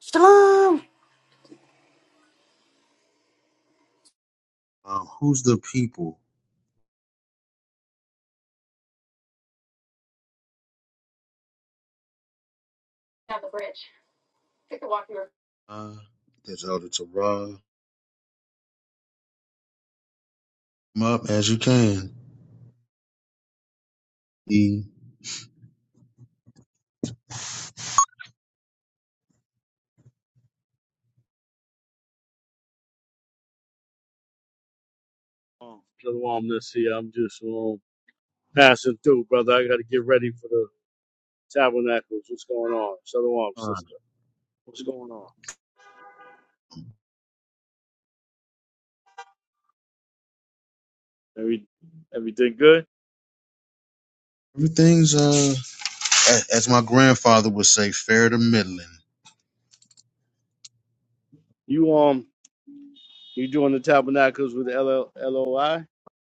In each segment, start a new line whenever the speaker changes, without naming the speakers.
Shalom.
Um, who's the people? Uh, that's Elder Torah. Come up as you can. The
Um, Shalomness here. I'm just um, passing through, brother. I got to get ready for the tabernacles. What's going on? Shalom,
uh,
sister. What's going on? Every, everything good?
everything's uh, a- as my grandfather would say, fair to middling.
You um, you doing the tabernacles with L L O I?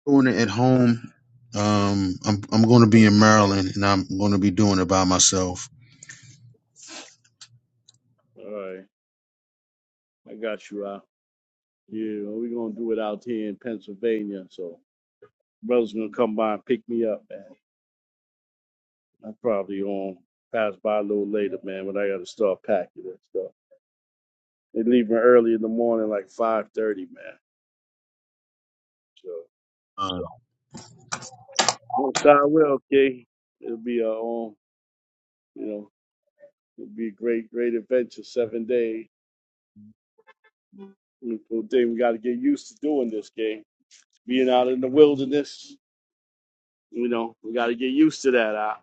Doing it at home. Um, I'm I'm going to be in Maryland, and I'm going to be doing it by myself.
All right, I got you out. Yeah, well, we're gonna do it out here in Pennsylvania. So brother's gonna come by and pick me up, man. I probably um pass by a little later, man, but I gotta start packing and stuff. They leaving early in the morning, like five thirty, man. so.
Uh,
Most I will, Key. It'll be a, um, you know, it'll be a great, great adventure. Seven days. Beautiful thing. We got to get used to doing this, Key. Being out in the wilderness, you know, we got to get used to that. Out,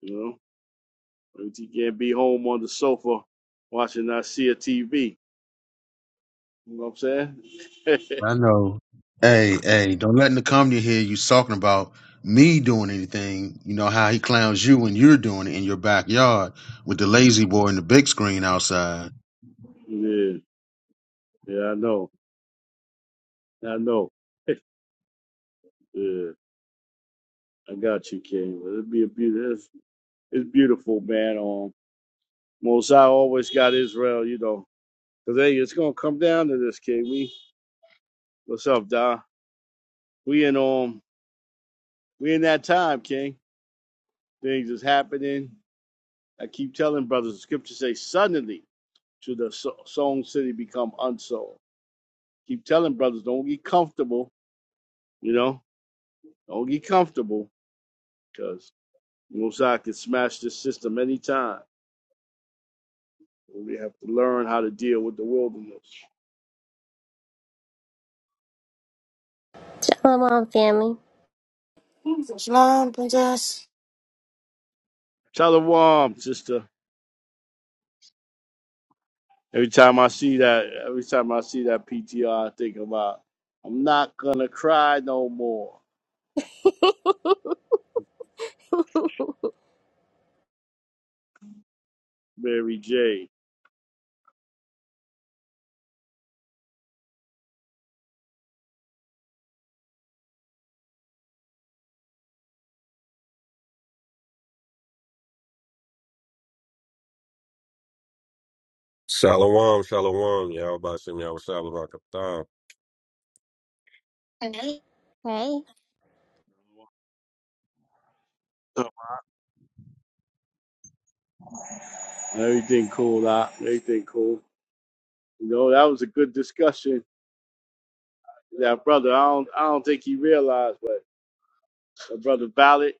you know, you can't be home on the sofa watching I see a T V. You know what I'm saying?
I know. Hey, hey, don't let Nakamia hear you talking about me doing anything. You know how he clowns you when you're doing it in your backyard with the lazy boy and the big screen outside.
yeah, yeah, I know, I know. yeah, I got you, King. But It'd be a beautiful. It's, it's beautiful, man. Um, Mosai always got Israel, you know. Cause hey, it's gonna come down to this, King. We what's up, Da? We in um we in that time, King. Things is happening. I keep telling brothers, the scriptures say suddenly should the so- sown city become unsown. Keep telling brothers, don't get comfortable, you know, don't get comfortable, because Mosai can smash this system anytime. We have to learn how to deal with the wilderness.
Shalom, family.
Shalom, princess.
Shalom, sister. Every time I see that, every time I see that PTR, I think about I'm not gonna cry no more, Mary J.
Hey.
everything cool, Doc. Everything cool. You know, that was a good discussion. That brother, I don't, I don't think he realized, but that brother Valid,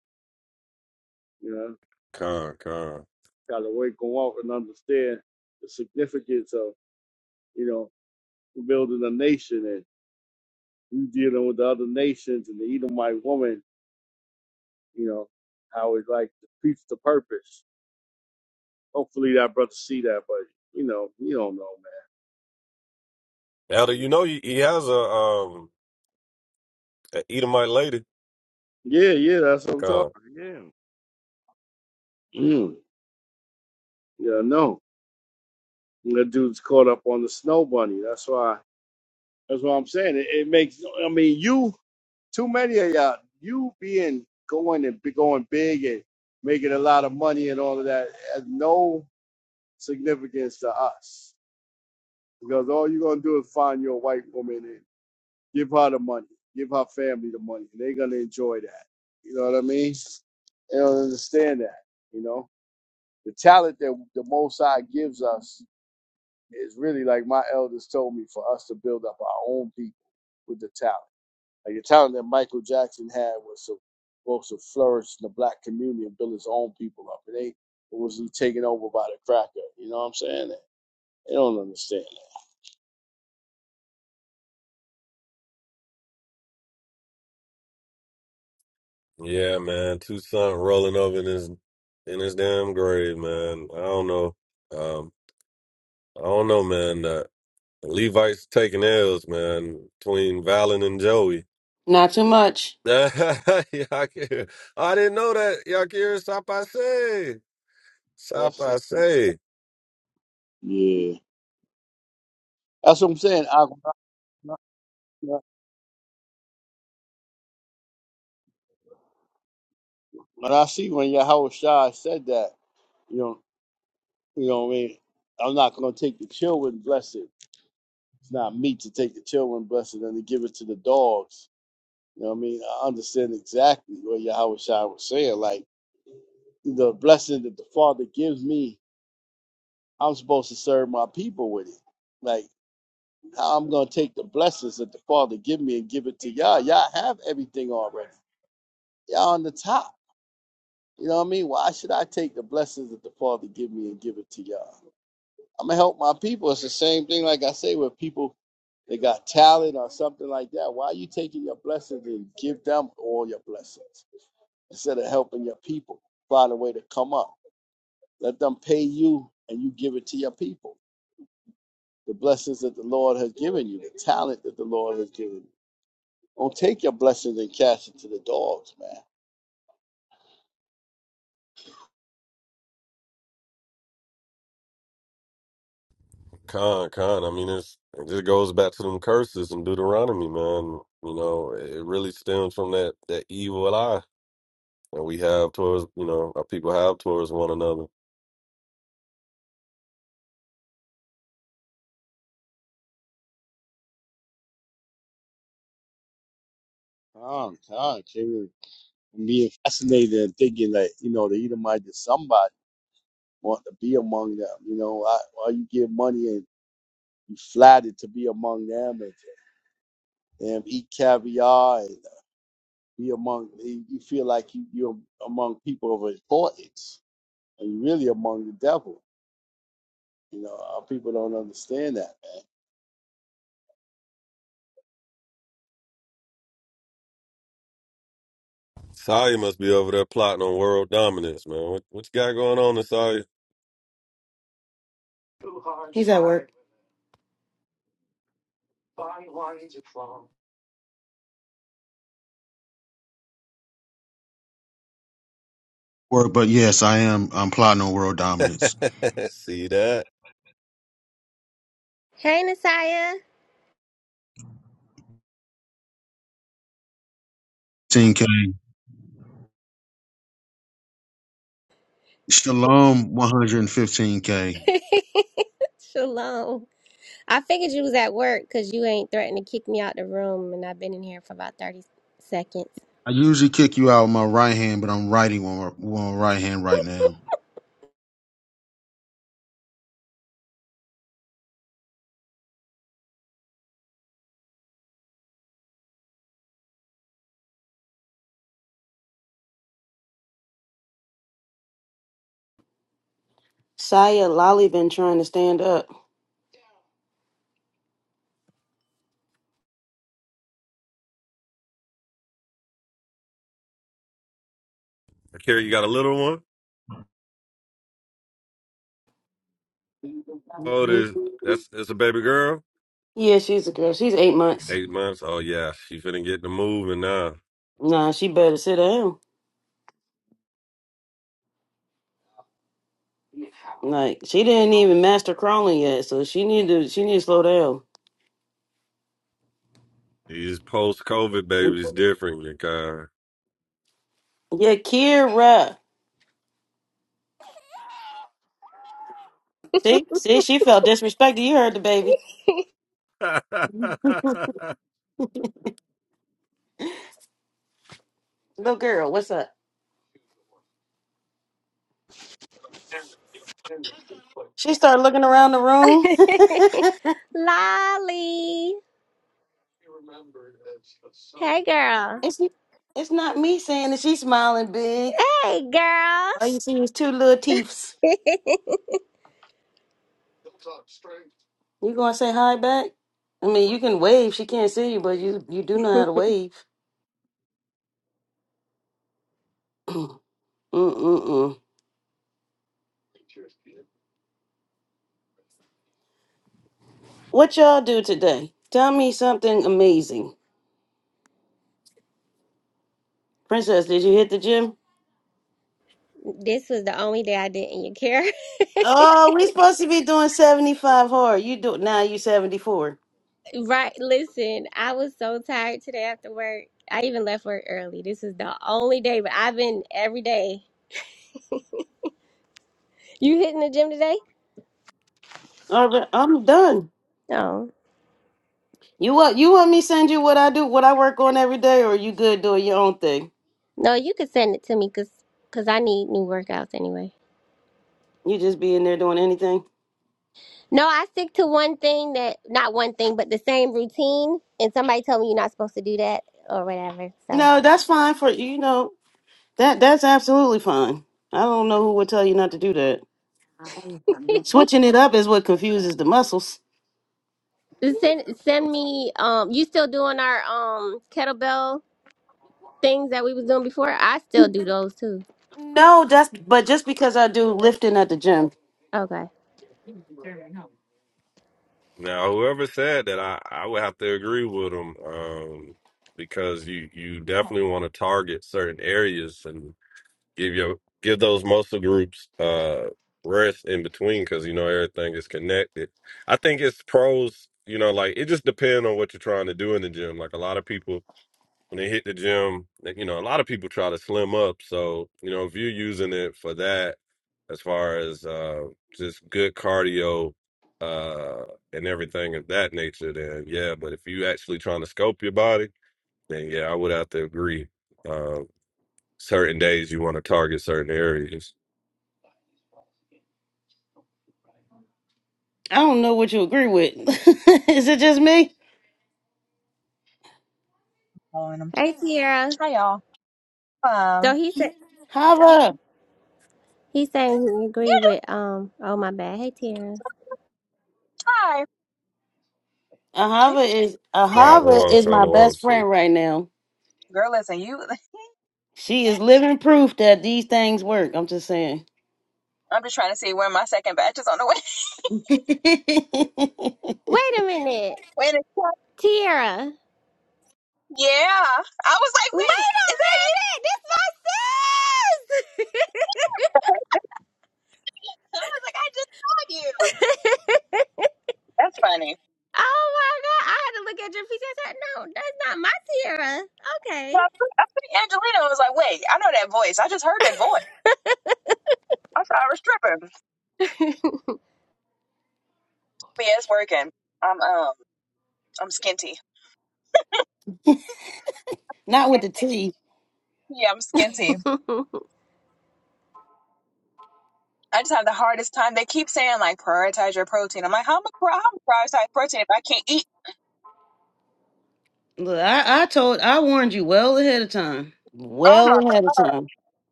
you know, got to wake and walk and understand the significance of, you know, building a nation and you dealing with the other nations and the Edomite woman, you know, how it's like to preach the purpose. Hopefully that brother see that, but you know, you don't know, man. Yeah, yeah, that's what I'm talking. Yeah. Mm, yeah, no. That dude's caught up on the snow bunny. That's why. That's what I'm saying. It, it makes. I mean, you too many of y'all. You being going and be going big and making a lot of money and all of that has no significance to us because all you're gonna do is find your white woman Give her the money. Give her family the money. They're gonna enjoy that. You know what I mean? They don't understand that. You know, the talent that the Most High gives us is really like my elders told me for us to build up our own people with the talent. Like the talent that Michael Jackson had was to- was to flourish in the black community and build his own people up. It ain't was he taken over by the cracker. You know what I'm saying? They don't understand that.
Not too much.
Blessings. Yeah, that's what I'm saying. I, But I see when Yahweh Shai said that, you know, you know what I mean? I'm not gonna take the children blessed. It's not me to take the children blessed and to give it to the dogs. You know what I mean? I understand exactly what Yahweh Shai was saying. Like the blessing that the Father gives me, I'm supposed to serve my people with it. Like how I'm gonna take the blessings that the Father give me and give it to y'all. Y'all have everything already. Y'all on the top. You know what I mean? Why should I take the blessings that the Father give me and give it to y'all? I'm gonna help my people. It's the same thing, like I say, with people that got talent or something like that. Why are you taking your blessings and give them all your blessings instead of helping your people find a way to come up? Let them pay you and you give it to your people. The blessings that the Lord has given you, the talent that the Lord has given you. Don't take your blessings and cash it to the dogs, man. Oh, come, I'm being fascinated and thinking that, you know, the Edomite is somebody want to be among them. You know, I, why you give money and be flattered to be among them and, and eat caviar and be among you feel like you, you're among people of importance and you're really among the devil you know our people don't understand that man.
He's at work.
Word, but yes, I am. I'm plotting on world dominance.
Hey, Nasiah.
15K. Shalom, 115K.
Shalom. I figured you was at work because you ain't threatened to kick me out the room, and I've been in here for about 30 seconds.
I usually kick you out with my right hand, but I'm writing on my on my right hand right now.
Saya Lolly been trying to stand up. Yeah, she's a girl. She's eight months. Nah, she better sit down. Like she didn't even master crawling yet, so she need to she need to slow down. Yeah, Kira. See, see, she felt disrespected. You heard the baby, little girl. What's up? She started looking around the room.
Lolly. Hey, girl.
it's it's not me saying that. She's smiling big.
Hey, girl.
All you see is two little teeths. You gonna say hi back? I mean, you can wave. She can't see you, but you you do know how to wave. Mm-mm-mm. What y'all do today? Tell me something amazing, Princess. Did you hit the gym?
this was the only day I didn't care.
Oh, we supposed to be doing seventy five hard. You do now. You seventy four.
right. Listen, I was so tired today after work. I even left work early. This is the only day, but I've been every day. You hitting the gym today?
All right, I'm done.
No.
You want you want me to send you what I do, what I work on every day, or you good doing your own thing?
No, you could send it to me because cause 'cause I need new workouts anyway.
You just be in there doing anything?
No, I stick to one thing that, not one thing, but the same routine. And somebody told me you're not supposed to do that or whatever. So
No, that's fine for you know that that's absolutely fine. I don't know who would tell you not to do that. Switching it up is what confuses the muscles.
Just send, send me, um, you still doing our um kettlebell things that we was doing before? I still do those too.
No, that's but just because I do lifting at the gym.
Okay.
I don't know what you agree with. is it just me?
on 'em.
Hey, Tiara.
Hi y'all.
So
Um,
he said,
Hava.
he's saying he agree with, um, oh my bad. Hey, Tiara.
hi. Are you
Ahava is
seeing me?
Ahava is my best friend right now.
Girl, listen, you.
She is living proof that these things work. I'm just saying.
I'm just trying to see when my second batch is on the way.
Wait a minute.
When it's
Tiara.
yeah, I was like, wait,
Wait a
is that you?
minute. This my sis.
I was like, I just saw you. That's funny.
Oh my god, I had to look at your feet. I said, no, that's
So I think I think Angelina was like, wait, I know that voice. I just heard that voice. I thought I was stripping. But yeah, it's working. I'm um, I'm skinty.
Not with the
Skinty.
T.
Yeah, I'm skinty.
not my Tiara. Okay.
I just have the hardest time. They keep saying like prioritize your protein. I'm like, how am I how am I prioritize protein if I can't eat?
Look, I, I told I warned you well ahead of time.
Oh my
Well ahead of
god,
time.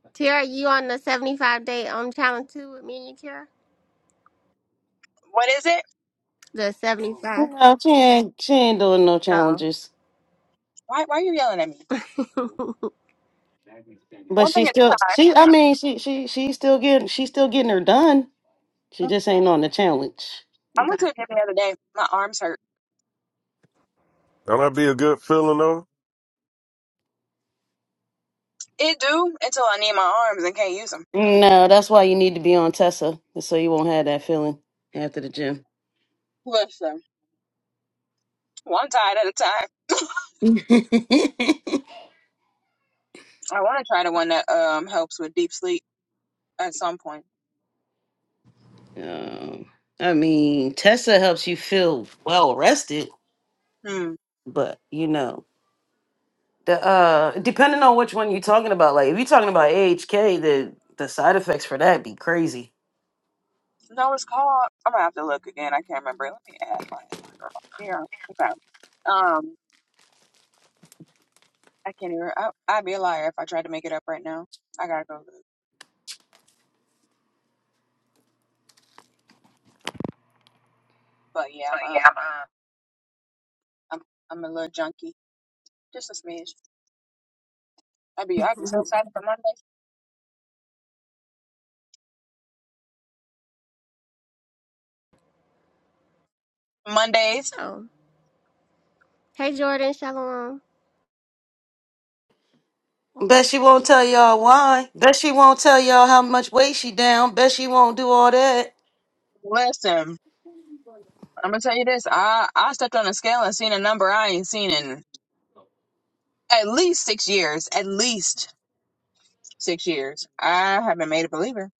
Tiara, you on the 75 day um challenge too with me and you, Tiara?
what is it?
The 75.
No, she ain't she ain't doing no
Oh.
challenges.
Why, why are you yelling at me?
But
One
she
thing at
still
a
she I mean she she she's still getting she's still getting her done. She
time.
just ain't on the challenge.
I went
Got
to
it.
a gym the other day. My arms hurt. It do until I need my arms and can't use them.
No, that's why you need to be on Tessa, so you won't have that feeling after the gym.
Listen, one tide at a time. I want to try the one that um helps with deep sleep at some point.
um, I mean, Tessa helps you feel well rested,
Hmm.
but you know the uh depending on which one you're talking about. Like if you're talking about AHK, the the side effects for that be crazy.
No, it's called. I'm gonna have to look again. I can't remember. Let me add my sister. on here. Okay. Um, I can't even. I, I'd be a liar if I tried to make it up right now. I gotta go. look. But yeah, I'm uh, I'm I'm a little junkie. Just a smidge. I'd be I'd be so excited for Monday. Mondays.
Oh. Hey Jordan, Shalom.
Bet she won't tell y'all why. Bet she won't tell y'all how much weight she down. Bet she won't do all that.
Listen, I'm gonna tell you this. I I stepped on a scale and seen a number I ain't seen in at least six years. At least six years. I haven't made a believer.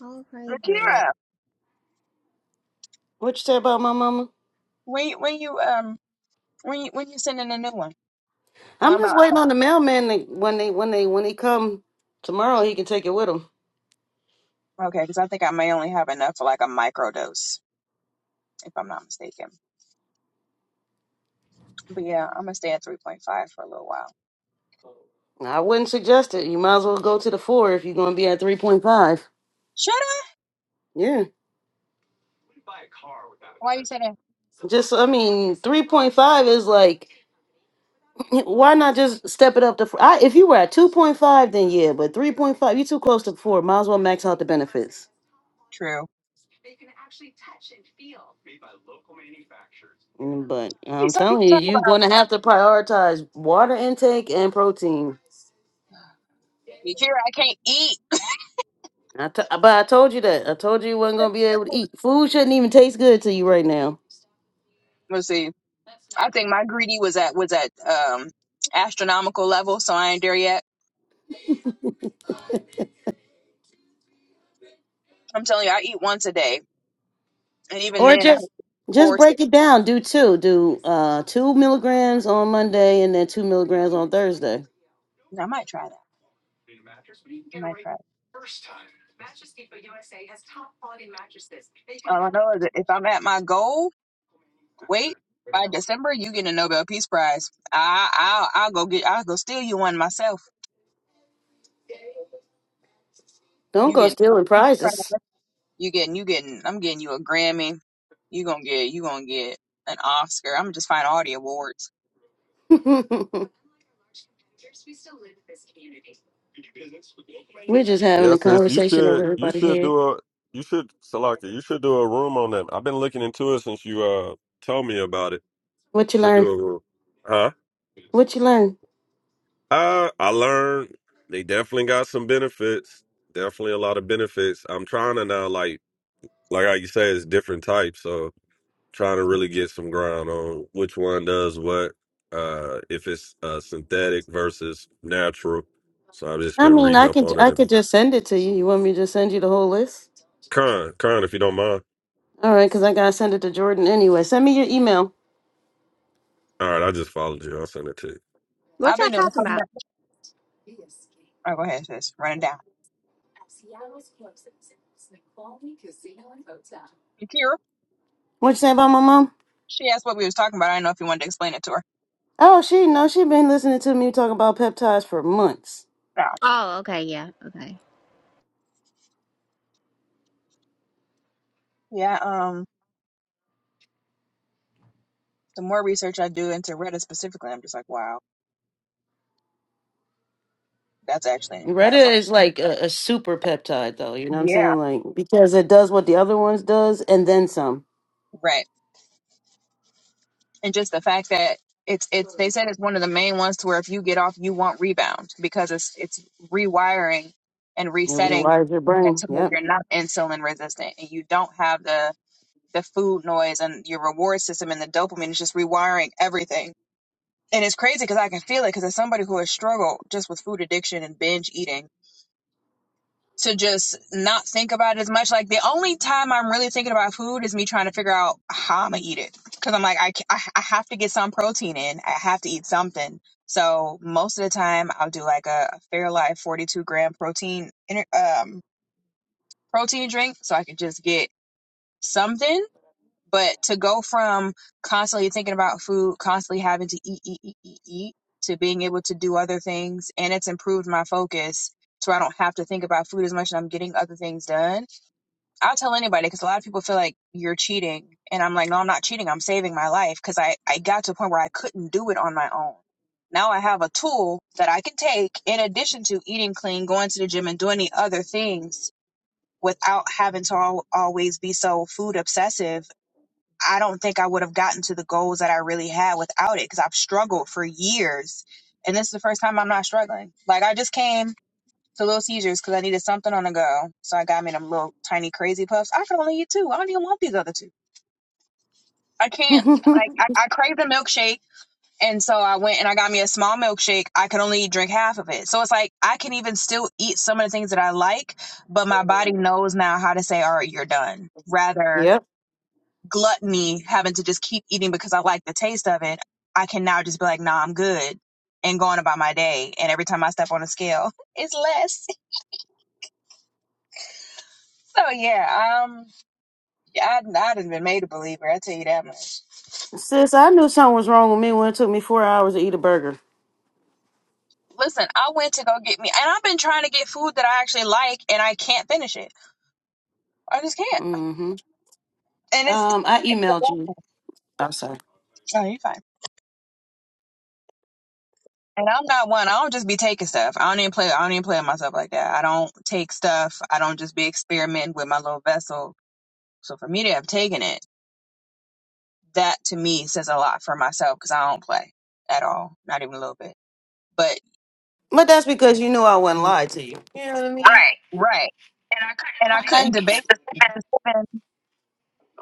All praises.
Akira,
What you say about my mama?
when you- when you um when you, when you sending a new one? 'Cause
I'm
I'm
just
about
waiting
oh,
on the mailman to, when they when they when he come tomorrow. He can take it with him.
okay, because I think I may only have enough for like a micro dose, if I'm not mistaken. But yeah, I'm gonna stay at 3.5 for a little while.
I wouldn't suggest it. You might as well go to the four if you're gonna be at three point five.
Shut up.
Yeah,
Why you say that?
just I mean three point five is like why not just step it up to four? I, if you were at two point five then yeah, but three point five you're too close to four. Might as well max out the benefits.
True.
Mm, But I'm
Some people
telling you,
talk
you're
about
gonna have to prioritize water intake and protein.
Akira. I can't eat.
I t- but I told you that. I told you you wasn't gonna be able to eat. Food shouldn't even taste good to you right now.
Let's see. I think my greedy was at was at um astronomical level, so I ain't there yet. I'm telling you, I eat once a day, and even
Or
then, I
just just
force it.
break it down. Do two. Do uh two milligrams on Monday and then two milligrams on Thursday.
And I might try that. I might try. It. All I know is that if I'm at my goal, wait by December, you get a Nobel Peace Prize. I I'll, I'll go get. I'll go steal you one myself.
Don't
You
go
getting
stealing
Nobel Peace
prizes.
Prize. You getting you getting. I'm getting you a Grammy. You gonna get you gonna get an Oscar. I'm gonna just find all the awards.
We're just having a conversation over everybody's head. What you learn? What you learn? I mean, I can I could just send it to you. You want me to just send you the whole list? All right, because I gotta send it to Jordan anyway. Send me your email.
What
I've
y'all
been doing
talking
something.
about?
Oh, go ahead, sis. Run it down.
What you say about my mom?
She asked what we was talking about. I don't know if you wanted to explain it to her.
Oh, she no, she been listening to me talk about peptides for months.
Yeah.
Oh, okay, yeah, okay.
Yeah. Um, the more research I do into Reddit specifically, I'm just like, wow, that's actually
Retta
incredible.
is like a, a super peptide, though. You know what I'm
Yeah.
saying? Like because it does what the other ones does, and then some.
Right. And just the fact that it's it's they said it's one of the main ones to where if you get off, you won't rebound because it's it's rewiring and
It
resetting
rewires your brain.
to where
Yep.
you're not insulin resistant and you don't have the the food noise and your reward system and the dopamine is just rewiring everything and it's crazy because I can feel it because as somebody who has struggled just with food addiction and binge eating to just not think about it as much. Like the only time I'm really thinking about food is me trying to figure out how I'm gonna eat it because I'm like I, ca- I I have to get some protein in. I have to eat something. So most of the time I'll do like a, a Fairlife 42 gram protein in- um protein drink so I can just get something but to go from constantly thinking about food, constantly having to eat, eat, eat, eat, eat, to being able to do other things, and it's improved my focus, so I don't have to think about food as much, and I'm getting other things done. I'll tell anybody because a lot of people feel like you're cheating, and I'm like, no, I'm not cheating. I'm saving my life because I I got to a point where I couldn't do it on my own. Now I have a tool that I can take in addition to eating clean, going to the gym, and doing the other things without having to al- always be so food obsessive I don't think I would have gotten to the goals that I really had without it because I've struggled for years. And this is the first time I'm not struggling. Like I just came to Little Caesars because I needed something on the go. So I got me them little tiny crazy puffs. I can only eat two. I don't even want these other two. I can't like I, I crave the milkshake. And so I went and I got me a small milkshake. I could only drink half of it. So it's like I can even still eat some of the things that I like, but my body knows now how to say, all right, you're done. Rather
yep.
gluttony, having to just keep eating because I like the taste of it, I can now just be like, nah, I'm good and going about my day. And every time I step on a scale, it's less. So yeah, um, yeah, I, I done been made a believer. I tell you that much.
Sis, I knew something was wrong with me when it took me four hours to eat a burger.
Listen, I went to go get me, and I've been trying to get food that I actually like, and I can't finish it. I just can't.
Mm-hmm.
And it's,
Um, I
it's
emailed you.
oh,
I'm sorry,
you're fine. And I'm not one. I don't just be taking stuff. I don't even play. I don't even play with myself like that. I don't take stuff. I don't just be experimenting with my little vessel So for me to have taken it, that to me says a lot for myself because I don't play at all, not even a little bit. But
but that's because you knew I wouldn't
you,
lie to you. You know what I mean? Right.
right,
And I
and
couldn't
I
resist
couldn't debate
Like-
just even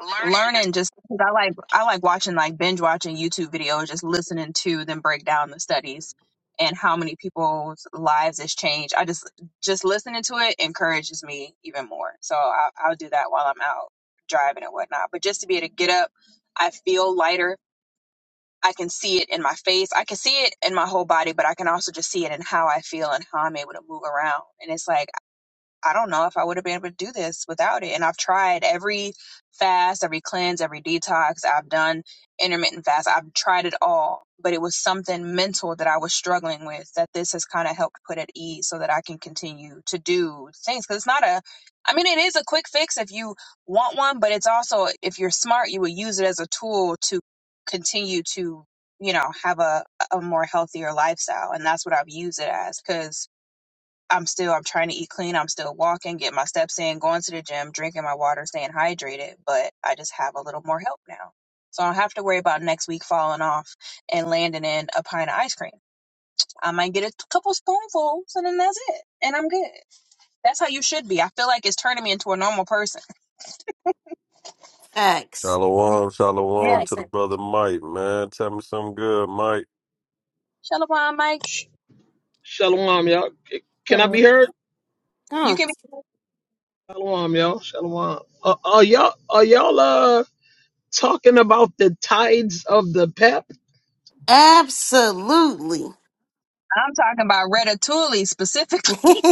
learning.
learning just 'cause I like I like watching like binge watching YouTube videos, just listening to them break down the studies and how many people's lives has changed. I just just listening to it encourages me even more. So I, I'll do that while I'm out driving and whatnot. But just to be able to get up, I feel lighter I can see it in my face. I can see it in my whole body, but I can also just see it in how I feel and how I'm able to move around. And it's like I don't know if I would have been able to do this without it. And I've tried every fast, every cleanse, every detox. I've done intermittent fast. I've tried it all, but it was something mental that I was struggling with that this has kind of helped put at ease so that I can continue to do things. Cause it's not a, I mean, it is a quick fix if you want one, but it's also, if you're smart, you will use it as a tool to continue to, you know, have a, a more healthier lifestyle. And that's what I've used it as. Cause I'm still I'm trying to eat clean. I'm still walking, get my steps in, going to the gym, drinking my water, staying hydrated, but I just have a little more help now. So I don't have to worry about next week falling off and landing in a pint of ice cream. I might get a couple spoonfuls and then that's it. And I'm good. That's how you should be. I feel like it's turning me into a normal person.
Facts.
Yeah. Shalabon Mike.
Shalom, y'all. Can I
So,
be heard?
You
Huh.
can be
Shalom, y'all. Shalom. Uh, are y'all are y'all uh talking about the tides of the pep?
Absolutely.
I'm talking about Ratatouille
no,
specifically,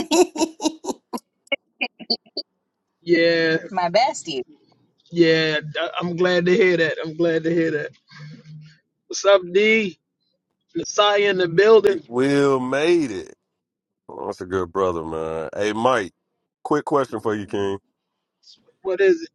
Yeah,
my bestie.
yeah. I- I'm glad to hear that. I'm glad to hear that. What's up, D? Messiah in the building. What is it?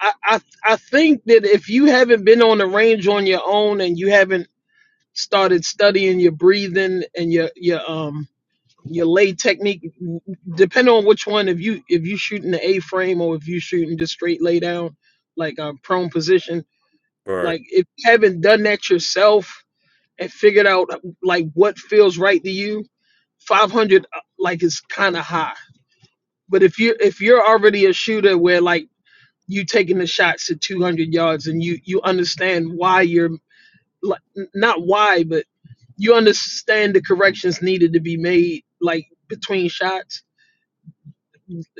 I, I I think that if you haven't been on the range on your own and you haven't started studying your breathing and your your um your lay technique depending on which one if you if you shooting the a frame or if you shooting just straight lay down like a prone position like if you haven't done that yourself and figured out like what feels right to you 500 uh, like is kind of high but if you if you're already a shooter where like you taking the shots at 200 yards and you you understand why you're like n- not why but you understand the corrections needed to be made like between shots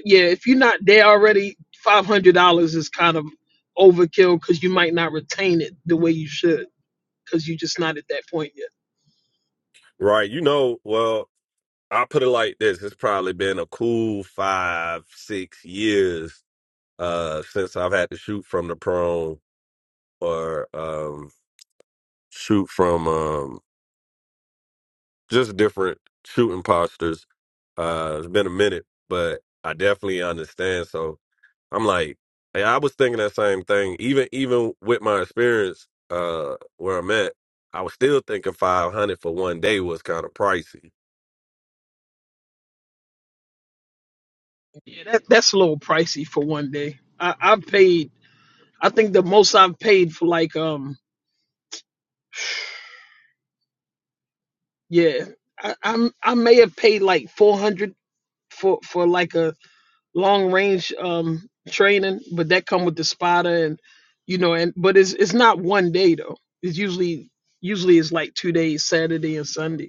yeah, if you're not there already, five hundred dollars is kind of overkill because you might not retain it the way you should because you're just not at that point yet. Yeah, that that's a little pricey for one day. I, I've paid. I think the most I've paid for like um yeah, I, I'm I may have paid like four hundred for for like a long range um training, but that come with the spotter and you know and but it's it's not one day though. It's usually usually it's like two days, Saturday and Sunday.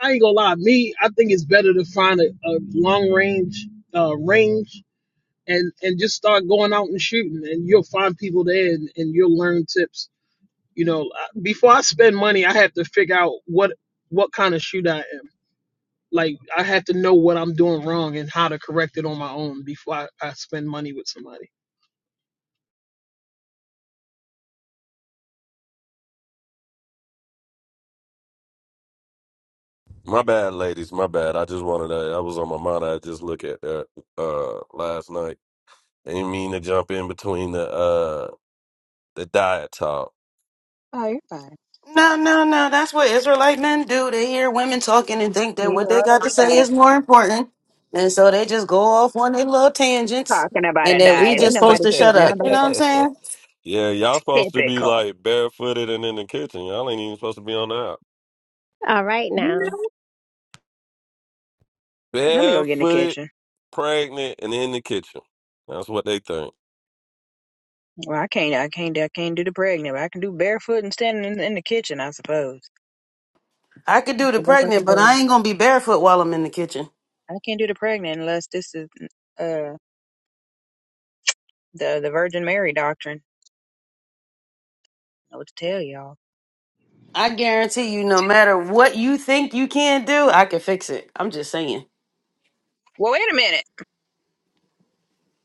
I ain't gonna lie, me, I think it's better to find a, a long range uh, range and and just start going out and shooting, and you'll find people there, and, and you'll learn tips. You know, I- before I spend money, I have to figure out what what kind of shooter I am. Like I have to know what I'm doing wrong and how to correct it on my own before I, I spend money with somebody.
Oh, you're fine.
no, no. That's what Israelite men do. They hear women talking and think that
You
what they got to
already
say
know.
is more important. And so they just go off on their little tangents
Talking about
and
a
that we
diet. Ain't
just supposed
nobody
to
said
shut
nothing
up. You
about
know
a
what I'm saying?
typical.
all right
You
now.
know, let me go get in the kitchen. Well, I can't. I can't. I can't do the pregnant. But I can do barefoot and standing in, in the kitchen. I suppose
I could
that's
do the
the best I can
pregnant, but
do.
I ain't gonna be barefoot while I'm in the kitchen.
I can't do the pregnant unless this is uh the the Virgin Mary doctrine. I know what to tell y'all.
I guarantee you, no matter what you think you can do, I can fix it. I'm just saying.
Well, wait a minute.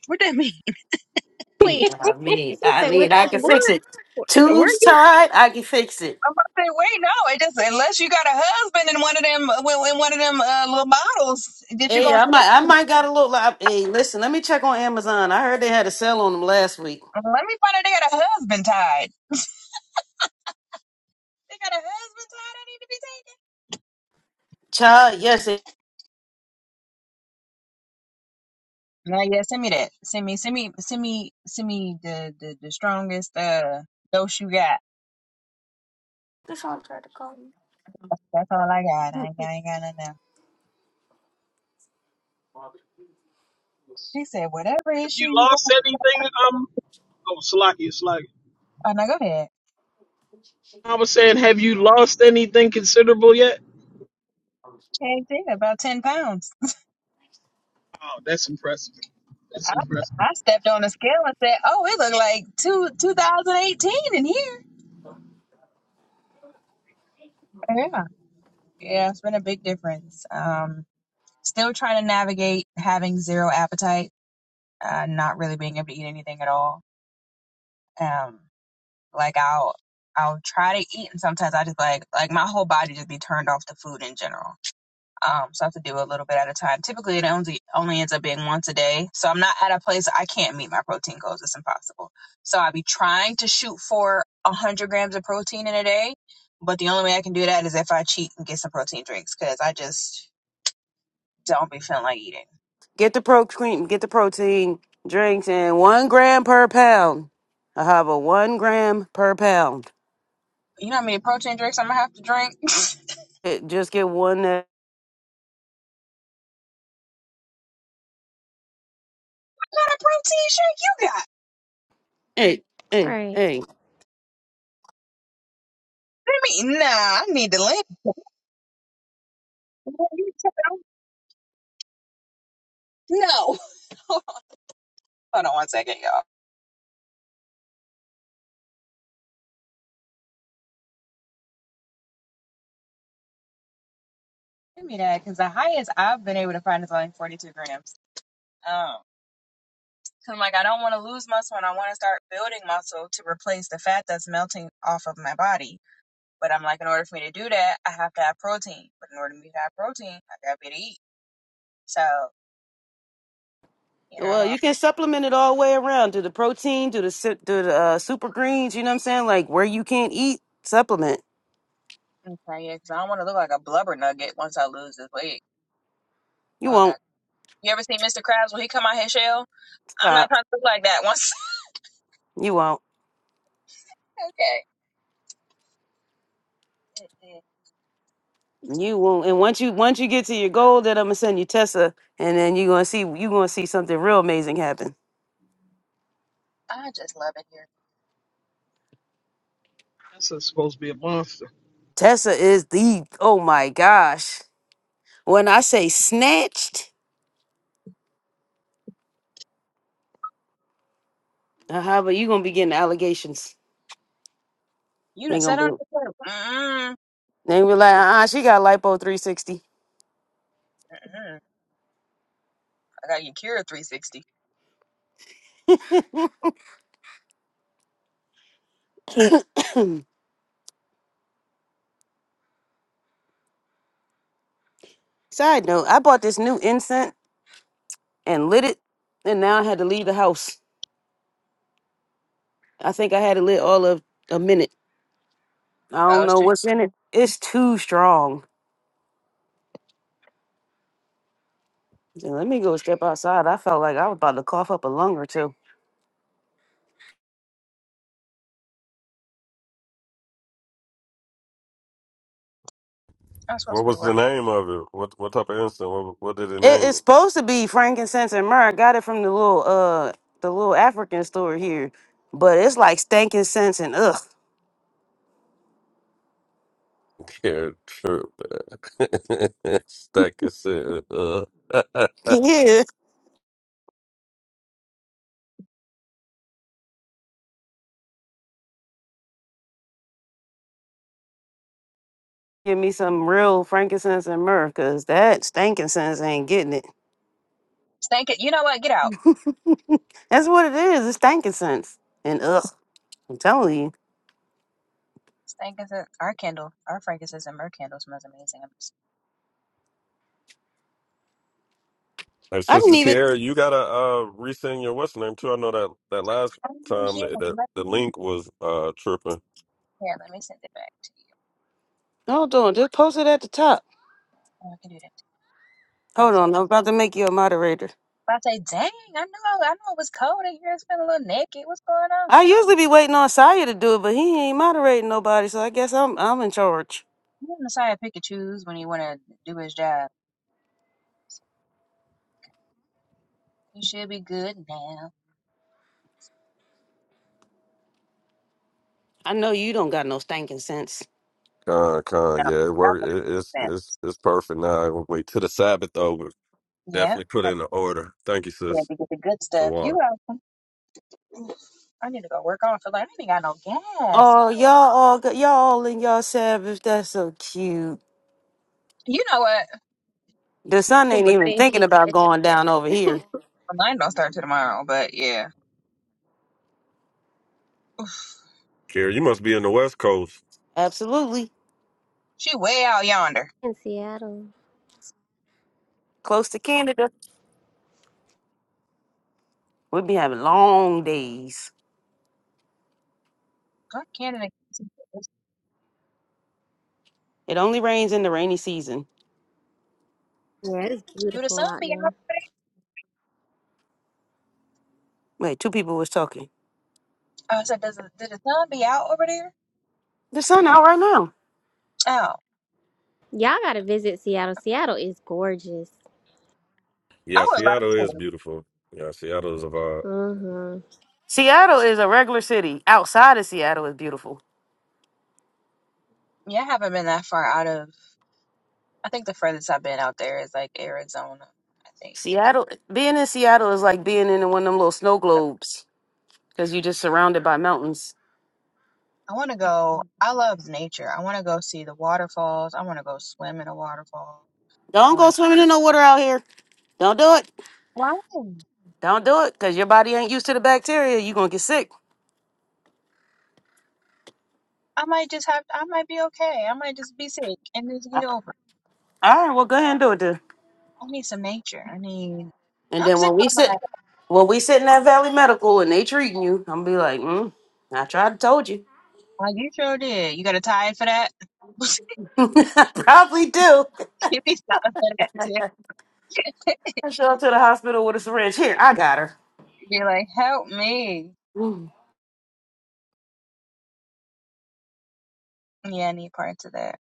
What that mean? Wait,
she
I mean, I
said,
mean,
what
I
that?
can
All
fix
where
it.
where
Tubes
you?
tied, I can fix it.
I'm about to say wait. No, it just unless you got a husband in one of them uh, well, in one of them uh, little bottles that you
Hey,
gonna.
I might, I might got a little. li- Hey, listen, let me check on Amazon. I heard they had a sale on them last week.
Let me find out. They got a husband tied. They got a husband tied. I need to be taken.
Child, yes, it-
Nah, yeah, send me that. Send me, send me, send me, send me the the, the strongest uh dose you got. That's, that's all I got. I ain't, got- I ain't got nothing else. She said, whatever
Have
issue
you
you got.
lost anything? Um, oh, Salaki, Salaki.
Oh, now go ahead.
I was saying, have you lost anything considerable yet?
Change it about ten pounds.
Oh, that's impressive. That's
I,
impressive.
I stepped on the scale and said, oh, it looked like two 2018 in here. Yeah, yeah, it's been a big difference. Um, still trying to navigate having zero appetite, uh, not really being able to eat anything at all. Um. Like I'll I'll try to eat, and sometimes I just like like my whole body just be turned off to food in general. Um, so I have to do a little bit at a time. Typically, it only only ends up being once a day. So I'm not at a place I can't meet my protein goals. It's impossible. So I will be trying to shoot for a hundred grams of protein in a day, but the only way I can do that is if I cheat and get some protein drinks because I just don't be feeling like eating.
get the pro cream, get the protein drinks, and one gram per pound. I have a one gram per pound.
You know how many protein drinks I'm gonna have to drink?
It, just get one. uh,
not a protein shake you got.
Hey, hey,
right.
hey.
I mean, nah, I need to live. No. Hold on one second, y'all. Give me that, because the highest I've been able to find is only 42 grams. Um, i I'm like, I don't want to lose muscle and I want to start building muscle to replace the fat that's melting off of my body. But I'm like, in order for me to do that, I have to have protein. But in order for me to have protein, I gotta be to eat. So, you know,
Well, you can supplement it all the way around. Do the protein, do the si- do the uh, super greens. You know what I'm saying? Like where you can't eat, supplement.
I'm trying to, because I don't want to look like a blubber nugget once I lose this weight.
You
Oh, God.
won't
You ever see Mr. Krabs when he come out his shell? I'm not
stop.
trying to look like that once.
You won't.
okay. Mm-mm.
You won't. And once you once you get to your goal, then I'm gonna send you Tessa, and then you're gonna see you're gonna see something real amazing happen.
I just love it here.
That's a- supposed to be a monster.
Tessa is the oh my gosh. When I say snatched, uh, how about you gonna be getting allegations?
You
They
done
gonna
sat
be
on the curb. Mm-mm.
they gonna be like, uh uh she got lipo 360.
Mm-mm. I got you cured 360.
Side note, I bought this new incense and lit it, and now I had to leave the house. I think I had it lit all of a minute. I
I
don't
was
know
too.
what's in it. It's too strong. Yeah, Let me go step outside. I felt like I was about to cough up a lung or two.
I was supposed to be working.
It is supposed to be frankincense and myrrh. I got it from the little uh the little African store here, but it's like stinking sense and ugh. Yeah, give me some real frankincense and myrrh, cause that stinking sense ain't getting it.
Stank it. You know what? Get out.
That's what it is. It's stinking sense and ugh. I'm telling you,
Stank is a- our candle. Our frankincense and myrrh candle smells amazing. I'm just,
I didn't even.
oh, yeah. Let me, here, let me send it back to you.
Hold on, just post it at the top.
Oh, I can do that. Too.
Hold
I say,
on, I'm about to make you a moderator.
I say, dang, I know, I know it was cold in here. It's been a little naked. What's going on?
I usually be waiting on Saya to do it, but he ain't moderating nobody, so I guess I'm I'm in charge.
You and Messiah pick and choose when you want to do his job. You should be good now.
I know you don't got no stinking sense.
No, that's not going to be Yeah. But yeah, to get the good stuff. You are. Oof, I need to go work on. I feel like I ain't got no gas. What
Oh,
am I,
y'all
oh, what am-
all go- y'all all in y'all Sabbath. That's so cute.
you know what?
The sun ain't
Can't
But that-
even
thank
thinking
you,
about
kid.
going down over here.
Mine don't start till tomorrow, but yeah. Oof,
Absolutely.
she way out yonder.
In Seattle.
Close to Canada. We'll be having long days.
God, Canada.
It only rains in the rainy season.
Yeah, it's
Do the
beautiful
sun
out
be out
there.
over there?
Wait, two people was talking.
Oh, I said, does the, did the sun be out over there?
The sun out right now.
Oh,
Y'all gotta visit Seattle. Seattle is gorgeous.
I would love to.
Mm-hmm.
Seattle is a regular city. Outside of Seattle is beautiful.
Yeah, I haven't been that far out of. I think the furthest I've been out there is like Arizona. I think.
Seattle, being in Seattle is like being in one of them little snow globes because you're just surrounded by mountains.
I want to go. I love nature. I want to go see the waterfalls. I want to go swim in a waterfall. I
Don't
want
go
to.
swimming in no water out here. Don't do it.
Why?
Don't do it because your body ain't used to the bacteria. You're going to get sick.
I might just have I might be okay. I might just be sick and just get over. it.
All right, well, go ahead and do it then.
I need some nature. I need
And
I'm
then
sick
when we
of my
sit,
life.
when we sit in that Valley Medical and they treating you, I'm gonna be like, mm, I tried to told you.
Like you sure did. You got a tired for that?
I probably do.
Give me something for that too.
I show up to the hospital with a syringe. Here, I got her.
be like, help me. Yeah, I need parts of that.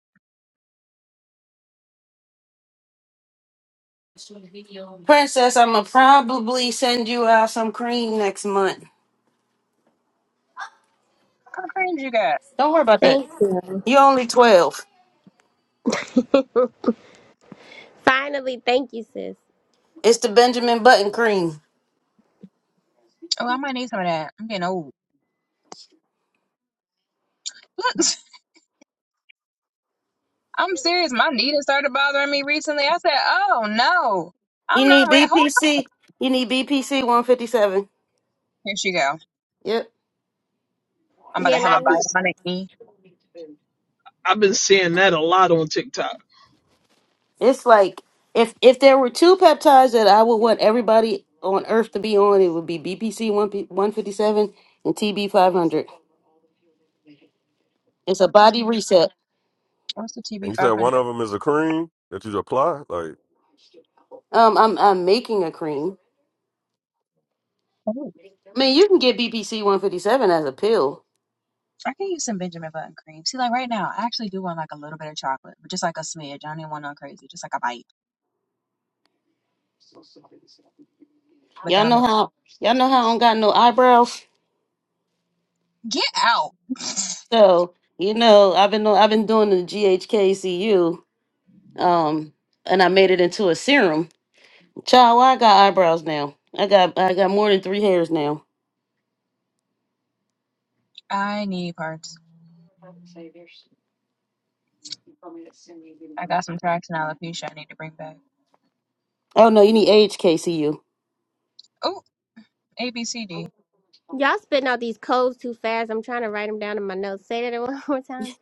Princess, I'm going to probably send you out some cream next month.
How cringe you got?
Don't worry about that.
Thank
You're only 12.
you. Finally, thank you, sis.
It's the Benjamin Button cream.
Oh, I might need some of that. I'm getting old. I'm serious. My knee done started bothering me recently. I said, oh no,
You
I'm not
need
ready. Hold on.
BPC. You need BPC 157.
Here she go.
Yep.
I'm about
Yeah,
to
and
have
I
a
I've
bite
been
need
on my knee.
I've been seeing that a lot on TikTok.
It's like if if there were two peptides that I would want everybody on Earth to be on, it would be BPC 1 157 and TB 500. It's a body reset.
What's the TB 500?
Um, I'm I'm making a cream. I mean, you can get BPC 157 as a pill.
I can use some Benjamin Button cream. See, like right now, I actually do want like a little bit of chocolate, but just like a smidge. I don't even want no crazy, just like a bite. But
Y'all
then I'm
know
like,
how y'all know how I don't got no eyebrows.
get out.
So you know I've been on- I've been doing the GHKCU. Um, and I made it into a serum Child, why I got eyebrows now? I got I got more than three hairs now.
I need parts. I got some tracks in alopecia I need to bring back.
Oh no, you need AHKCU.
Oh, A B C D.
y'all spitting out these codes too fast. I'm trying to write them down in my notes. Say that one more time.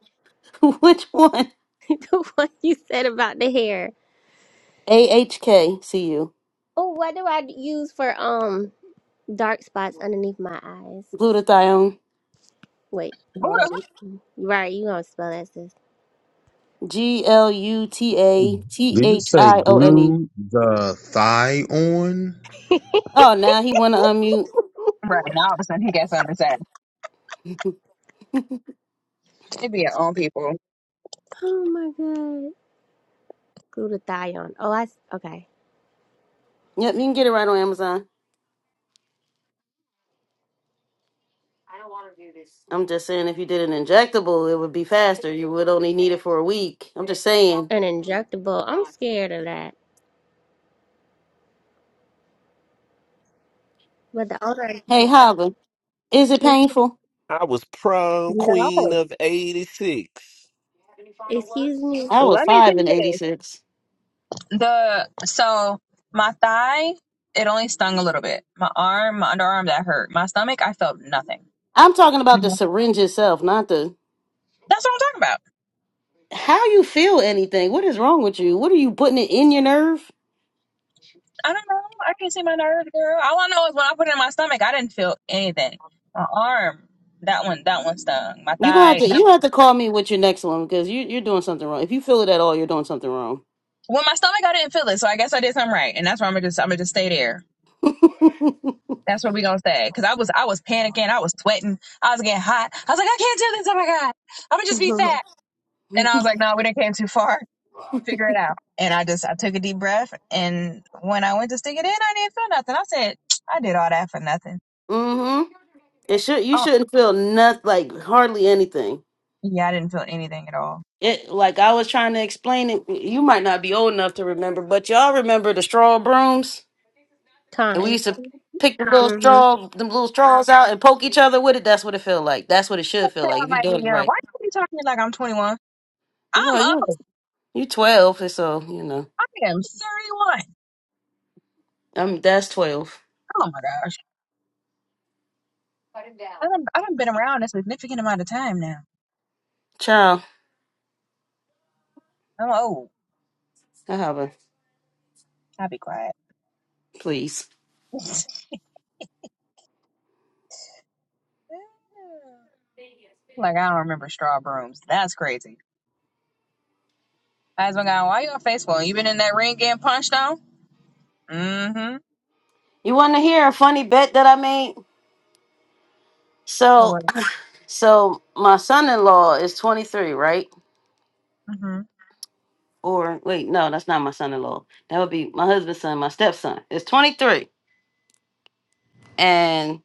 Which one?
the one you said about the hair.
AHKCU.
Oh, what do I use for um dark spots underneath my eyes?
Glutathione.
Wait,
Who
hold
the-
on.
who-
Right, you gonna spell that, sis?
G L U T A T
Did you
H
say
I O N E.
glue the thigh on?
Oh, now he want to unmute.
Right now, all of a sudden, he got something to say. It be your own people.
oh my god. Glutathione. Oh, I s- okay.
Yep, you can get it right on Amazon. I'm just saying, if you did an injectable, it would be faster. You would only need it for a week. I'm just saying.
An injectable. I'm scared of that. But the older,
Hey, Hava, is it painful?
No,
excuse me,
I was
let me say
five in
this.
'86.
The so my thigh, it only stung a little bit. My arm, my underarm, that hurt. My stomach, I felt nothing.
I'm talking about the
No.
syringe itself, not the
That's what I'm talking about.
how you feel anything? What is wrong with you? What are you putting it in your nerve?
I don't know. I can't see my nerves, girl. All I know is when I put it in my stomach, I didn't feel anything. My arm, that one, that one stung. My
You gonna have
thigh.
to
that-
you have
one.
to call me with your next one because you you're doing something wrong. If you feel it at all, you're doing something wrong.
Well, my stomach, I didn't feel it, so I guess I did something right, and that's where I'm gonna just, I'm gonna just stay there. That's where we gonna stay, cause I was, I was panicking, I was sweating, I was getting hot. I was like, I can't do this. Oh my god, I'm gonna just be fat. And I was like, no, we didn't came too far. Figure it out. And I just, I took a deep breath, and when I went to stick it in, I didn't feel nothing. I said, I did all that for nothing.
hmm It should you
Oh,
shouldn't feel nothing like hardly anything.
yeah, I didn't feel anything at all.
It like I was trying to explain it. You might not be old enough to remember, but y'all remember the straw brooms, and we
time.
used to pick the little
hmm
straw, them little straws out and poke each other with it. That's what it feel like. That's what it
just
should
say
feel like
I
if you're
might be
doing it
young.
right.
Why are you talking to me like I'm 21? I'm
Well, you
old.
you twelve, so you know.
I am 31.
Um, that's 12.
Oh my gosh. I done, I done been around a significant amount of time now.
Child,
I'm old.
I have a
I'll be quiet.
please.
like I don't remember straw brooms. That's crazy. I was going, why you on Facebook? You been in that ring getting punched on? Mm-hmm.
You want to hear a funny bet that I made?
What
So,
was it?
so my son-in-law is 23, right?
Mm-hmm.
Or wait, no, that's not my son-in-law. That would be my husband's son, my stepson. It's 23. And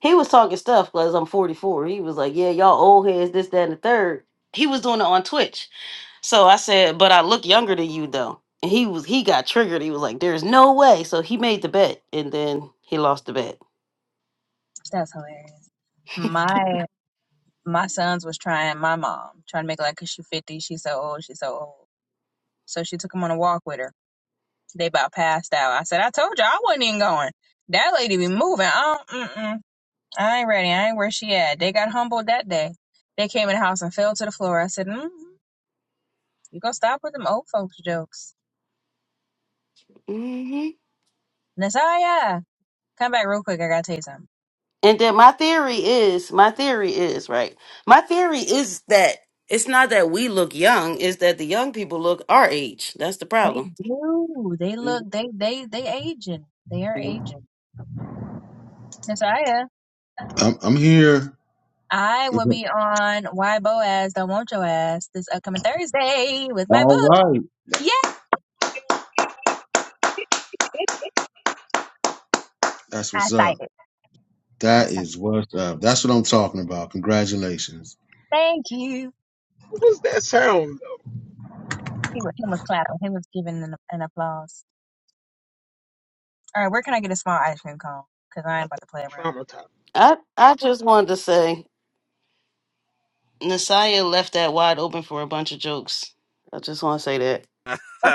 he was talking stuff because I'm 44. He was like, yeah, y'all old heads, this, that, and the third." He was doing it on Twitch. So I said, but I look younger than you though. And he was, he got triggered. He was like, there's no way. So he made the bet and then he lost the bet.
That's hilarious. My my sons was trying my mom, trying to make it like, 'cause she 50, she's so old, she's so old. So she took him on a walk with her. They about passed out. I said, I told you I wasn't even going. That lady be moving. I don't, mm-mm. I ain't ready. I ain't where she at. They got humbled that day. They came in the house and fell to the floor. I said, mm you gonna stop with them old folks jokes. Nasaya, come back real quick. I gotta tell you something.
And then my theory is, my theory is, right? My theory is that it's not that we look young, it's that the young people look our age. That's the
They
problem.
do. They look, they, they, they aging. They are aging. Nasaya,
I'm, I'm here.
I will be on Why Boaz Don't Want Your Ass this upcoming Thursday with my
All
book.
right.
Yeah,
That's
I
what's up.
cited. I
That
cited.
is what's up. That's what I'm talking about. Congratulations.
Thank you.
What was that sound though?
He was, he was clapping. He was giving an, an applause. All right, where can I get a small ice cream cone? Because I
I
am about to play around.
think I'm traumatized.
I I just wanted to say Nasaya left that wide open for a bunch of jokes. I just want to say that.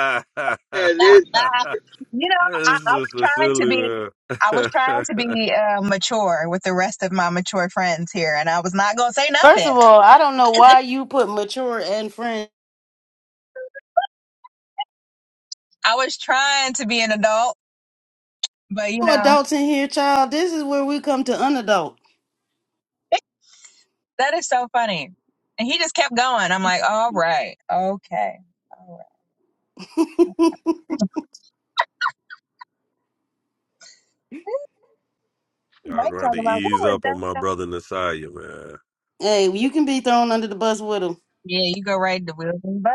Yeah, it
you know, I, I was trying to be, I was trying to be uh, mature with the rest of my mature friends here, and I was not gonna say
First
nothing.
of all, I don't know why you put mature and friend.
I was trying to be an adult, but you
No
know,
adults in here, child. This is where we come to unadult.
that is so funny. And he just kept going. I'm like, all right, okay, all right. Mike talking about what was that?
hey, you can be thrown under the bus with him.
Yeah, you go right to Wheels and Bus.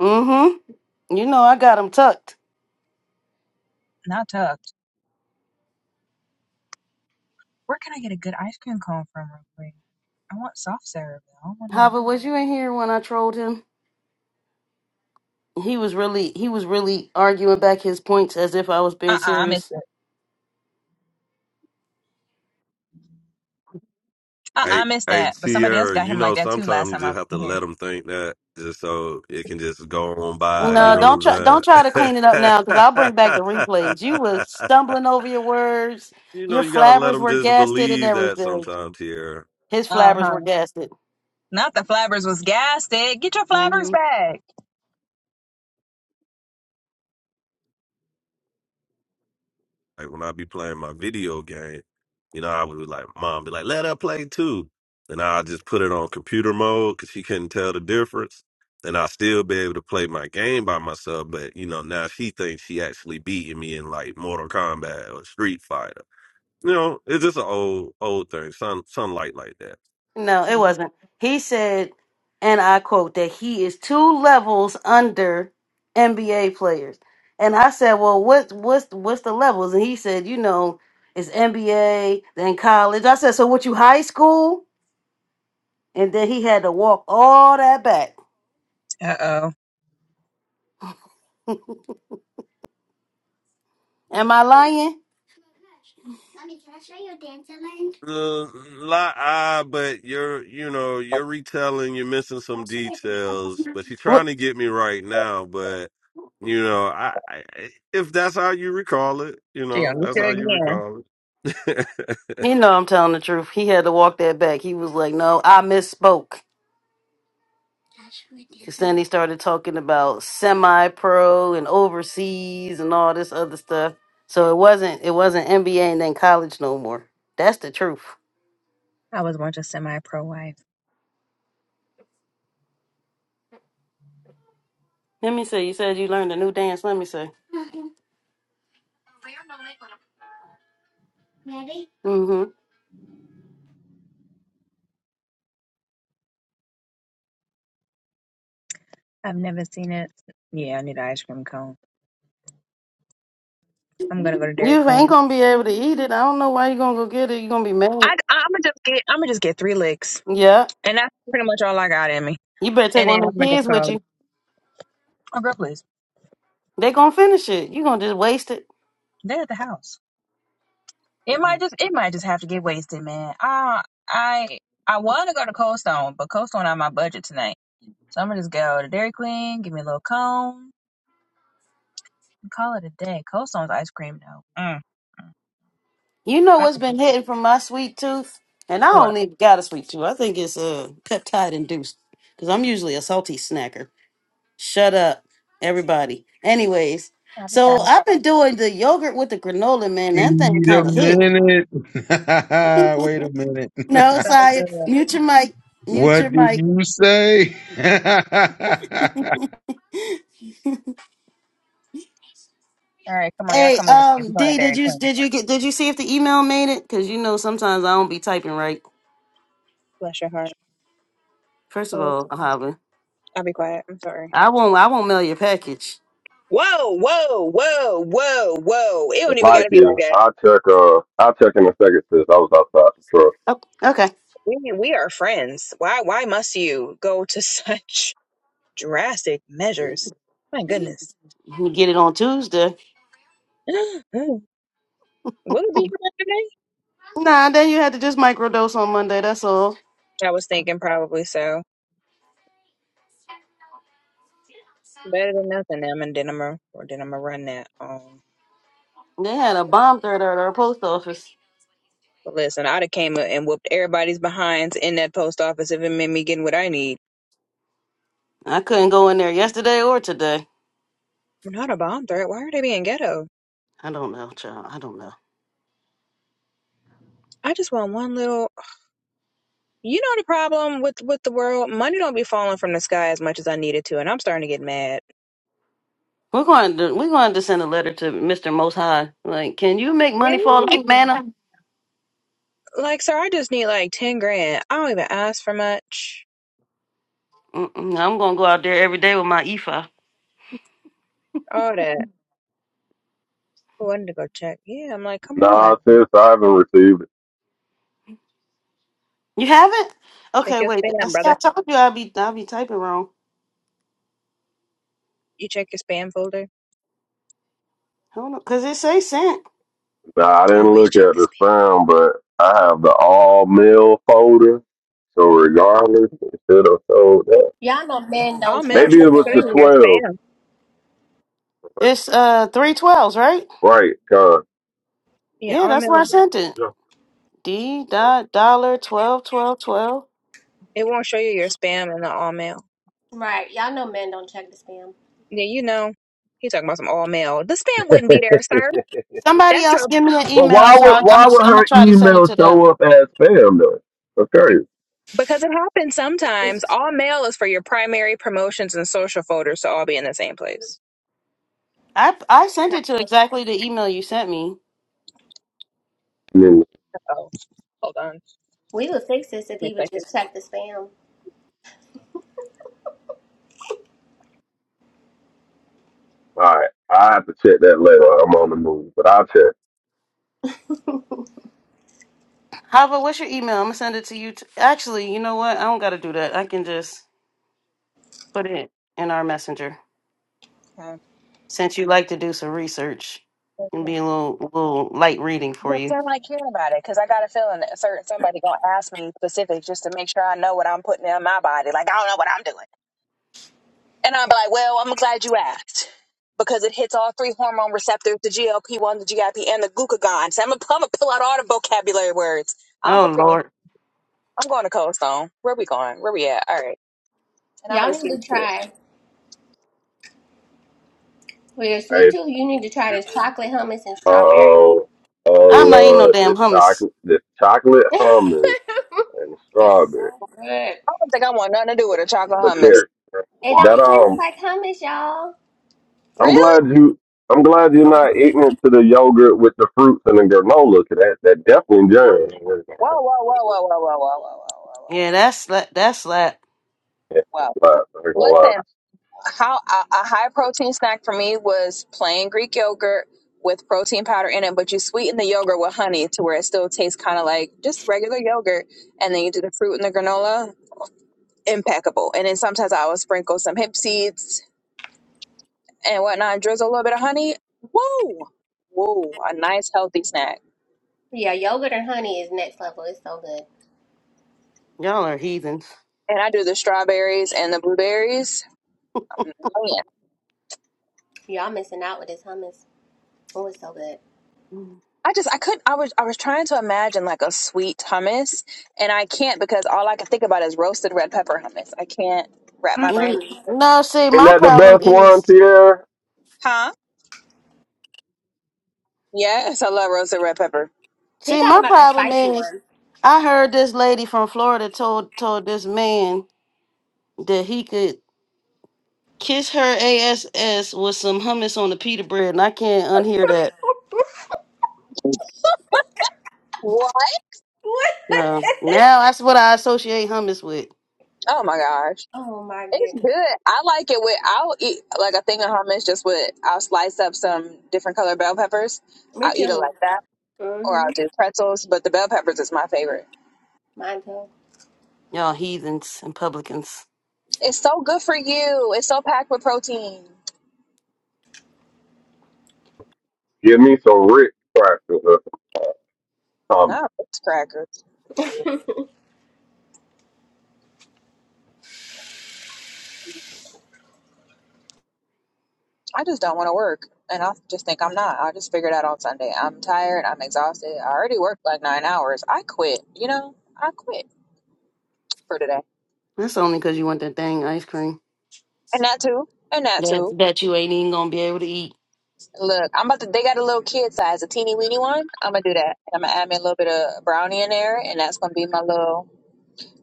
Mm-hmm. You know I got him tucked.
Not tucked. Where can I get a good ice cream cone from real quick? I want soft serve. I don't want no.
Hava, was you in here when I trolled him? He was really he was really arguing back his points as if I was
Uh-uh,
being
I missed
serious.
it. Uh-uh, I missed that. But somebody else got him like that too last time I was in here. Oh
No,
boy.
don't try don't try to clean it up now because I'll bring back the replays. You was stumbling over your words. Your flabbers were gasted and everything. His flabbers
Uh-huh.
were gasted.
Not the flabbers was gassed. eh? Get your flabbers
hmm
back.
No, it wasn't. He said, and I quote that he is two levels under NBA players. And I said, well, what what's what's the levels? And he said, you know, it's NBA, then college. I said, so what you high school? and then he had to walk all that back.
Uh-oh.
Am I lying? What?
She gonna get you again.
You know I'm telling the truth. He had to walk that back. He was like, "No, I misspoke." Because then he started talking about semi-pro and overseas and all this other stuff. So it wasn't it wasn't NBA and then college no more. That's the truth.
I was once a semi-pro wife.
Let me see. You said you learned a new dance. Let me see. hmm
I've never seen it. Yeah, I need an ice cream cone. I'm gonna go to Dairy
You ain't
Queen.
gonna be able to eat it. I don't know why you gonna go get it. you gonna be mad.
I, I'm gonna just get. I'm gonna just get three licks,
Yeah.
and that's pretty much all I got in me.
You better take
And then
one
I'm
of them
gonna just
kids with
call it.
you.
Oh, girl, please.
They gonna finish it. You gonna just waste it.
They're at the house. It might just it might just have to get wasted, man. I I I want to go to Cold Stone, but Cold Stone on my budget tonight, so I'm gonna just go to Dairy Queen, give me a little cone, and call it a day. Cold Stone's ice cream though. Mm. mm.
You know
That's
what's
a good-
been hitting from my sweet tooth, and I
What?
don't even got a sweet tooth. I think it's uh, peptide induced because I'm usually a salty snacker. Shut up, everybody. Anyways,
Have a
so
thought.
I've been doing the yogurt with the granola, man.
Wait
That thing
a
kind of hit.
minute. Wait a minute.
No,
So
sorry.
good.
Mute your mic. Mute your
what did
mic.
you say?
All right, come on, y'all,
Hey,
come on. We're
um,
going to
D, did
Dairy
you
Queen.
did you get did you see if the email made it? Because you know sometimes I don't be typing right.
Bless your heart.
First of
Cold.
all, Ahava,
I'll be quiet. I'm sorry.
I won't I won't mail your package.
Whoa, whoa, whoa, whoa, whoa. It don't even gotta be like that.
Oh, okay.
We we are friends. Why why must you go to such drastic measures? My goodness.
You get it on Tuesday.
Will it be here today?
Nah, then you had to just microdose on Monday. That's all.
I was thinking probably so. Better than nothing. I'm and then I'm a, or then I'm gonna run that. Um,
They had a bomb threat at our post office.
but listen, I'd have came and whooped everybody's behinds in that post office if it meant me getting what I need.
I couldn't go in there yesterday or today.
I'm not a bomb threat. Why are they being ghetto?
I don't know, child. I don't know.
I just want one little. You know the problem with with the world. Money don't be falling from the sky as much as I need it to, and I'm starting to get mad.
We're going to we're going to send a letter to Mr. Most High. Like, can you make money fall like
Yeah.
manna?
Like, sir, I just need like 10 grand. I don't even ask for much.
Mm-mm, I'm gonna go out there every day with my ephah.
All that. Oh, I need to go check. Yeah, I'm like, come on.
You haven't?
Check
Okay,
your
wait. I
spam,
see,
brother.
I told you I'd be I'd be typing wrong.
You check your spam folder.
Hold on, cause it say sent.
Always check the spam.
Y'all know men don't
All mail
check the
shouldn't show you
spam,
your spam.
It's uh three twelves, right?
Yeah,
Yeah,
all
that's
mail.
where I sent it. D dot dollar twelve twelve twelve.
It won't show you your spam in the all mail.
right? Y'all know men don't check the spam.
Yeah, you know. He talking about some all mail. The spam wouldn't be
But
there, sir.
Somebody
That's
else
your
give me an email,
why
so
would
I, I'm
why
gonna
would
I'm gonna
her
try to send it
email
to them.
show up as spam though? That's crazy.
because it happens sometimes. All mail is for your primary promotions and social folders to all be in the same place.
I I sent it to exactly the email you sent me.
I mean,
Oh, hold on. Give
We would fix this if
me
he
a
would just check the spam.
all right, I have to check that later. I'm on the move, but I'll check.
Hava, what's your email? I'm gonna send it to you. T- Actually, you know what? I don't gotta do that. I can just put it in our messenger
second.
since you like to do some research
Okay.
and be a little little light reading for
Well,
you.
then like care about it because I got a feeling that a certain somebody gonna ask me specifics just to make sure I know what I'm putting in my body. Like I don't know what I'm doing, and I'm like, well, I'm glad you asked because it hits all three hormone receptors: the GLP one, the GIP, and the glucagon. So I'm gonna, I'm gonna pull out all the vocabulary words. I'm
Oh
prepared.
Lord,
I'm going to Cold Stone. Where we going? Where we at? All right, and I'm
Y'all
gonna just
need
get
to
it.
try for your sweet
Hey,
tooth. You need to try this chocolate hummus and
uh
strawberry.
oh, oh
I'm not eating no
Lord, the
damn hummus.
chocolate, the chocolate
it's
almonds and strawberry.
so good.
I don't think I want nothing to do with a chocolate
The
hummus.
carrot.
It
that
don't taste
um,
like hummus, y'all.
I'm
Really?
glad you. I'm glad you're not ignorant to the yogurt with the fruits and the granola. 'cause that that definitely jam.
Whoa, whoa, whoa, whoa, whoa, whoa, whoa, whoa, whoa, whoa, whoa,
Yeah, that's slap. That's slap.
Yeah,
whoa.
it's
Well,
wild. I ain't gonna
Listen.
lie.
how a, a high protein snack for me was plain Greek yogurt with protein powder in it, but you sweeten the yogurt with honey to where it still tastes kind of like just regular yogurt, and then you do the fruit and the granola. Impeccable. And then sometimes I will sprinkle some hemp seeds and whatnot, drizzle a little bit of honey. Woo! Woo! A nice healthy snack.
Yeah, yogurt and honey is next level. It's so good.
Y'all are heathens.
And I do the strawberries and the blueberries. Man,
Y'all missing out with this hummus. Oh, it's so good.
I just I couldn't I was I was trying to imagine like a sweet hummus and I can't because all I can think about is roasted red pepper hummus. I can't wrap my brain.
Mm,
Mm-mm.
No, see,
Ain't
my
that the
problem
best one,
is
Sierra?
Huh? Yes, I love roasted red pepper.
He
See,
talking
my
about the
problem
spicy
is
one.
I heard this lady from Florida told told this man that he could kiss her ass with some hummus on a pita bread, and I can't unhear that.
What?
What?
No, now that's what I associate hummus with.
Oh my gosh.
oh my
It's
goodness.
good. I like it with I'll eat like a thing of hummus just with I'll slice up some different color bell peppers.
Me
I'll eat it
too.
like that or
hmm
I'll do pretzels, but the bell peppers is my favorite.
Mine too.
Y'all heathens and publicans.
It's so good for you. It's so packed with protein.
Give me some Rick practice or some
No, it's crackers. I just don't want to work. And I just think I'm not. I'll just figure it out on Sunday. I'm tired. I'm exhausted. I already worked like nine hours. I quit. You know, I quit for today.
That's only because you want that dang ice cream
And that too. And that
that
too.
that you ain't even gonna be able to eat.
Look, I'm about to, they got a little kid size, a teeny weeny one. I'm going to do that. I'm going to add me a little bit of brownie in there. And that's going to be my little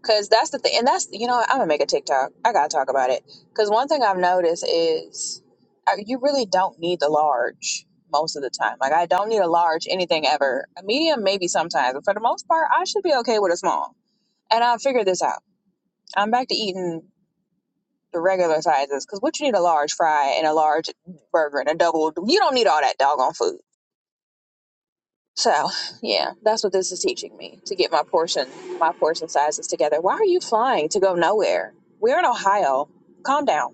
Cause that's the thing, and that's you know what, I'm gonna make a TikTok. I gotta talk about it. Cause one thing I've noticed is uh, you really don't need the large most of the time. Like I don't need a large anything ever. A medium maybe sometimes, but for the most part, I should be okay with a small. And I figured this out. I'm back to eating the regular sizes. Cause what you need a large fry and a large burger and a double. You don't need all that doggone food. So yeah, that's what this is teaching me to get my portion my portion sizes together. Why are you flying to go nowhere? We're in Ohio. Calm down.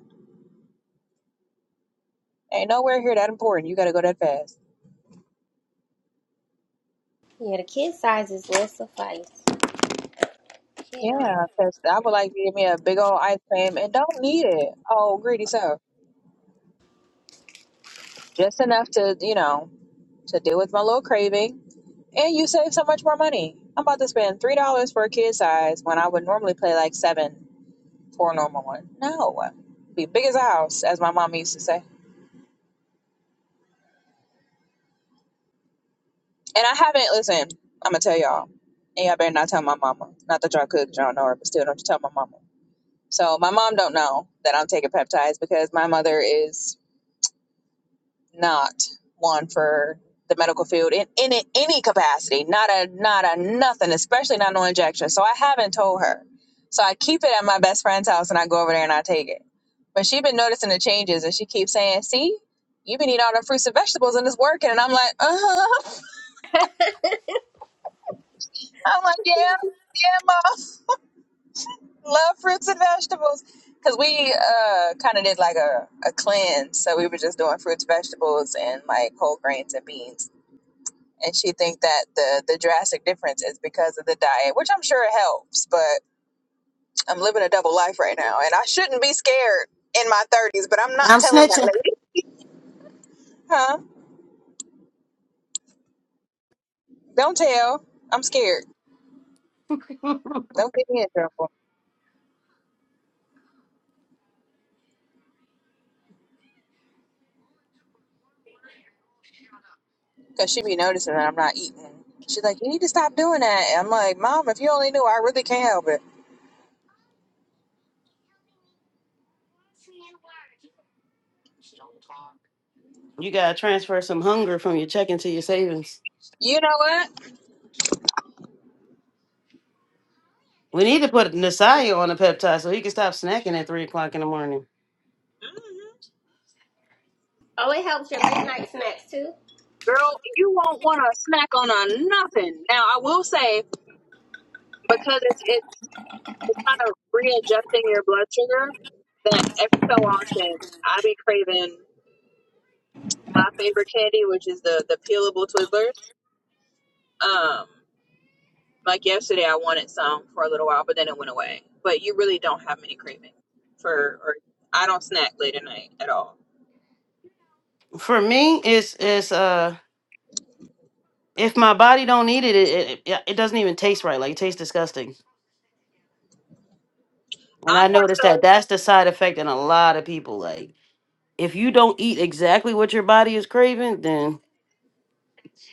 Ain't nowhere here that important. You gotta go that fast.
Yeah, the kid sizes will suffice. Kiddo.
Yeah, 'cause I would like to give me a big old ice cream and don't need it. Oh, greedy so just enough to you know to deal with my little craving. And you save so much more money. I'm about to spend three dollars for a kid size when I would normally pay like seven for a normal one. No, be big as a house, as my mom used to say. And I haven't listen. I'm gonna tell y'all, and y'all better not tell my mama. Not that y'all could, 'cause y'all don't know her, but still, don't you tell my mama. So my mom don't know that I'm taking peptides because my mother is not one for the medical field in in any capacity. Not a not a nothing, especially not no injection. So I haven't told her. So I keep it at my best friend's house, and I go over there and I take it. But she been noticing the changes, and she keeps saying, "See, you been eating all the fruits and vegetables, and it's working." And I'm like, "Uh huh." I'm like, "Yeah, yeah, mom." love fruits and vegetables because we uh kind of did like a, a cleanse so we were just doing fruits vegetables and like whole grains and beans and she think that the the drastic difference is because of the diet which i'm sure it helps but i'm living a double life right now and i shouldn't be scared in my 30s but i'm not
I'm
telling that
snitching.
lady huh don't tell i'm scared don't get me in trouble because she be noticing that i'm not eating she's like you need to stop doing that and i'm like mom if you only knew i really can't help it
You gotta transfer some hunger from your checking to your savings.
you know what
We need to put Nasaya on a peptide so he can stop snacking at three o'clock in the morning.
Oh, it helps your late night snacks too.
girl, you won't want to snack on a nothing. Now, I will say because it's it's it's kind of readjusting your blood sugar that every so often I be craving my favorite candy, which is the the peelable Twizzlers. Um, like yesterday, I wanted some for a little while, but then it went away. But you really don't have many cravings for, or I don't snack late at night at all.
for me it's it's uh if my body don't need it it, it it it doesn't even taste right like it tastes disgusting and
I'm
i
more
noticed
so.
that that's the side effect in a lot of people like if you don't eat exactly what your body is craving then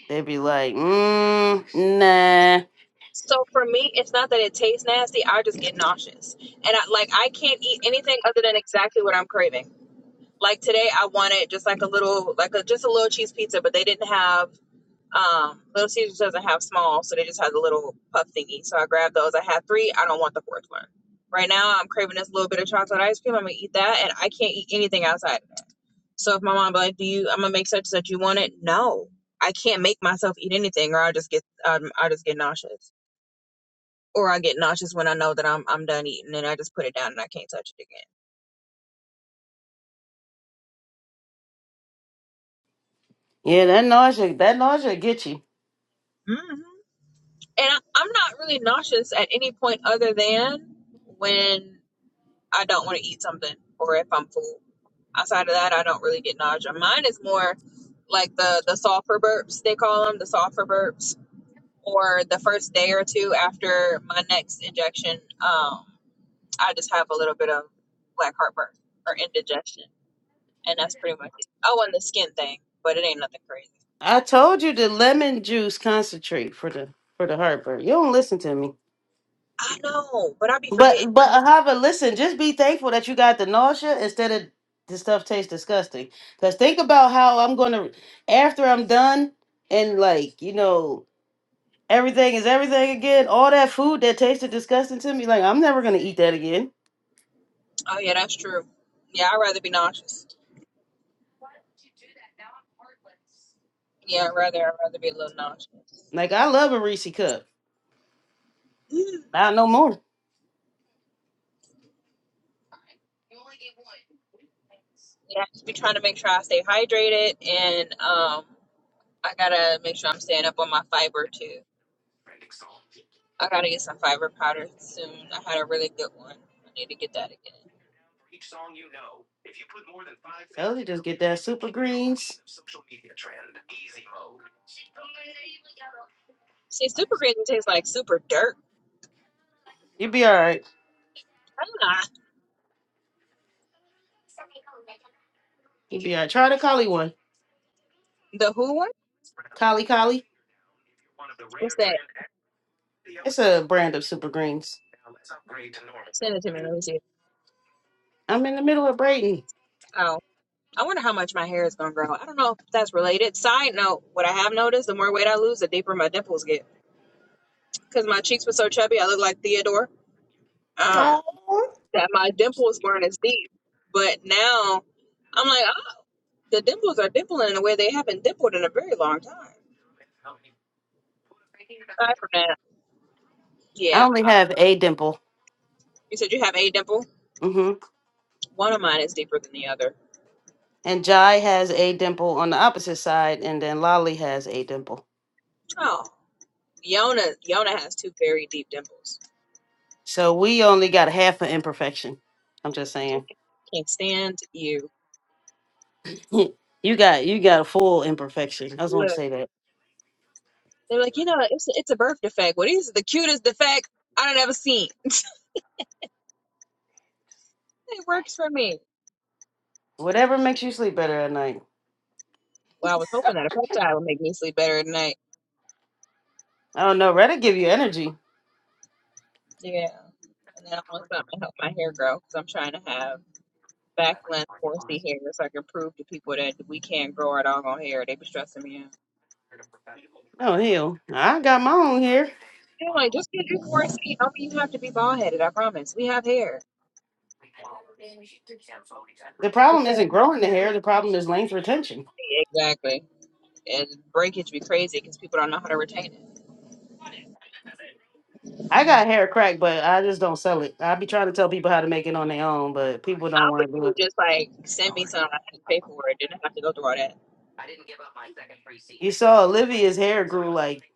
they'd be like mm, nah
So for me, it's not that it tastes nasty. I just get nauseous, and I, like I can't eat anything other than exactly what I'm craving. Like today, I wanted just like a little, like a just a little cheese pizza, but they didn't have. Um, little Caesars doesn't have small, so they just had the little puff thingy. So I grabbed those. I had three. I don't want the fourth one. Right now, I'm craving this little bit of chocolate ice cream. I'm gonna eat that, and I can't eat anything outside. of that. So if my mom be like, "Do you?" I'm gonna make such that you want it. No, I can't make myself eat anything, or I'll just get um, I'll just get nauseous or I get nauseous when I know that I'm I'm done eating and I just put it down and I can't touch it
yeah that nausea that nausea get you
again. hmm And I, I'm not really nauseous at any point other than when I don't want to eat something or if I'm full. Outside of that, I don't really get nausea. Mine is more like the the sulfur burps they call them, the sulfur burps, or the first day or two after my next injection, um, I just have a little bit of black heartburn or indigestion, and that's pretty much it. Oh, and the skin thing, but it ain't nothing crazy.
i told you the lemon juice concentrate for the for the heartburn you don't listen to me
I know, but I be forgetting.
But but however, listen, just be thankful that you got the nausea instead of the stuff tastes disgusting. Cause think about how I'm gonna after I'm done and like, you know, everything is everything again, all that food that tasted disgusting to me, like I'm never gonna eat that again.
Oh yeah, that's true. Yeah, I'd rather be nauseous. Yeah, I'd rather I'd rather be a little nauseous.
Like I love a Reese cup.
Mm.
Not no more.
Yeah, I just be trying to make sure I stay hydrated and um I gotta make sure I'm staying up on my fiber too. I gotta get some fiber powder soon. I had a really good one. I need to get that again.
Told you just get that super greens.
See, super green tastes like super dirt.
You'll be alright.
Ah.
You'll be alright. Try the collie one.
The who one?
Collie collie.
What's that?
It's a brand of super greens.
Send it to me. Let me see.
I'm in the middle of Brayton.
Oh. I wonder how much my hair is gonna grow. I don't know if that's related. Side note, what I have noticed, the more weight I lose, the deeper my dimples get. Because my cheeks were so chubby, I look like Theodore. Um,
Oh.
that my dimples weren't as deep. But now I'm like, ah, the dimples are dimpling in a way they haven't dimpled in a very long time. Aside from that,
I
yeah.
only
uh,
have a dimple.
You said you have a dimple?
hmm
One of mine is deeper than the other.
And Jai has a dimple on the opposite side, and then Lolly has a dimple.
Oh. Yona Yona has two very deep dimples.
So we only got half an imperfection. I'm just saying.
Can't stand you.
you got you got a full imperfection. I just want
Look.
to say that.
They're like, you know, it's a, it's a birth defect. What is the cutest defect I don't ever seen? It works for me.
Whatever makes you sleep better at night.
Well, I was hoping that a peptide would make me sleep better at night.
I don't know. Reddit give you energy.
Yeah, and then I want something to help my hair grow because I'm trying to have back length 4C hair so I can prove to people that we can't grow our doggone hair. They be stressing me out.
Oh hell, I got my own hair.
I'm like, just get your 4C. I mean, you have to be bald headed. I promise. We have hair.
The
Just
problem
got
isn't
to
growing the
take care of
hair. The problem is length retention.
it. exactly. And breakage be crazy because people don't know how to retain it.
I got hair crack, but I just don't sell it. I be trying to tell people how to make it on their own, but people
I
don't want
wish
to
you
do
would
it.
just like send me something. I had to pay for it. Didn't have to go through all that.
You saw Olivia's hair grew like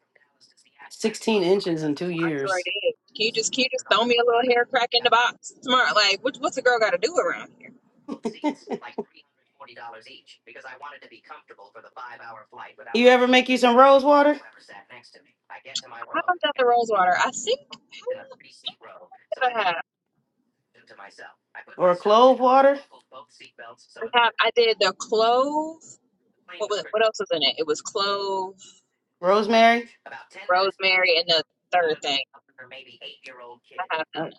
16 inches in two
I sure
years.
did. Can you just can you just throw me a little hair crack in the box? Smart. Like what, what's a girl got to do around here?
You ever make you some rose water?
I haven't done the rose water. I think how many did I have?
Or clove water?
I have. I did the clove. What was what else was in it? It was clove,
Rosemary?
rosemary, and the third thing. I have.
Well,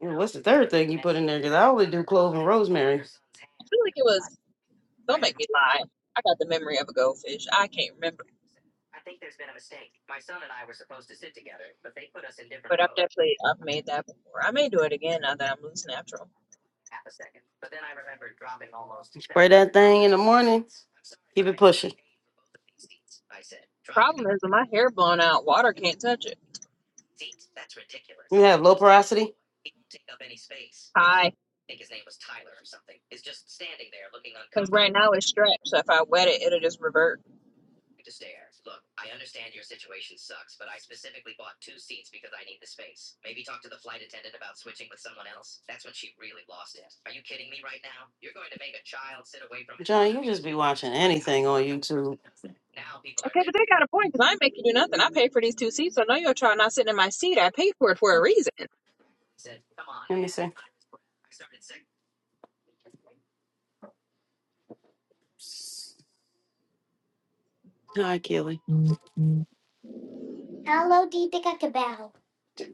well, what's the third thing you put in there? Because I only do clove and rosemary.
I feel like it was. Don't make me lie. I got the memory of a goldfish. I can't remember, but I've definitely I've made that before. I may do it again now that I'm loose natural.
Spray that thing in the morning. Keep it pushing.
Problem is, with my hair blown out, water can't touch it.
You have low porosity.
Hi. Because right now it's stretched, so if I wet it, it'll just revert.
YouTube.
Okay, but they got a point, because I ain't make you do nothing. I paid for these two seats, so no, your child not sitting in my seat. I paid for it for a reason.
Hi, Keely.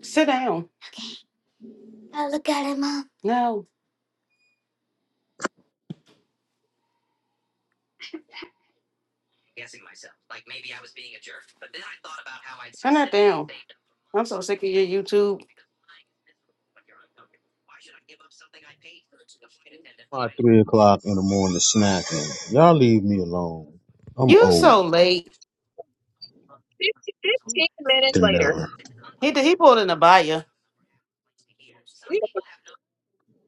Sit down. No, YouTube.
My three o'clock in the morning snacking. Y'all leave me alone. I'm
You so
old
late.
15 minutes
than
later.
never.
We done for-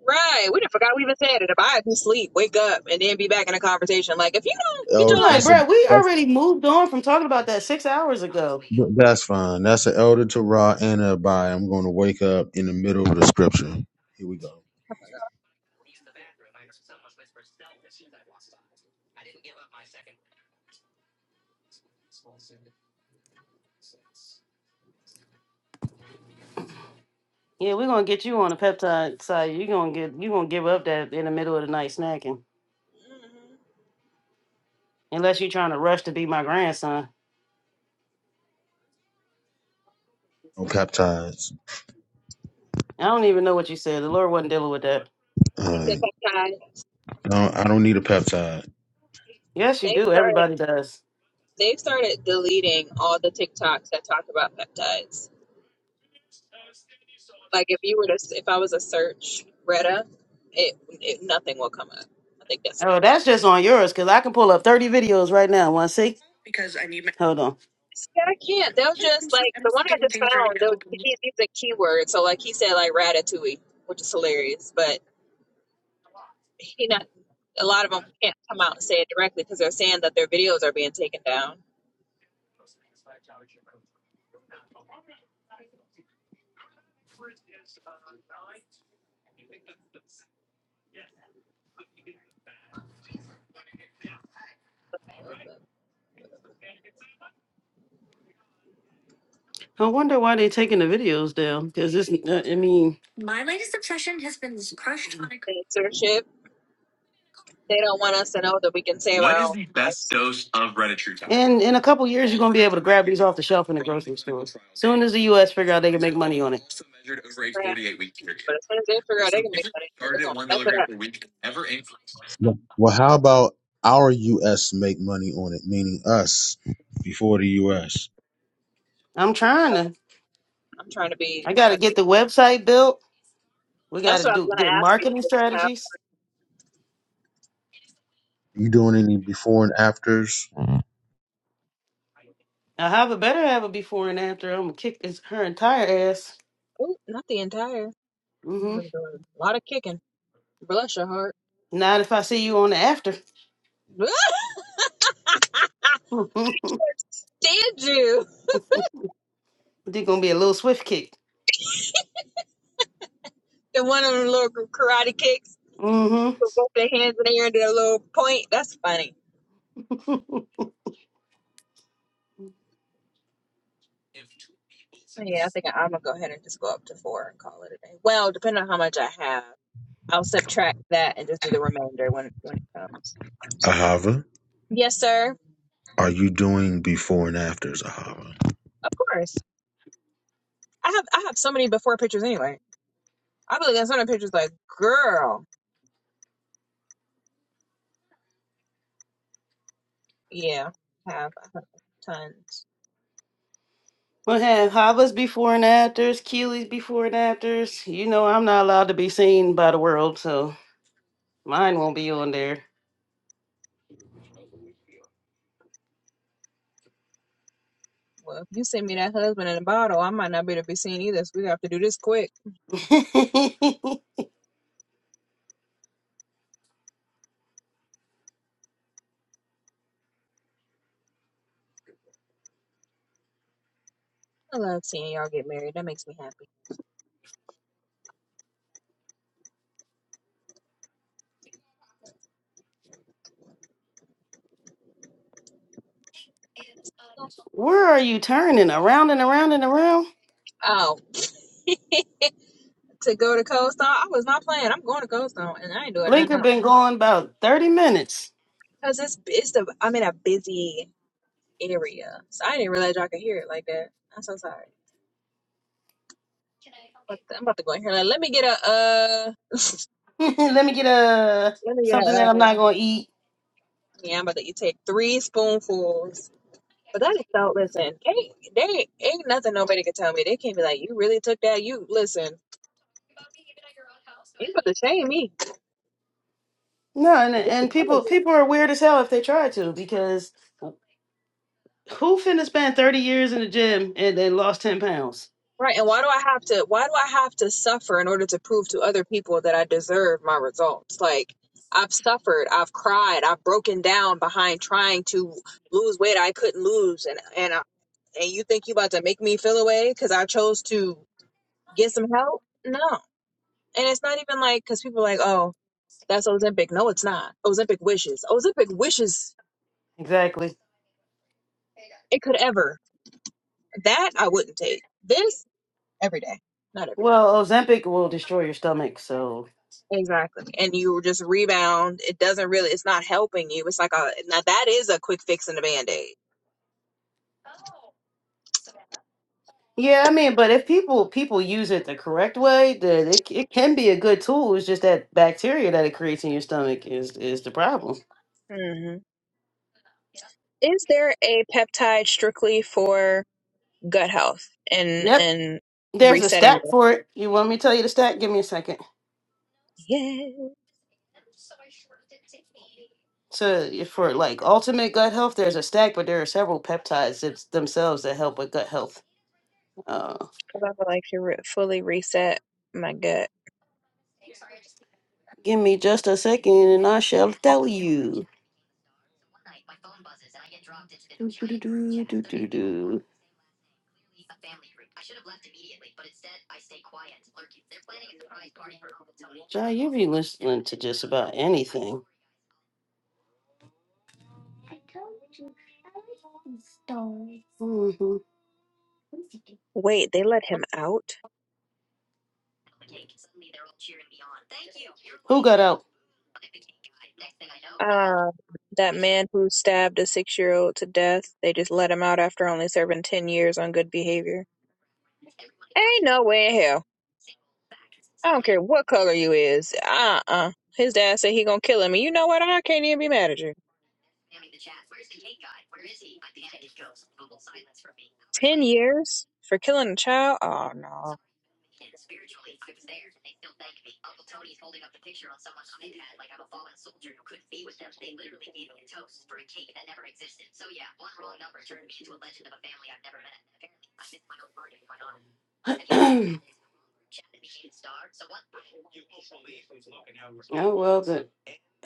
Right. We done forgot we even said it. If I do sleep, wake up, and then be back in a conversation. Like, if you don't get
Oh,
your
All right,
life,
that's a
bro, we
that's
already moved on from talking about that six hours ago.
that's fine. That's an elder to Ra and a by. I'm going to wake up in the middle of the scripture. Here we go.
Yeah, we're gonna get you on the peptide side. You're gonna get you gonna give up that in the middle of the night snacking.
Mhm.
Unless you're trying to rush to be my grandson.
No peptides.
I don't even know what you said. The Lord wasn't dealing with that.
All
you said
right.
peptide.
I don't, I don't need a peptide.
Yes, you do. Everybody does.
They've started deleting all the TikToks that talk about peptides. Like if you were to, if I was to search Retta, it, it nothing will come up. I think that's.
Oh, that's just on yours, because I can pull up 30 videos right now. Wanna see? Hold on.
See, I can't. They'll just like the one I just found. They'll, he, he's a keyword, so like he said, like ratatouille, which is hilarious. But he not a lot of them can't come out and say it directly because they're saying that their videos are being taken down.
I wonder why they're taking the videos down. Cause it's uh, I mean
Censorship. They don't want us to know that we can save our own lives.
And in a couple years, you're gonna be able to grab these off the shelf in the grocery stores. Soon as the U.S. figure out they can make money on it. Also
Right. But as soon as they figure out they can make money, they're gonna mess it up.
Well, well, how about our U.S. make money on it, meaning us before the U.S.
I'm trying to.
I'm trying to be.
I
I'm
got to
trying to
get
be.
the website built. We got
That's
to
what I was
do
gonna
get
ask you. if
marketing
you have.
strategies.
You doing any before and afters,
I have a better have a before and after. I'm gonna kick this, her entire ass.
Ooh, not the entire. You've
hmm
been doing a lot of kicking. Bless your heart.
Not if I see you on the after.
Did you?
They're gonna be a little swift kick.
The one of them little karate kicks
hmm
with both their hands in the air and did a little point. That's funny. Yeah, I think I'm gonna go ahead and just go up to four and call it a day. Well, depending on how much I have, I'll subtract that and just do the remainder when when it comes.
Ahava?
Yes, sir.
Are you doing before and afters, Ahava?
Of course. I have I have so many before pictures anyway. I'll be looking at some of the pictures like, girl, yeah, I have, I have tons.
We have Havas before and afters, Keeley's before and afters. You know I'm not allowed to be seen by the world, so mine won't be on there.
Well, if you send me that husband in a bottle, I might not be able to be seen either. So we have to do this quick. I love seeing y'all get married. That makes me happy.
Where are you turning? Around and around and around?
Oh, to go to Cold Stone, I was not playing. I'm going to Cold Stone, and I ain't doing nothing
Blinker
else.
been
I'm
going about 30 minutes.
Cause it's it's the I'm in a busy area, so I didn't realize y'all could hear it like that. I'm so sorry. But I'm about to go in here. Like, let me get a uh.
Let me get a
Let me get a
something
uh,
that I'm not gonna eat.
Yeah, I'm about to you take three spoonfuls. But that is so listen, ain't they ain't nothing nobody could tell me. They can't be like, You really took that? You listen, you about to shame me.
No, and and people people are weird as hell if they try to because who finna spend 30 years in the gym and then lost 10 pounds?
Right. And why do I have to why do I have to suffer in order to prove to other people that I deserve my results? Like I've suffered, I've cried, I've broken down behind trying to lose weight I couldn't lose and and I, and you think you about to make me feel away because I chose to get some help? No. And it's not even like because people are like, oh, That's Ozempic. No, it's not. Ozempic wishes. Ozempic wishes
Exactly.
it could ever. That I wouldn't take. This every day. Not every day.
Well, Ozempic will destroy your stomach, so
Exactly. And you just rebound. It doesn't really, it's not helping you. It's like a, now that is a quick fix and a band aid.
Yeah, I mean, but if people people use it the correct way, then it c- it can be a good tool. It's just that bacteria that it creates in your stomach is is the problem.
hmm Is there a peptide strictly for gut health and,
Yep,
and
there's a
resetting?
stat
gut-
for it. You want me to tell you the stat? Give me a second.
Yeah.
So if for like ultimate gut health, there's a stack, but there are several peptides it's themselves that help with gut health. Uh,
Cause I would like to re- fully reset my gut.
give me just a second, and I shall tell you. Do, do, do, do, do, do, do. Jai, you be listening to just about anything. Mhm.
Wait, they let him out?
Who got out?
Uh, that man who stabbed a six-year-old to death, they just let him out after only serving 10 years on good behavior. Ain't no way in hell. I don't care what color you is. Uh-uh. His dad said he gonna kill him. And you know what? I can't even be mad at you. 10 years for killing a child? Oh, no.
oh well, the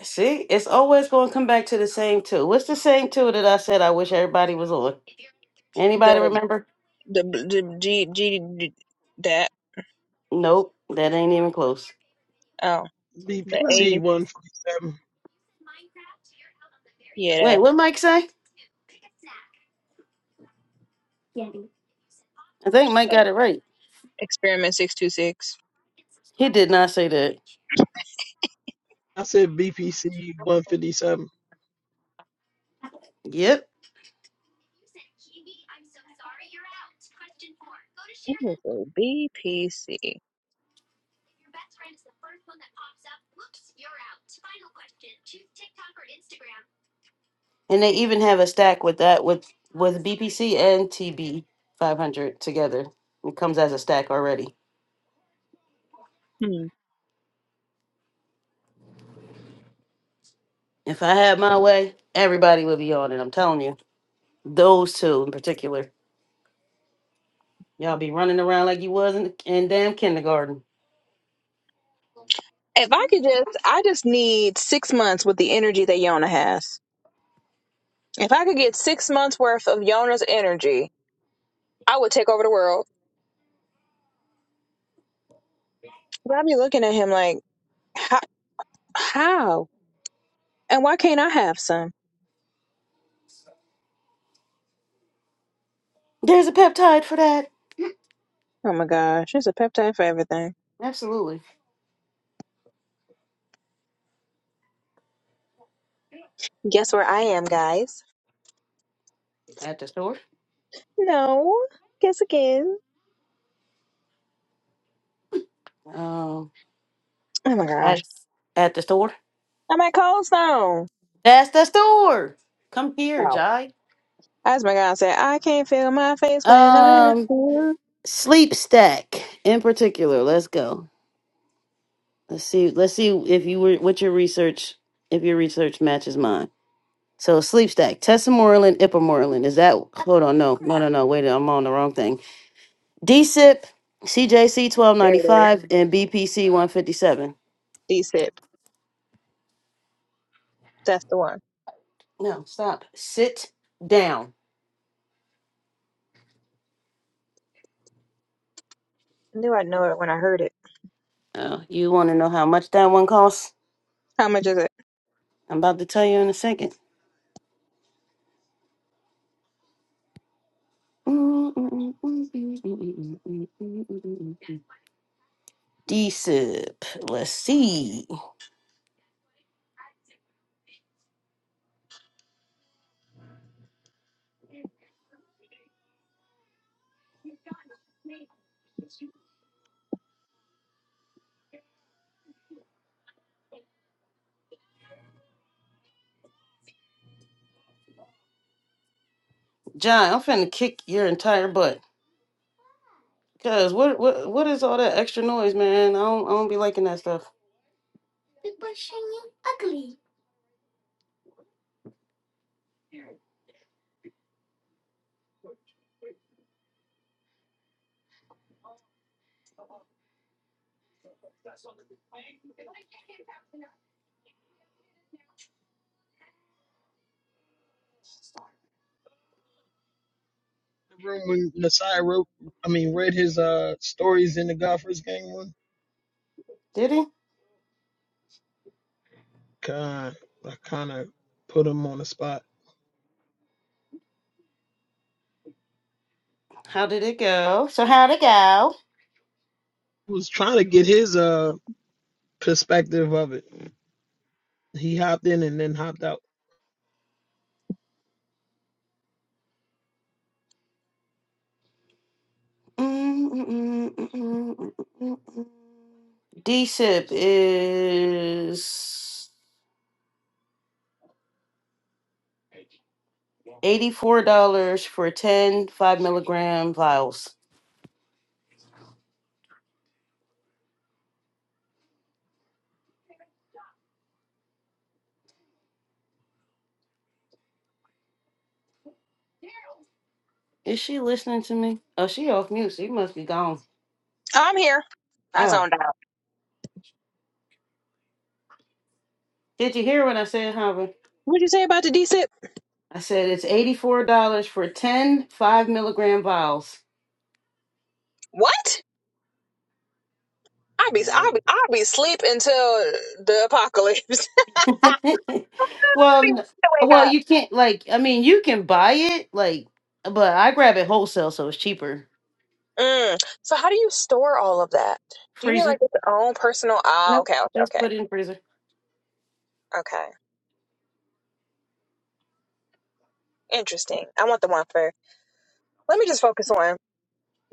see, it's always going to come back to the same two. What's the same two that I said I wish everybody was on? Anybody
The,
remember?
the, the G, G, G- that,
Nope, that ain't even close.
oh, the
BPC
A,
one fifty seven.
yeah, that.
Wait, what Mike say? I think Mike got it right.
Experiment 626.
He did not say that.
I said BPC one fifty seven.
Yep.
It was a BPC.
And they even have a stack with that with with BPC and TB 500 together. It comes as a stack already. If I had my way, everybody would be on it. I'm telling you, those two in particular, y'all be running around like you was in, in damn kindergarten.
If I could just, I just need six months with the energy that Yona has. If I could get six months worth of Yona's energy, I would take over the world. But I'd be looking at him like, how? how? And why can't I have some?
There's a peptide for that.
Oh my gosh, there's a peptide for everything.
Absolutely.
Guess where I am, guys?
At the store.
No. Guess again.
Um,
Oh my gosh.
at at the store.
I'm at Cold Stone.
That's the store. Come here,
Oh.
Jai.
As my God said, I can't feel my face when I'm with
Um,
you.
sleep stack in particular. Let's go. Let's see. Let's see if you were what your research if your research matches mine. So sleep stack, Tessamoreland, Ipamoreland. Is that hold on, no, no, no, no. Wait, I'm on the wrong thing. DSIP, CJC twelve
There
ninety
it is.
five, and BPC one fifty seven.
D-Sip. That's the one.
No, stop. Sit down.
I knew I'd know it when I heard it.
Oh, you wanna know how much that one costs?
How much is it?
I'm about to tell you in a second. DSIP. Let's see. John, I'm finna kick your entire butt. Cause what what what is all that extra noise, man? I don't I don't be liking that stuff.
The room when Nasai wrote I mean read his uh stories in the Gophers gang one.
Did he?
God, I kinda put him on the spot.
How did it go? So how'd it go?
I was trying to get his uh perspective of it. He hopped in and then hopped out.
DSIP is eighty-four dollars for ten five milligram vials. Is she listening to me? Oh, she off mute. She must be gone.
I'm here. I
Oh,
zoned out.
did you hear what I said, Hava?
What'd you say about the DSIP?
I said it's eighty-four dollars for 10 5 milligram vials.
What? I'll be I'll be I'll be asleep until the apocalypse.
well, n-
To wake
well,
up.
you can't like. I mean, you can buy it like, but I grab it wholesale, so it's cheaper.
Mm. So how do you store all of that? Do you need like
Freezer.
your own personal? Ah,
Nope.
okay, okay,
Just
okay,
put it in freezer.
okay. Interesting. I want the one first. Let me just focus on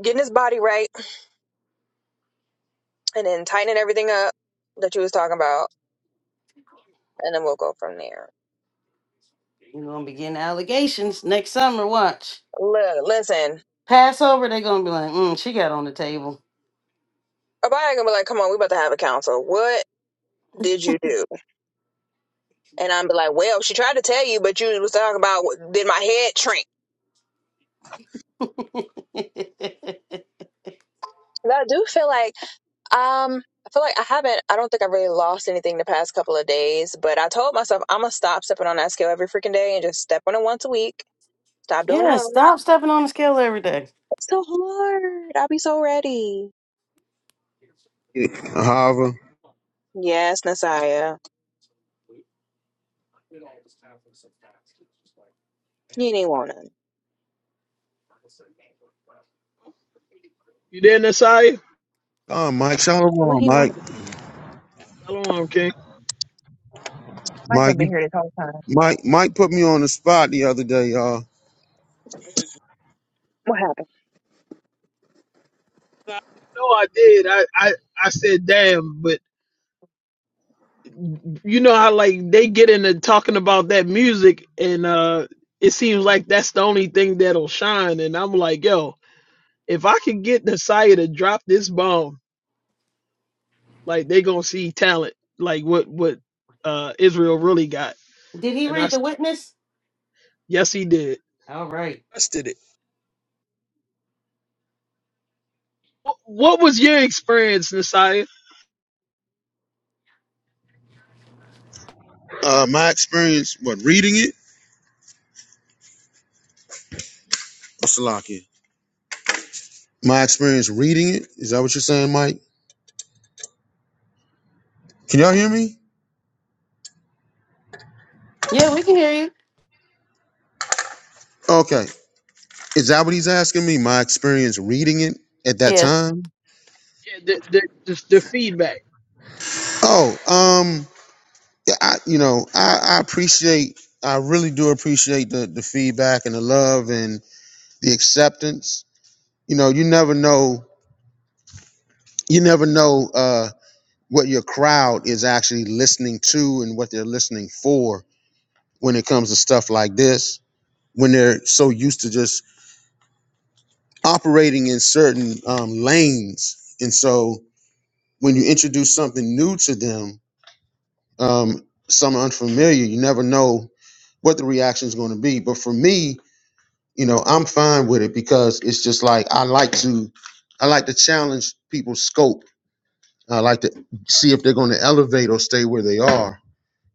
getting his body right and then tightening everything up that you was talking about, and then we'll go from there.
You're gonna be getting allegations next summer. Watch
Look, listen,
Passover. They're gonna be like, mm, she got on the table.
Abaya gonna be like, "Come on, we about to have a council. What did you do?" And I'm be like, "Well, she tried to tell you, but you was talking about what- did my head shrink?" But I do feel like, um, I feel like I haven't. I don't think I really lost anything the past couple of days. But I told myself I'm gonna stop stepping on that scale every freaking day and just step on it once a week. Stop doing the
yeah.
most.
Stop stepping on the scale every day.
It's so hard. I'll be so ready.
Yeah, Ahava.
Yes, Nasiah. He didn't want him.
You there, Nasai?
Oh, Mike,
What
shalom,
he
Mike.
wanted was
Hello,
Mike done
Mike,
been
you,
here this whole time.
Mike, Mike put me on the spot the other day, y'all.
I know I did. I, I, I said, damn, but you know how like they get into talking about that music and uh it seems like that's the only thing that'll shine. And I'm like, yo, if I could get Nasiah to drop this bomb, like they gonna see talent, like what what uh Israel really got.
Did he
And I
read the
s-
witness?
yes he did.
All right.
Trusted it. Wh- What was your experience, Nasiah?
Uh, my experience, what reading it? Or Salakia? My experience reading it. Is that what you're saying, Mike? Can y'all hear me?
Yeah, we can hear you.
Okay. Is that what he's asking me? My experience reading it at that
Yeah,
time?
Yeah, The, the, the, the feedback.
Oh, um, yeah, I, you know, I, I appreciate, I really do appreciate the, the feedback and the love and the acceptance. You know, you never know, you never know uh, what your crowd is actually listening to and what they're listening for when it comes to stuff like this, when they're so used to just operating in certain um, lanes. And so when you introduce something new to them, um, something unfamiliar, you never know what the reaction is going to be. But for me, you know i'm fine with it because it's just like i like to i like to challenge people's scope i like to see if they're going to elevate or stay where they are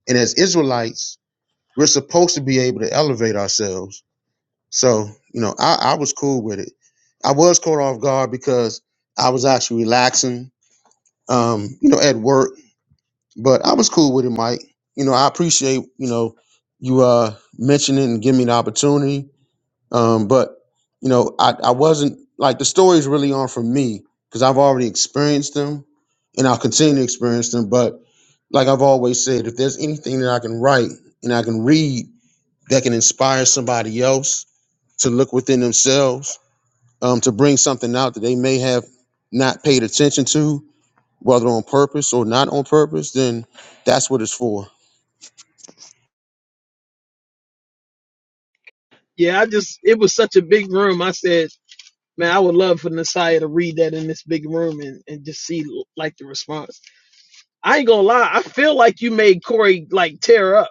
and as israelites we're supposed to be able to elevate ourselves so you know i, I was cool with it i was caught off guard because i was actually relaxing um you know at work but i was cool with it mike you know i appreciate you know you uh mentioning and giving me the opportunity Um, but you know, I, I wasn't like the stories really aren't for me because I've already experienced them and I'll continue to experience them. But like I've always said, if there's anything that I can write and I can read that can inspire somebody else to look within themselves, um, to bring something out that they may have not paid attention to, whether on purpose or not on purpose, then that's what it's for.
Yeah, I just it was such a big room. I said. Man, I would love for Messiah to read that in this big room and, and just see like the response. I ain't gonna lie, I feel like you made Corey like tear up.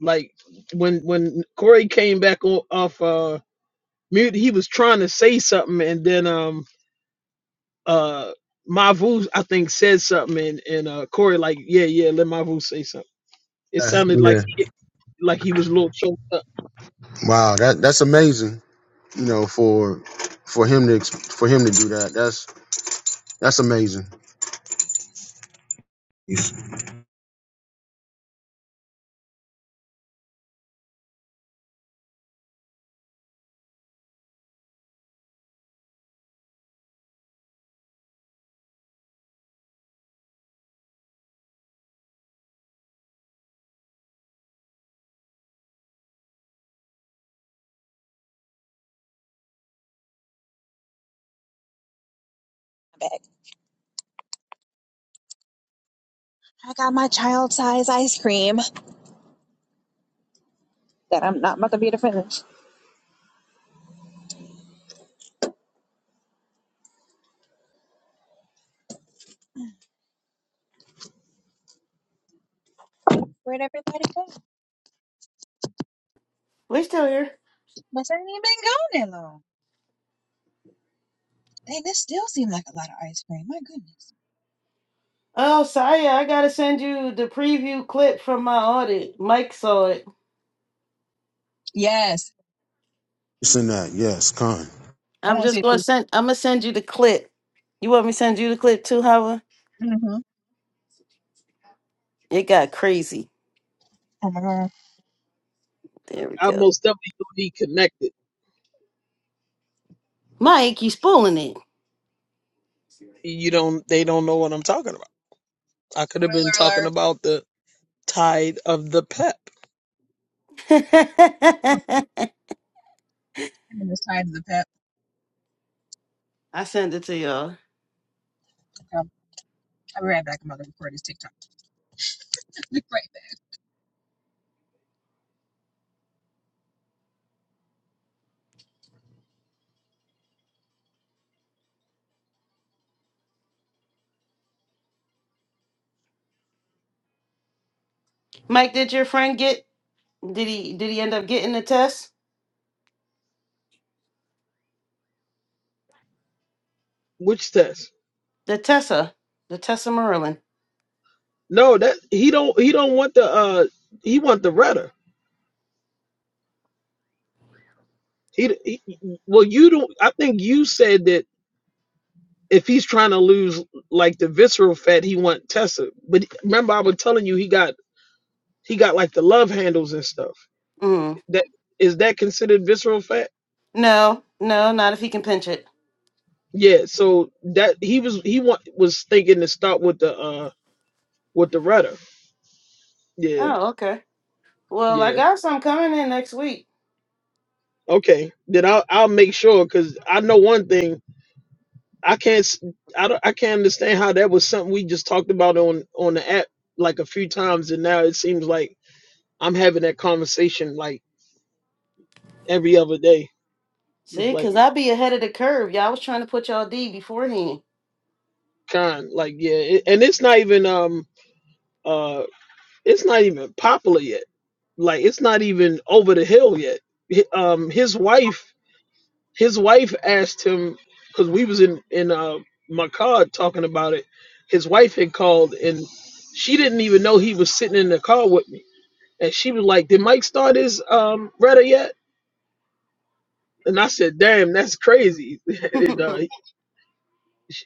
Like when when Corey came back o- off uh mute, he was trying to say something and then um uh Mavu I think said something and, and uh Corey like, yeah, yeah, let Mavu say something. It
Uh,
sounded like
Yeah.
he, like he was a little choked up.
Wow. That that's amazing. You know, for for him to ex- for him to do that. That's amazing.
my bag. I got my child size ice cream that I'm not about to be able to finish. Where'd everybody go?
we're still here.
Must have even been gone that long. Hey, this still seemed like a lot of ice cream. My goodness.
Oh, Saya, I gotta send you the preview clip from my audit. Mike saw it.
Yes.
It's in that. Yes, Con. I'm
I
I'm
want to see
just gonna
it.
send. I'm gonna send you the clip. You want me to send you the clip too, Howard?
Mm-hmm.
It got crazy.
Oh my god.
There we
I
go.
most definitely don't need connected.
Mike, you spooling it.
You don't they don't know what I'm talking about. I could have been
Spoiler
talking
alert.
about the tithe of the pep.
I'm on the side of the pep.
I send it to y'all.
Um, I'll be right back. I'm about to record this TikTok. Right.
Mike, did your friend get? Did he? Did he end up getting the test?
Which test?
The Tessa. The Tessa Merlin.
No, that he don't he don't want the uh he want the rudder. He, he well you don't I think you said that if he's trying to lose like the visceral fat he want Tessa. But remember I was telling you he got he got like the love handles and stuff.
Mm.
That is that considered visceral fat?
No, no, not if he can pinch it.
Yeah, so that he was he want, was thinking to start with the uh with the rudder. Yeah,
Oh, okay. Well, I
yeah.
got some coming in next week.
Okay. Then I'll I'll make sure cuz I know one thing I can't s- I don't, I can't understand how that was something we just talked about on on the app like a few times and now it seems like I'm having that conversation like every other day. It was
See,
like
cause I be ahead of the curve. Y'all I was trying to put y'all D beforehand.
kind like yeah, it, and it's not even um uh it's not even popular yet. Like it's not even over the hill yet. Hi- Um his wife his wife asked him cuz we was in in uh my car talking about it. His wife had called and she didn't even know he was sitting in the car with me And she was like, "Did Mike start his um Reddit yet?" And I said, "Damn, that's crazy." and uh, he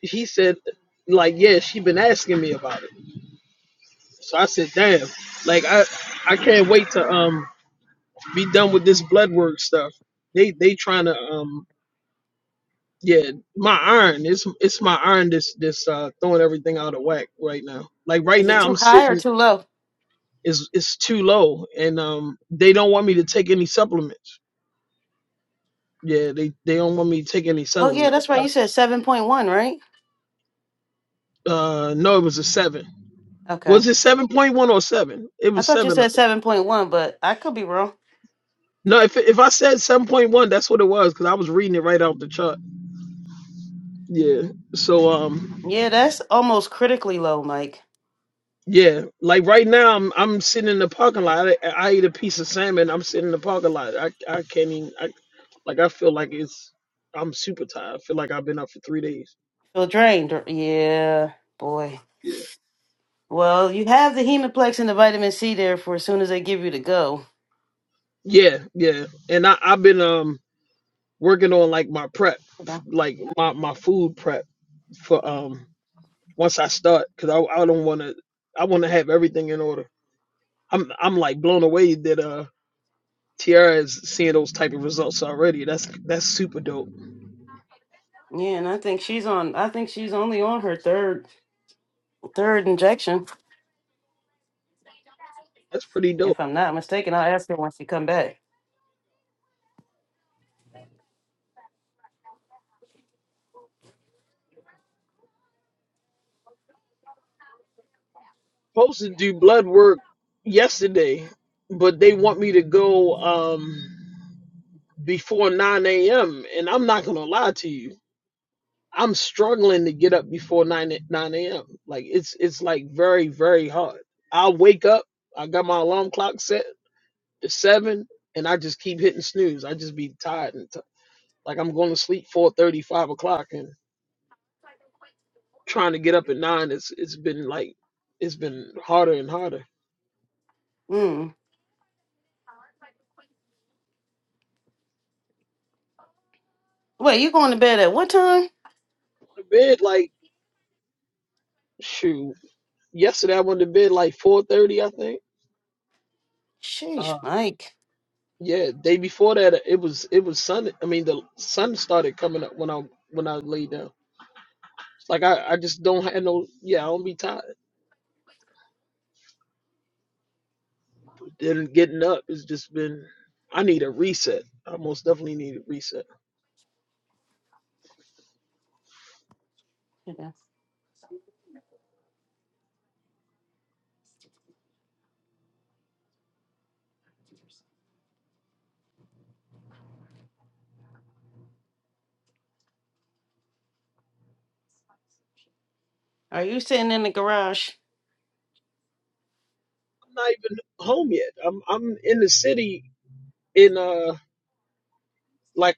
he said, "Like, yeah, she been asking me about it." So I said, "Damn, like I I can't wait to um be done with this blood work stuff. They they trying to um yeah my iron it's it's my iron this this uh throwing everything out of whack right now. Like right
Is it
now
too
I'm
high or
sitting
too low?
is it's too low and um they don't want me to take any supplements. Yeah, they they don't want me to take any
Oh yeah,
supplements.
that's right. You said seven point one, right?
Uh, no, it was a seven. Was
Okay.
it seven point one or seven? It
I
was
thought you
seven, I
said
think.
seven point one, but I could be wrong.
No, if if I said seven point one, that's what it was because I was reading it right off the chart. Yeah. So um,
Yeah, that's almost critically low, Mike.
yeah, like right now I'm I'm sitting in the parking lot. I, I ate a piece of salmon. I'm sitting in the parking lot. I I can't even. I like I feel like it's. I'm super tired. I feel like I've been up for three days.
Feel drained. Yeah, boy.
Yeah.
Well, you have the hemoplex and the vitamin C there for as soon as they give you the go.
Yeah, yeah. And I I've been um working on like my prep, like my my food prep for um. once I start because I I don't want to I want to have everything in order. I'm I'm like blown away that uh Tiara is seeing those type of results already. That's that's super dope.
Yeah, and I think she's on. I think she's only on her third third injection,
That's pretty dope.
if I'm not mistaken. I'll ask her when she come back.
Supposed to do blood work yesterday, but they want me to go um before 9 a.m. and I'm not gonna lie to you. I'm struggling to get up before 9 a- 9 a.m. Like it's it's like very very hard. I wake up. I got my alarm clock set. It's seven, and I just keep hitting snooze. I just be tired and t- like I'm going to sleep four thirty, five o'clock, and trying to get up at nine. It's it's been like it's been harder and harder.
Mm. Wait, you going to bed at what time?
The bed like shoot. Yesterday I went to bed like four thirty, I think.
Sheesh,
Uh,
Mike.
yeah, day before that it was it was sun. I mean the sun started coming up when I when I laid down. Like I I just don't have no yeah I don't be tired. Then getting up it's just been I need a reset. I most definitely need a reset.
Yeah. Are you sitting in the garage?
I'm not even home yet. I'm I'm in the city in uh like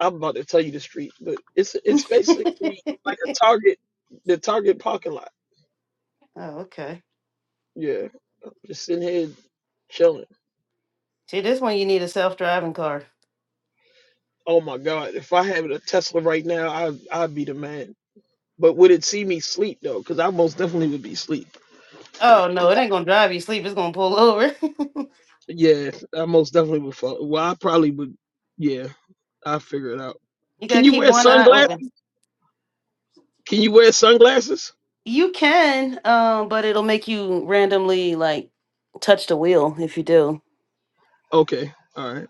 I'm about to tell you the street, but it's it's basically
oh,
like a Target, the Target parking lot.
okay.
Yeah, I'm just sitting here chilling.
See, this one you need a self driving car.
Oh my God, if I had a Tesla right now, I I'd be the man. But would it see me sleep though? Because I most definitely would be sleep.
Oh no, it ain't gonna drive you to sleep. It's gonna pull over.
Yeah, I most definitely would fall. Well, I probably would. Yeah, I figure it out.
you gotta
Can you
keep
wear
one eye
sunglasses?
open.
Can you wear sunglasses?
You can, um, but it'll make you randomly like touch the wheel if you do.
Okay, all right.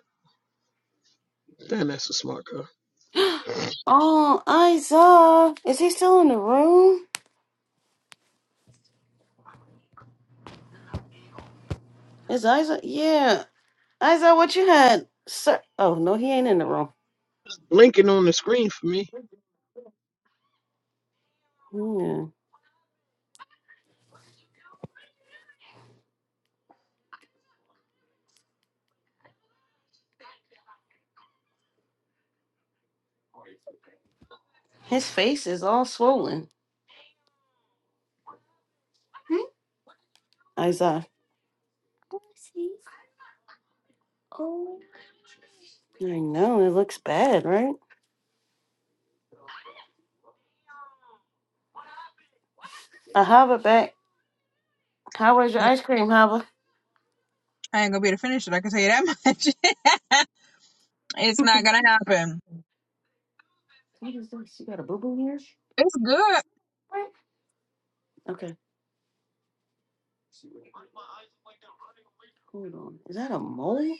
Damn, that's a smart car.
oh, Isa, is he still in the room? Is Isa? Yeah, Isa, what you had? Sir, oh no, he ain't in the room.
Linking on the screen for me.
Yeah, his face is all swollen. Isa, I know it looks bad, right? I have it back. How was your
Yeah.
ice cream, Hava?
I ain't gonna be able to finish it. I can tell you that much. it's not gonna happen.
What is this? You got a boo boo here?
It's good.
Okay, hold on. Is that a mole?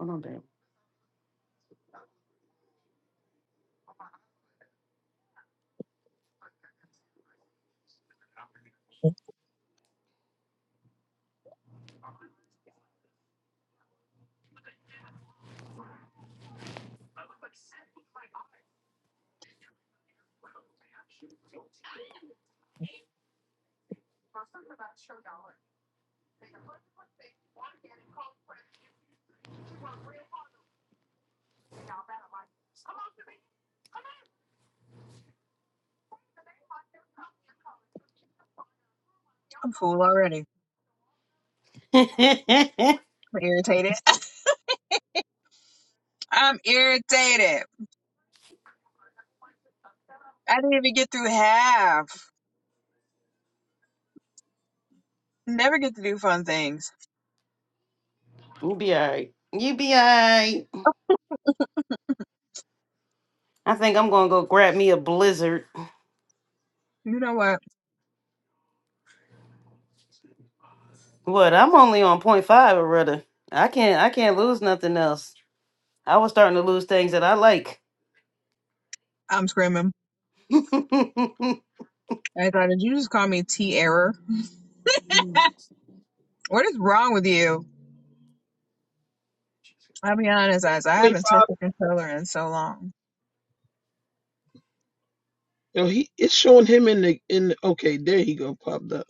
Oh no, babe.
I'm full already. I'm irritated. I'm irritated. I didn't even get through half. Never get to do fun things.
you be alright. You be alright. I think I'm gonna go grab me a blizzard.
You know what?
What? I'm only on point five already. I can't. I can't lose nothing else. I was starting to lose things that I like.
I'm screaming. I thought, did you just call me T Error? What is wrong with you? I'll be honest, guys. I
Point
haven't
five.
touched a controller in so long.
No, he it's showing him in the in. The, okay, there he go. Popped up.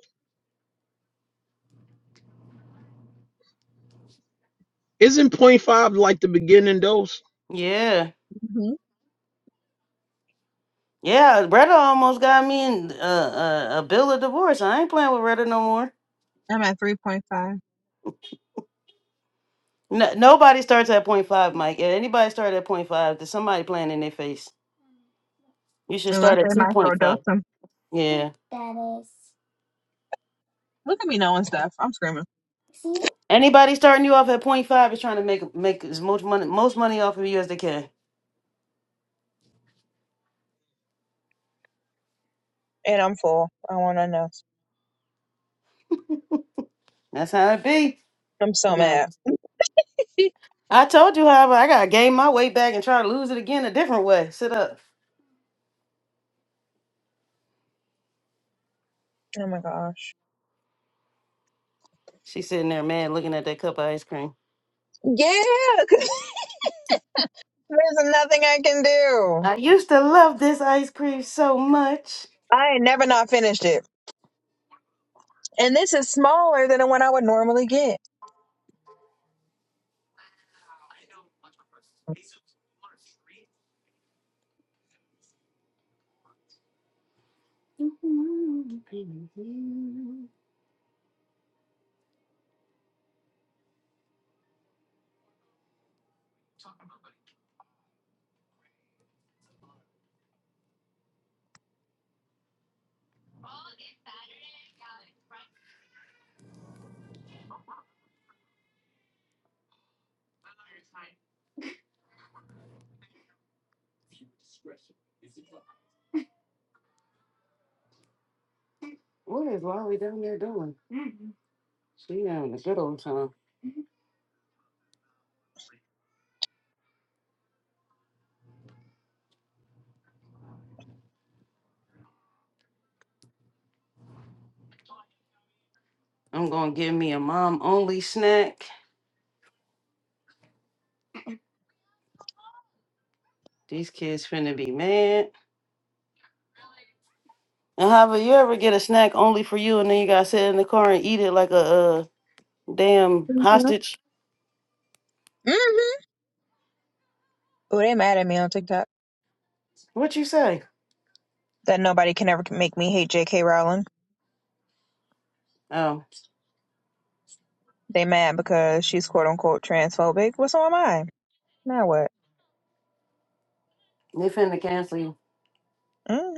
Isn't point five like the beginning dose?
yeah,
hmm
yeah. Retta almost got me in uh, uh, a bill of divorce. I ain't playing with Retta no more.
I'm at 3.5.
No, nobody starts at point five, Mike. If anybody started at point five, there's somebody playing in their face. You should
Unless
start
they
at two point
microdose
five.
them.
Yeah.
Look at me knowing stuff. I'm screaming.
Anybody starting you off at point five is trying to make make as much money most money off of you as they can.
And I'm full. I want to know.
That's how it be.
I'm so mad.
I told you however, I gotta gain my weight back and try to lose it again a different way. Sit up.
Oh my gosh.
She's sitting there mad looking at that cup of ice cream.
Yeah, 'cause there's nothing I can do.
I used to love this ice cream so much.
I ain't never not finished it. And this is smaller than the one I would normally get.
What is Lolly down there doing? She having a good old time. I'm gonna give me a mom only snack. These kids finna be mad. And how about you ever get a snack only for you and then you gotta sit in the car and eat it like a uh, damn
hmm
hostage?
hmm Oh, they mad at me on TikTok
What you say?
that nobody can ever make me hate J.K. Rowling.
Oh,
They mad because she's quote unquote transphobic. Well, so am I. Now what?
they finna cancel you.
hmm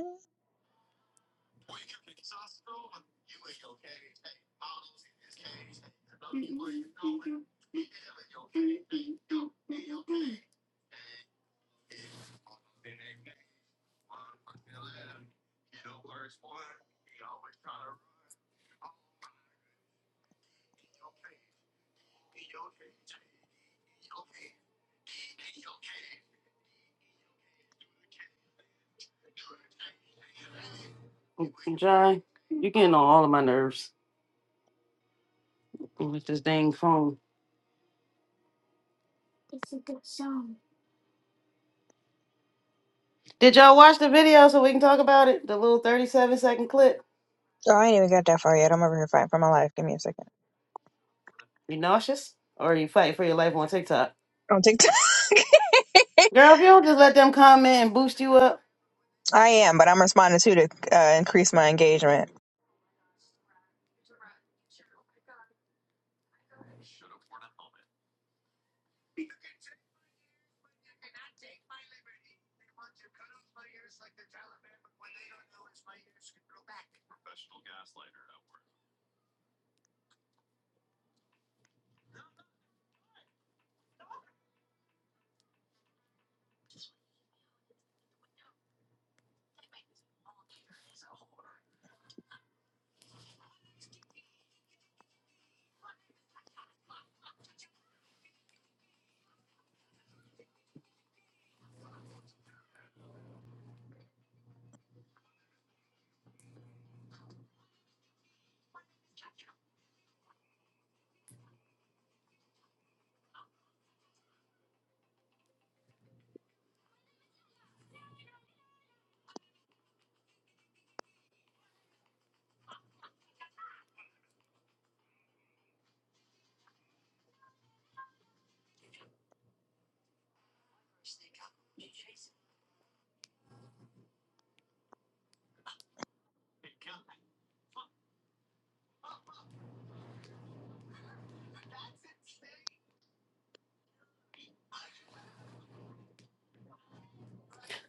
John, you getting on all of my nerves with this dang phone. Did y'all watch the video so we can talk about it? The little 37 second clip?
Oh, I ain't even got that far yet. I'm over here fighting for my life. Give me a second.
You nauseous? Or you fight for your life on TikTok?
on TikTok.
Girl, if you don't just let them comment and boost you up.
I am, but I'm responding too to uh, increase my engagement.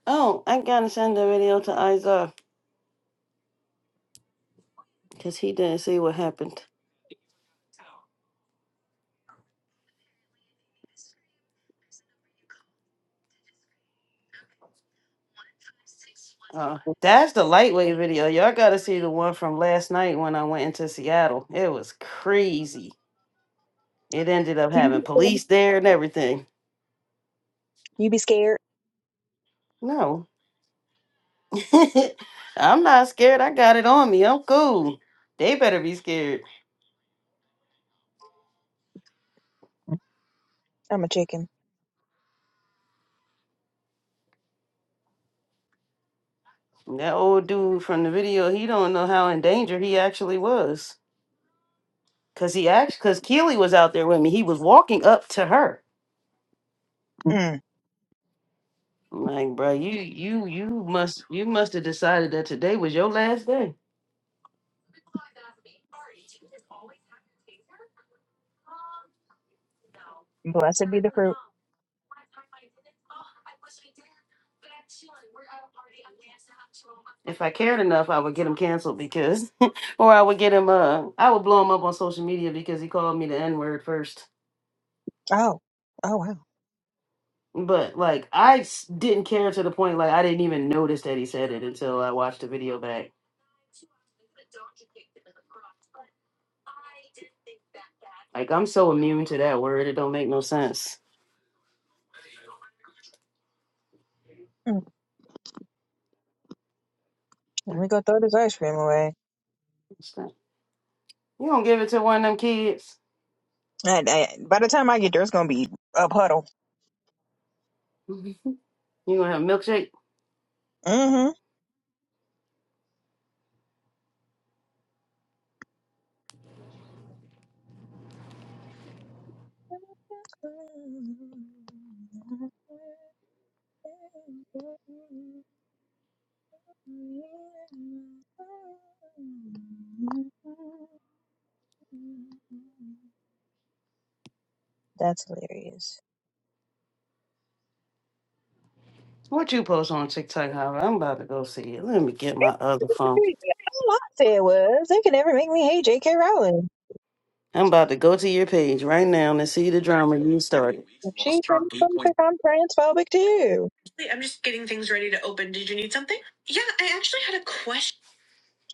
Oh, I gotta send the video to Isa because he didn't see what happened. Uh, that's the lightweight video. Y'all got to see the one from last night when I went into Seattle. It was crazy. It ended up having police there and everything.
You be scared?
No, I'm not scared. I got it on me. I'm cool. They better be scared.
I'm a chicken.
That old dude from the video, he don't know how in danger he actually was. Cause he actually, cause Keely was out there with me. He was walking up to her.
Mm.
I'm like, bro, you, you, you must, you must have decided that today was your last day.
Blessed be the fruit.
If I cared enough, I would get him canceled because, or I would get him. Uh, I would blow him up on social media because he called me the N word first.
Oh, oh wow.
But like, I s- didn't care to the point like I didn't even notice that he said it until I watched the video back. Like I'm so immune to that word, it don't make no sense.
Mm. Let me go throw this ice cream away.
What's that? You don't give it to one of them kids.
I, I, by the time I get there, it's gonna be a puddle.
Mhm. You gonna have milkshake?
Mm-hmm. That's hilarious.
What you post on TikTok, Howard? I'm about to go see it. Let me get my other phone.
All I said was, they can never make me hate J.K. Rowling.
I'm about to go to your page right now and see the drama you started.
If she transphobic, I'm transphobic too.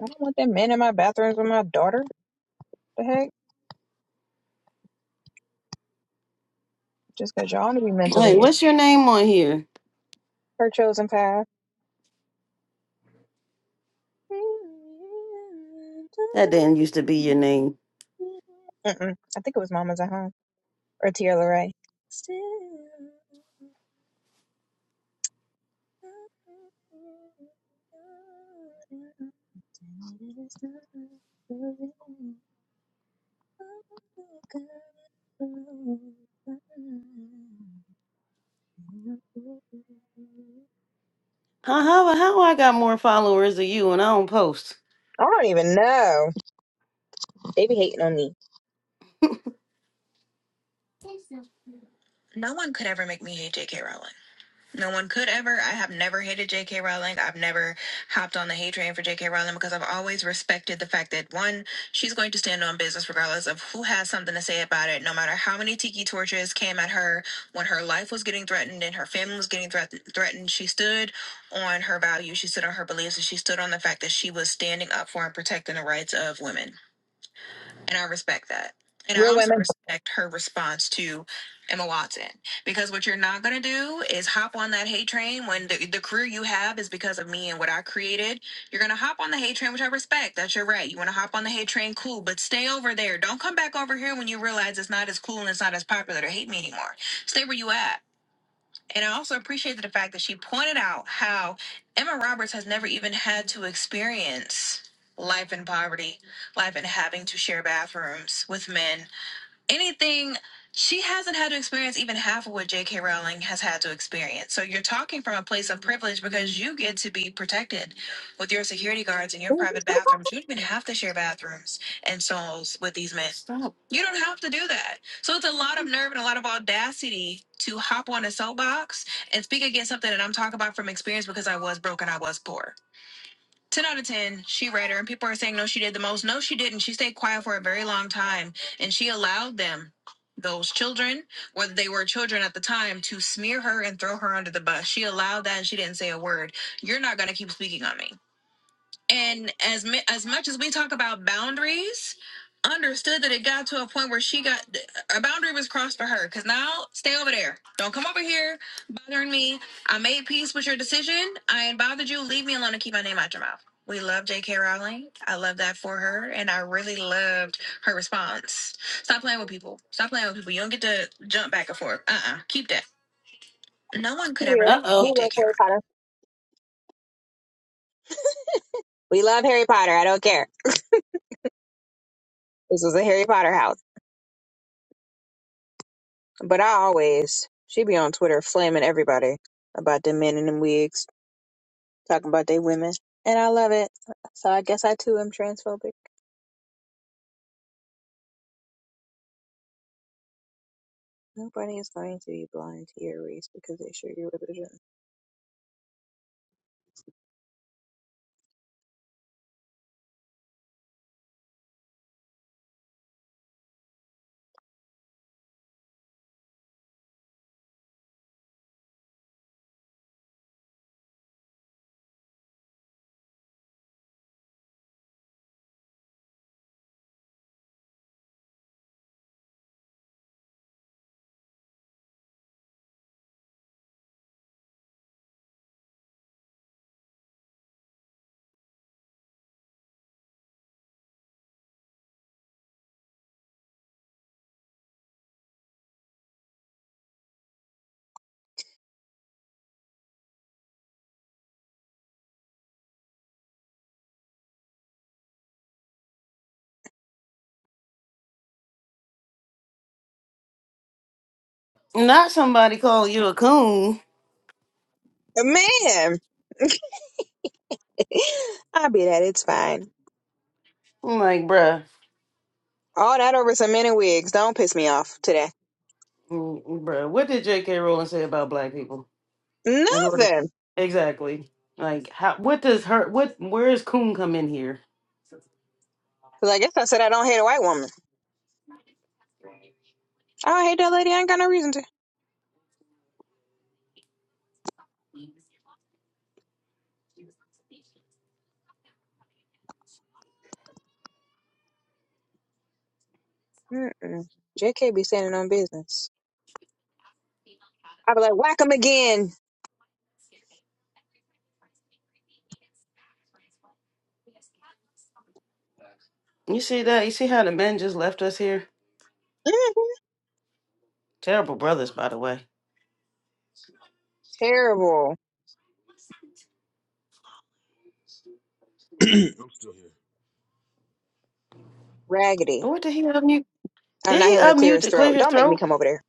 I don't want them men in my bathrooms with my daughter. The heck? Just because y'all want to be
Wait,
mentally ill.
what's your name on here?
her chosen path.
That didn't used to be your name.
Mm-mm. I think it was Mama's at Home or Tierra Ray. I
How how how I got more followers than you and I don't post?
don't even know. They be hating on me.
No one could ever. I have never hated J.K. Rowling. I've never hopped on the hate train for J.K. Rowling because I've always respected the fact that one, she's going to stand on business regardless of who has something to say about it. No matter how many tiki torches came at her when her life was getting threatened and her family was getting threat- threatened, she stood on her values, she stood on her beliefs, and she stood on the fact that she was standing up for and protecting the rights of women. And I respect that. And I
Real
also
women.
respect her response to Emma Watson because what you're not going to do is hop on that hate train when the, the career you have is because of me and what I created. You're going to hop on the hate train, which I respect. That's your right. You want to hop on the hate train, cool, but stay over there. Don't come back over here when you realize it's not as cool and it's not as popular to hate me anymore. Stay where you at and I also appreciated the fact that she pointed out how Emma Roberts has never even had to experience life in poverty, life in having to share bathrooms with men anything she hasn't had to experience even half of what J.K. Rowling has had to experience. So you're talking from a place of privilege because you get to be protected with your security guards in your private bathrooms. You don't even have to share bathrooms and stalls with these men. Stop. You don't have to do that. So it's a lot of nerve and a lot of audacity to hop on a soapbox and speak against something that I'm talking about from experience because I was broke and I was poor. 10 out of 10, she read her, and people are saying, no, she did the most. No, she didn't. She stayed quiet for a very long time, and she allowed them, those children, whether they were children at the time, to smear her and throw her under the bus. She allowed that, and she didn't say a word. You're not going to keep speaking on me and as as much as we talk about boundaries understood that it got to a point where she got a boundary was crossed for her because now stay over there don't come over here bothering me i made peace with your decision i ain't bothered you leave me alone and keep my name out your mouth we love jk rowling i love that for her and i really loved her response stop playing with people stop playing with people you don't get to jump back and forth uh-uh keep that no one could ever make
Period.
Uh make oh.
We
you
love
jk
Harry Potter. We love Harry Potter. I don't care. This is a Harry Potter house. But I always, she be on Twitter flaming everybody about them men in them wigs. talking about they women, and I love it. So I guess I too am transphobic. Nobody is going to be blind to your race because they share your religion.
rowling Not somebody call you a coon.
Man, I be that. It's fine.
I'm like, bruh.
All that over some men in wigs. Don't piss me off today.
Mm, Bruh, what did J.K. Rowling say about black people? In order,
Nothing.
exactly. Like, how? What does her? What? Where is Coon come in here?
Cause I guess I said I don't hate a white woman. I don't hate that lady. I ain't got no reason to. Mm-mm. JK be standing on business. I be like, whack him again.
You see that? You see how the men just left us here?
Mm,
Terrible brothers, by the way.
terrible.
still here.
Raggedy.
And What did he unmute?
I'm
Did
not
he
here when to clear
unmute
his
to clear
throat.
his
Don't make me
throat?
come over there.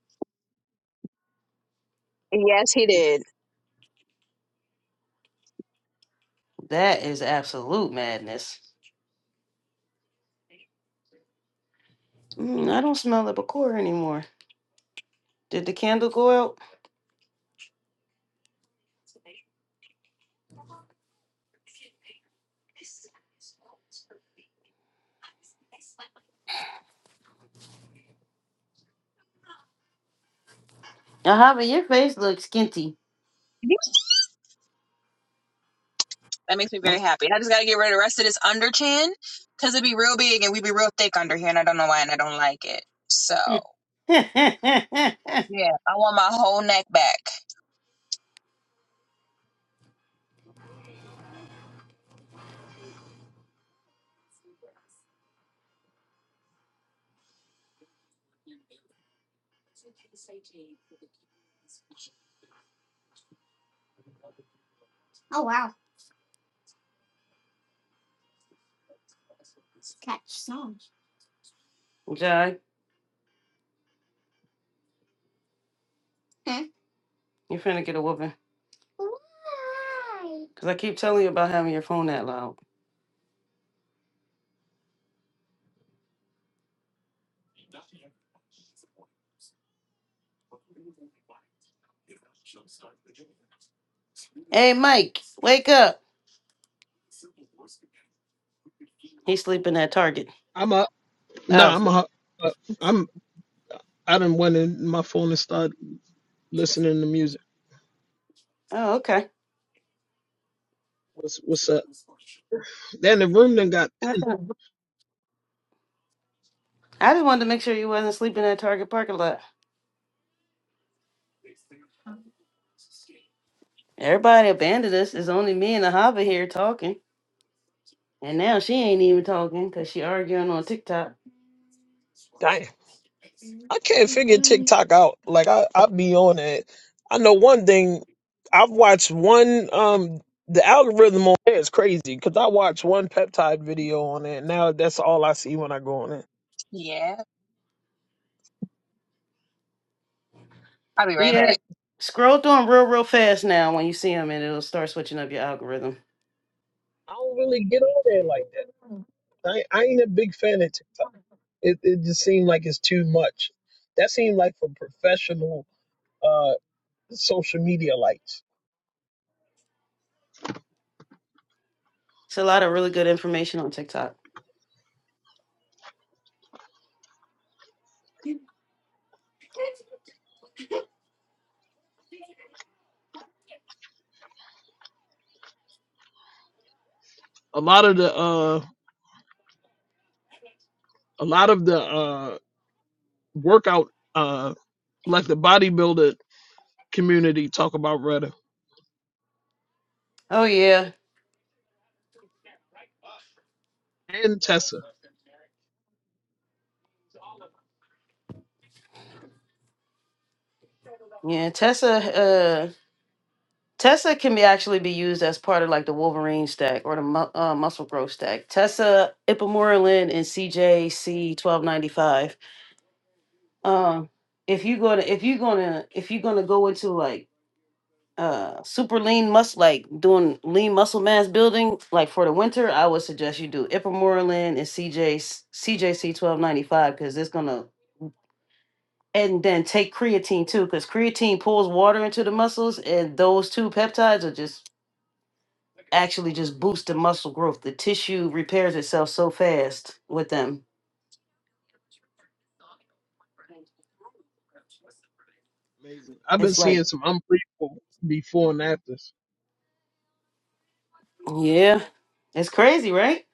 Yes, he did.
That is absolute madness. Mm, I don't smell the liqueur anymore. Did the candle go out? Ahava, your face looks skinty.
That makes me very happy. I just gotta get rid of the rest of this under chin because it'd be real big and we'd be real thick under here, and I don't know why, and I don't like it. So yeah, I want my whole neck back.
Jai, you're finna get a whooping. Because I keep telling you about having your phone that loud. Hey, Mike, wake up. He's sleeping at Target.
I'm up. Nah,
Oh,
I'm up. up. I'm. I done went in my phone and started listening to music.
oh, okay.
What's what's up? Then the room done got
I just wanted to make sure you wasn't sleeping at Target parking lot. Everybody abandoned us. It's only me and Ahava here talking. And now she ain't even talking because she arguing on TikTok.
Dang, I can't figure TikTok out. Like I, I be on it. I know one thing. I've watched one. Um, the algorithm on there is crazy because I watched one peptide video on it. Now that's all I see when I go on it.
Yeah, I'll be right back.
Yeah. Scroll through 'em real, real fast now when you see them and it'll start switching up your algorithm.
I don't really get on there like that. I, I ain't a big fan of TikTok. It, it just seemed like it's too much. That seemed like for professional uh, social media lights.
It's a lot of really good information on TikTok.
A lot of the uh, a lot of the uh, workout uh, like the bodybuilder community talk about Rudder
Oh, yeah.
and Tessa.
Yeah. Tessa uh, Tessa can be actually be used as part of like the Wolverine stack or the mu- uh, muscle growth stack. Tessa, Ipamorelin, and CJC twelve ninety five. Um, if you gonna if you gonna if you're gonna go into like uh super lean muscle like doing lean muscle mass building like for the winter, I would suggest you do Ipamorelin and CJ CJC twelve ninety five because it's gonna and then take creatine too because creatine pulls water into the muscles and those two peptides are just actually just boosts the muscle growth. The tissue repairs itself so fast with them.
Amazing. I've been
It's
seeing
like,
some unbelievable before and afters.
yeah, it's crazy, right?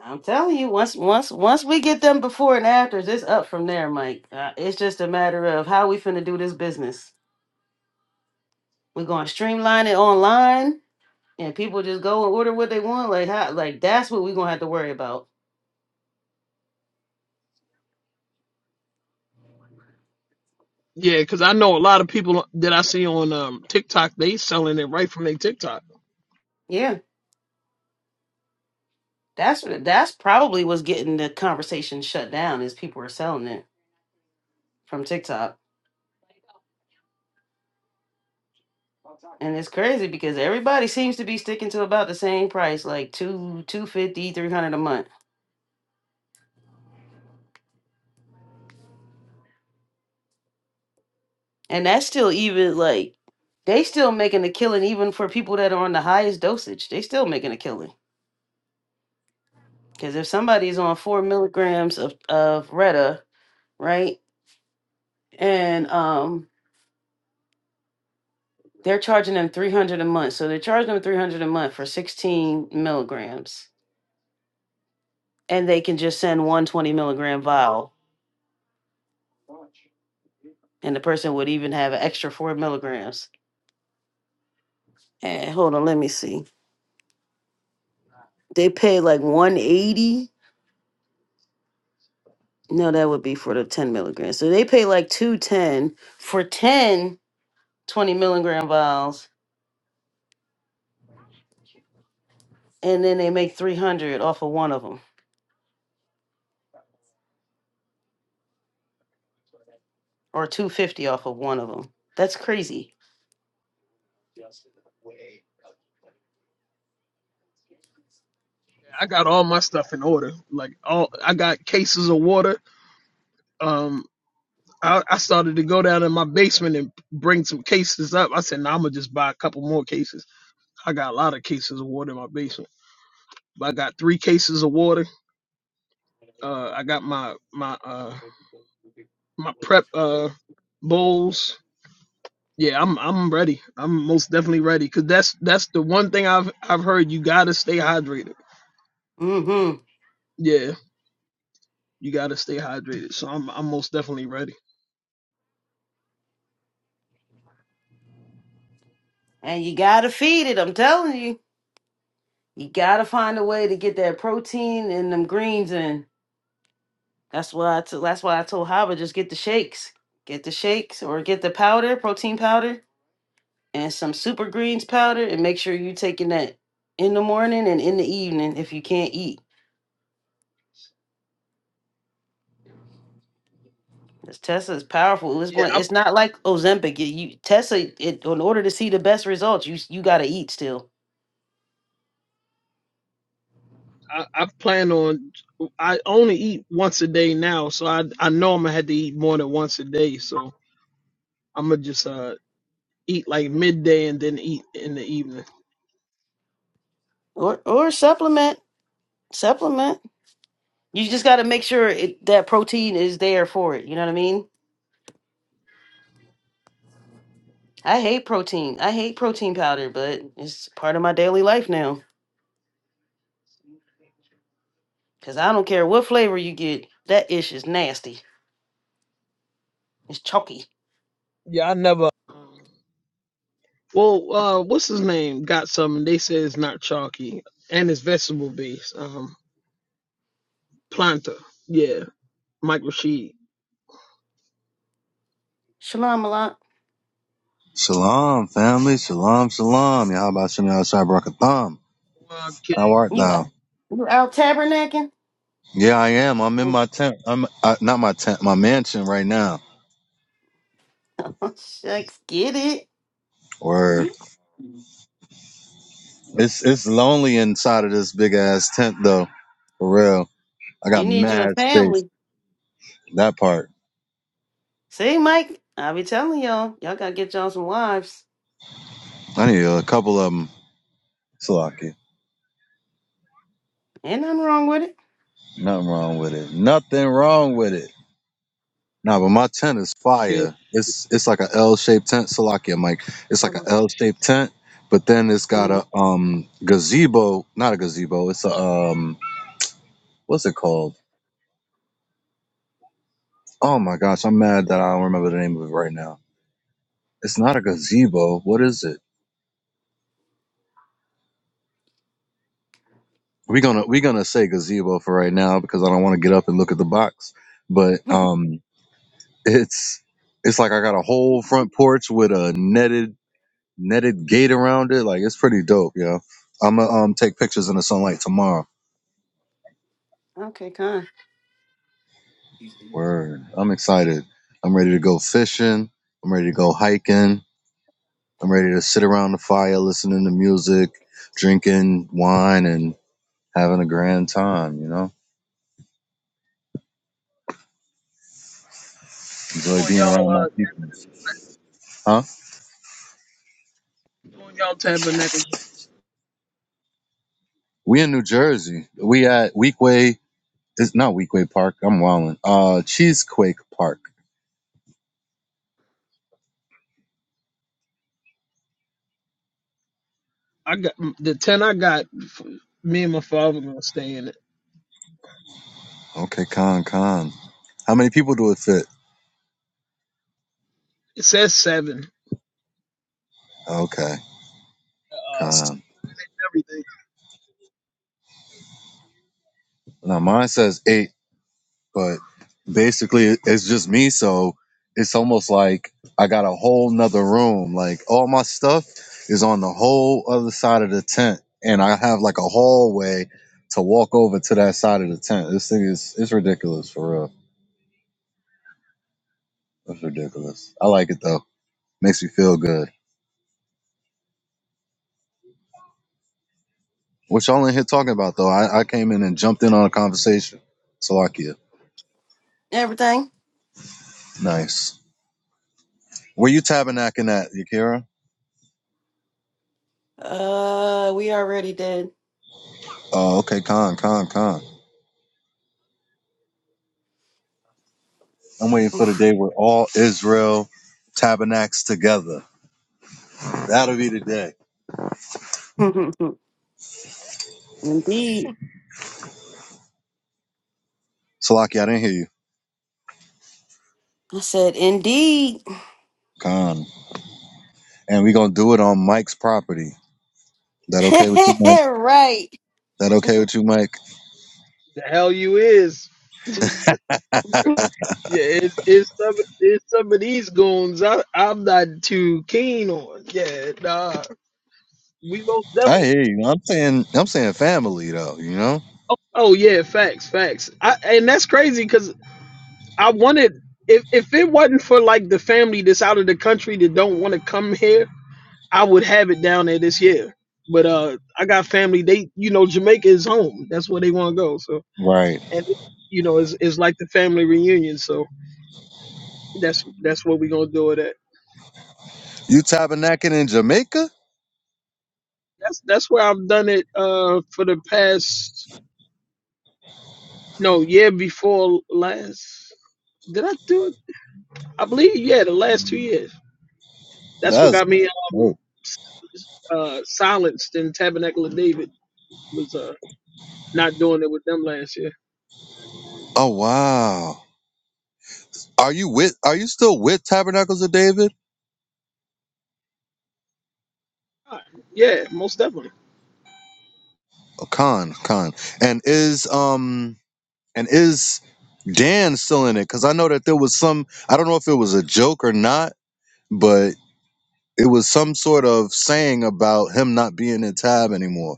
I'm telling you, once once once we get them before and afters, it's up from there, Mike. Uh, it's just a matter of how we finna do this business. We're gonna streamline it online, and people just go and order what they want. Like how, like that's what we're gonna have to worry about.
Yeah, because I know a lot of people that I see on um, TikTok, they selling it right from their TikTok.
Yeah, that's what that's probably what's getting the conversation shut down is people are selling it from TikTok And it's crazy because everybody seems to be sticking to about the same price, like two two fifty, three hundred a month. And that's still even like they still making a killing even for people that are on the highest dosage. They still making a killing. Because if somebody's on four milligrams of, of Retta, right? And um they're charging them three hundred a month. So they're charging them three hundred a month for sixteen milligrams. And they can just send one twenty milligram vial and the person would even have an extra four milligrams. And hold on, let me see. They pay like 180. No, that would be for the 10 milligrams. So they pay like 210 for 10 20 milligram vials, and then they make 300 off of one of them or 250 off of one of them. That's crazy.
I got all my stuff in order. Like all, I got cases of water. Um, I, I started to go down in my basement and bring some cases up. I said, "Nah, I'm gonna just buy a couple more cases." I got a lot of cases of water in my basement. But I got three cases of water. Uh, I got my my uh my prep uh bowls. Yeah, I'm I'm ready. I'm most definitely ready because that's that's the one thing I've I've heard. You gotta stay hydrated
Mm-hmm.
Yeah, you got to stay hydrated. So I'm I'm most definitely ready.
And you gotta feed it. I'm telling you, you gotta find a way to get that protein and them greens in. That's why I t- that's why I told Hava just get the shakes, get the shakes or get the powder, protein powder and some super greens powder and make sure you taking that in the morning and in the evening if you can't eat. This Tessa is powerful. It's
Yeah,
one,
I,
it's not like Ozempic. You, you Tessa it, in order to see the best results, you you got to eat still.
I I plan on I only eat once a day now, so I I know I'm gonna have to eat more than once a day. So I'm gonna just uh eat like midday and then eat in the evening.
Or or supplement, supplement. You just got to make sure it, that protein is there for it, you know what I mean? I hate protein. I hate protein powder, but it's part of my daily life now cuz I don't care what flavor you get. That ish is nasty. It's chalky.
Yeah, I never. um, Well, uh, what's his name? Got some. They say it's not chalky and it's vegetable based. Um, planta. Yeah, Mike Rashid.
Shalom Malak.
Shalom, family. Shalom, shalom. Yahweh Shem Yahshua Barakatham.
Uh, kid,
How art
You
thou?
you out tabernacling?
Yeah, I am. I'm in my tent. I'm uh, not my tent, my mansion right now.
Shucks, get it.
Word. It's it's lonely inside of this big ass tent though. For real. I
You
got
need you a
mad space.
family.
That part.
See, Mike, I be telling y'all, y'all gotta get y'all some wives.
I need a couple of them. It's
Ain't nothing wrong with it.
Nothing wrong with it. Nothing wrong with it. Nah, but my tent is
shit.
fire. It's it's like a L shaped tent, Salakia Mike. It's like a
Hold
L shaped tent, but then it's got
on.
a um gazebo, not a gazebo. It's a um what's it called? Oh my gosh, I'm mad that I don't remember the name of it right now. It's not a gazebo. What is it? We're gonna we're gonna say gazebo for right now because I don't want to get up and look at the box. But
Mhm.
um it's it's like I got a whole front porch with a netted netted gate around it. Like it's pretty dope, yo. I'm gonna um take pictures in the sunlight tomorrow.
okay, kind.
Word. I'm excited. I'm ready to go fishing. I'm ready to go hiking. I'm ready to sit around the fire listening to music, drinking wine and having a grand time, you know? Enjoy
Doing
being
y'all
around my
uh
people. Huh?
doing y'all tabernacle
We in New Jersey. We at Weekway it's not Weekway Park. I'm wildin'. Uh Cheesequake Park.
I got the ten. I got me and my father gonna stay in it.
Okay, con con. How many people do it fit?
It says seven.
Okay,
Uh,
con.
everything.
Now mine says eight, but basically it- it's just me. So it's almost like I got a whole nother room. Like all my stuff is on the whole other side of the tent, and I have like a hallway to walk over to that side of the tent. This thing is it's ridiculous for real. It's ridiculous. I like it though. Makes me feel good. What y'all in here talking about though? I, I came in and jumped in on a conversation. Salakia.
Everything.
Nice. Were you tabernacling at, Yakira?
Uh, we already did.
Oh, okay, con, con, con. I'm waiting for the
Oof.
day where all Israel tabernacles together. That'll be the day.
indeed.
Salaki, I didn't hear you.
I said indeed.
Con. And we're gonna do it on Mike's property. That okay with you, Mike?
right.
That okay with you, Mike?
The hell you is.
I,
Yeah, it's, it's some it's some of these goons. I I'm not too keen on. Yeah, nah. We most
I
definitely.
hear you. I'm saying I'm saying family though, you know?
Oh, oh yeah, facts, facts. I and that's crazy because I wanted if if it wasn't for like the family that's out of the country that don't want to come here. I would have it down there this year. But uh, I got family. They, you know, Jamaica is home. That's where they want to go. So,
Right.
and you know, it's it's like the family reunion. So that's that's what we're gonna do it at.
You tabernacling in Jamaica?
That's that's where I've done it. Uh, for the past no year before last. Did I do it? I believe yeah, the last two years. That's what
That's
got me um
dope.
s- uh silenced in Tabernacle of David was uh not doing it with them last year.
Oh wow. Are you with are you still with Tabernacles of David?
Ah, Yeah, most definitely.
Oh, con, con. And is um And is Dan still in it? Because I know that there was some, I don't know if it was a joke or not, but it was some sort of saying about him not being in Tab anymore.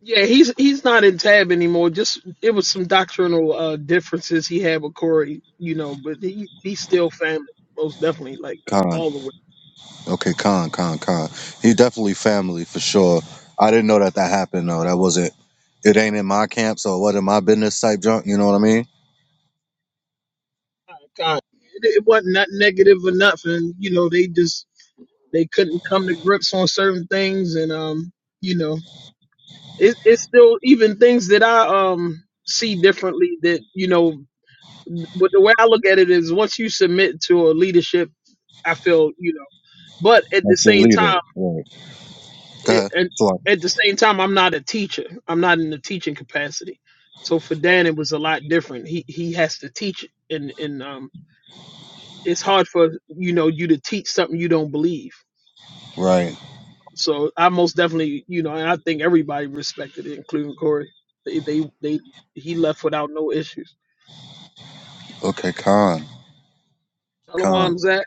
Yeah, he's he's not in tab anymore. Just it was some doctrinal uh differences he had with Corey, you know, but he he's still family, most definitely, like
Khan.
all the way.
Okay, Khan, Khan, Khan. He definitely family for sure. I didn't know that that happened though. That wasn't, it ain't in my camp, so what in my business type junk, you know what I mean?
God, it, it wasn't not negative or nothing, you know. They just they couldn't come to grips on certain things, and um, you know, it, it's still even things that I um see differently that you know. But the way I look at it is, once you submit to a leadership, I feel you know. But at the
That's your
same time.
leader. Right. Go
it,
ahead.
and
Shalom.
at the same time, I'm not a teacher. I'm not in the teaching capacity. So for Dan, it was a lot different. He he has to teach, and and um, it's hard for you know you to teach something you don't believe.
Right.
So I most definitely you know, and I think everybody respected it, including Corey. They they, they he left without no issues.
Okay, Khan, Khan.
Shalom, Zach.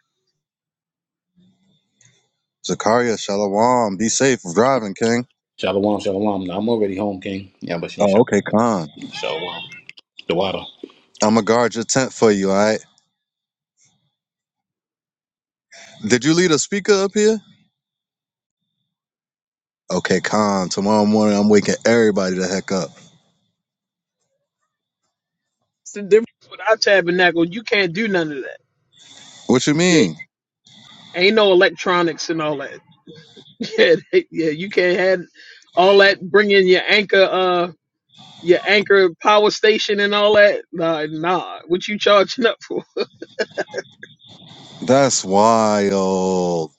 Zakaria, Shalom. Be safe driving, King.
Shalom, shalom. Now, I'm already home, King. Yeah, but you
Oh, okay, Khan.
shalom. The water.
I'm gonna guard your tent for you. All right. Did you leave a speaker up here? Okay, calm. Tomorrow morning, I'm waking everybody the heck up.
It's the difference with our tabernacle. You can't do none of that.
What you
Yeah,
mean?
ain't no electronics and all that. Yeah, they, yeah, you can't have all that. Bring in your anchor. Uh, your anchor power station and all that. Nah, nah. What you charging up for?
That's wild.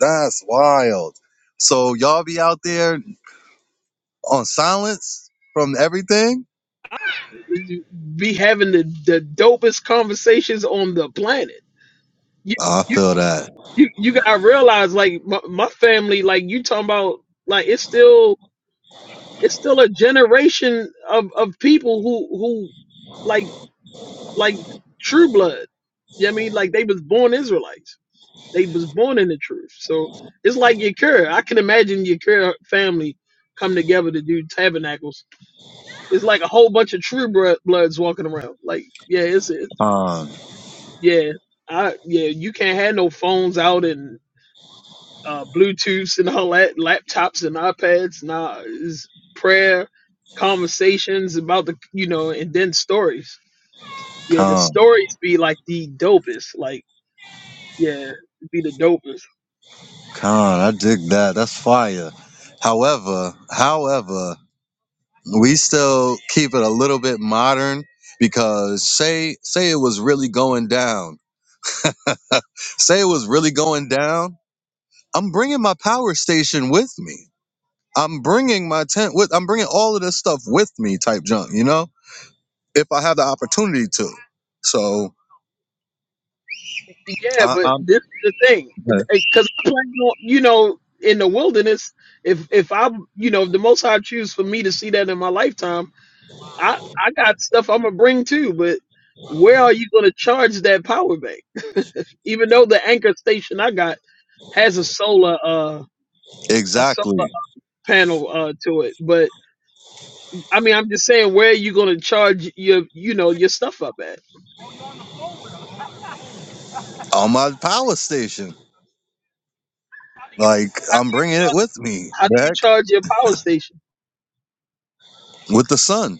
That's wild. So y'all be out there on silence from everything.
Ah, You Be having the, the dopest conversations on the planet. You
I
you
feel that.
you, you gotta realize like my, my family, like you talking about like it's still it's still a generation of, of people who who like like true blood. You know what I mean like they was born Israelites. They was born in the truth. So it's like Yakir. I can imagine Yakir family come together to do tabernacles. It's like a whole bunch of true bro- bloods walking around. Like, yeah, it's it.
Calm,
Yeah, I yeah. You can't have no phones out and uh, Bluetooths and all that, laptops and iPads. Nah, it's prayer, conversations about the you know, and then stories. Yeah, the
calm,
stories be like the dopest. Like, yeah, be the dopest.
calm. I dig that. That's fire. However, however, we still keep it a little bit modern because say say it was really going down. Say it was really going down. I'm bringing my power station with me. I'm bringing my tent with. I'm bringing all of this stuff with me, type junk. You know, if I have the opportunity to. So
Yeah,
I,
but
I'm
this is the thing, because I plan on, you know, in the wilderness, if if I, you know, if the Most High choose for me to see that in my lifetime, I I got stuff I'm gonna bring too. But where are you gonna charge that power bank? Even though the anchor station I got has a solar uh a solar
exactly
panel uh to it, but I mean, I'm just saying, where are you gonna charge your you know your stuff up at?
on my power station.
You
Like
how,
I'm bringing it with me.
how do
The
you
heck
charge your power station?
with the sun.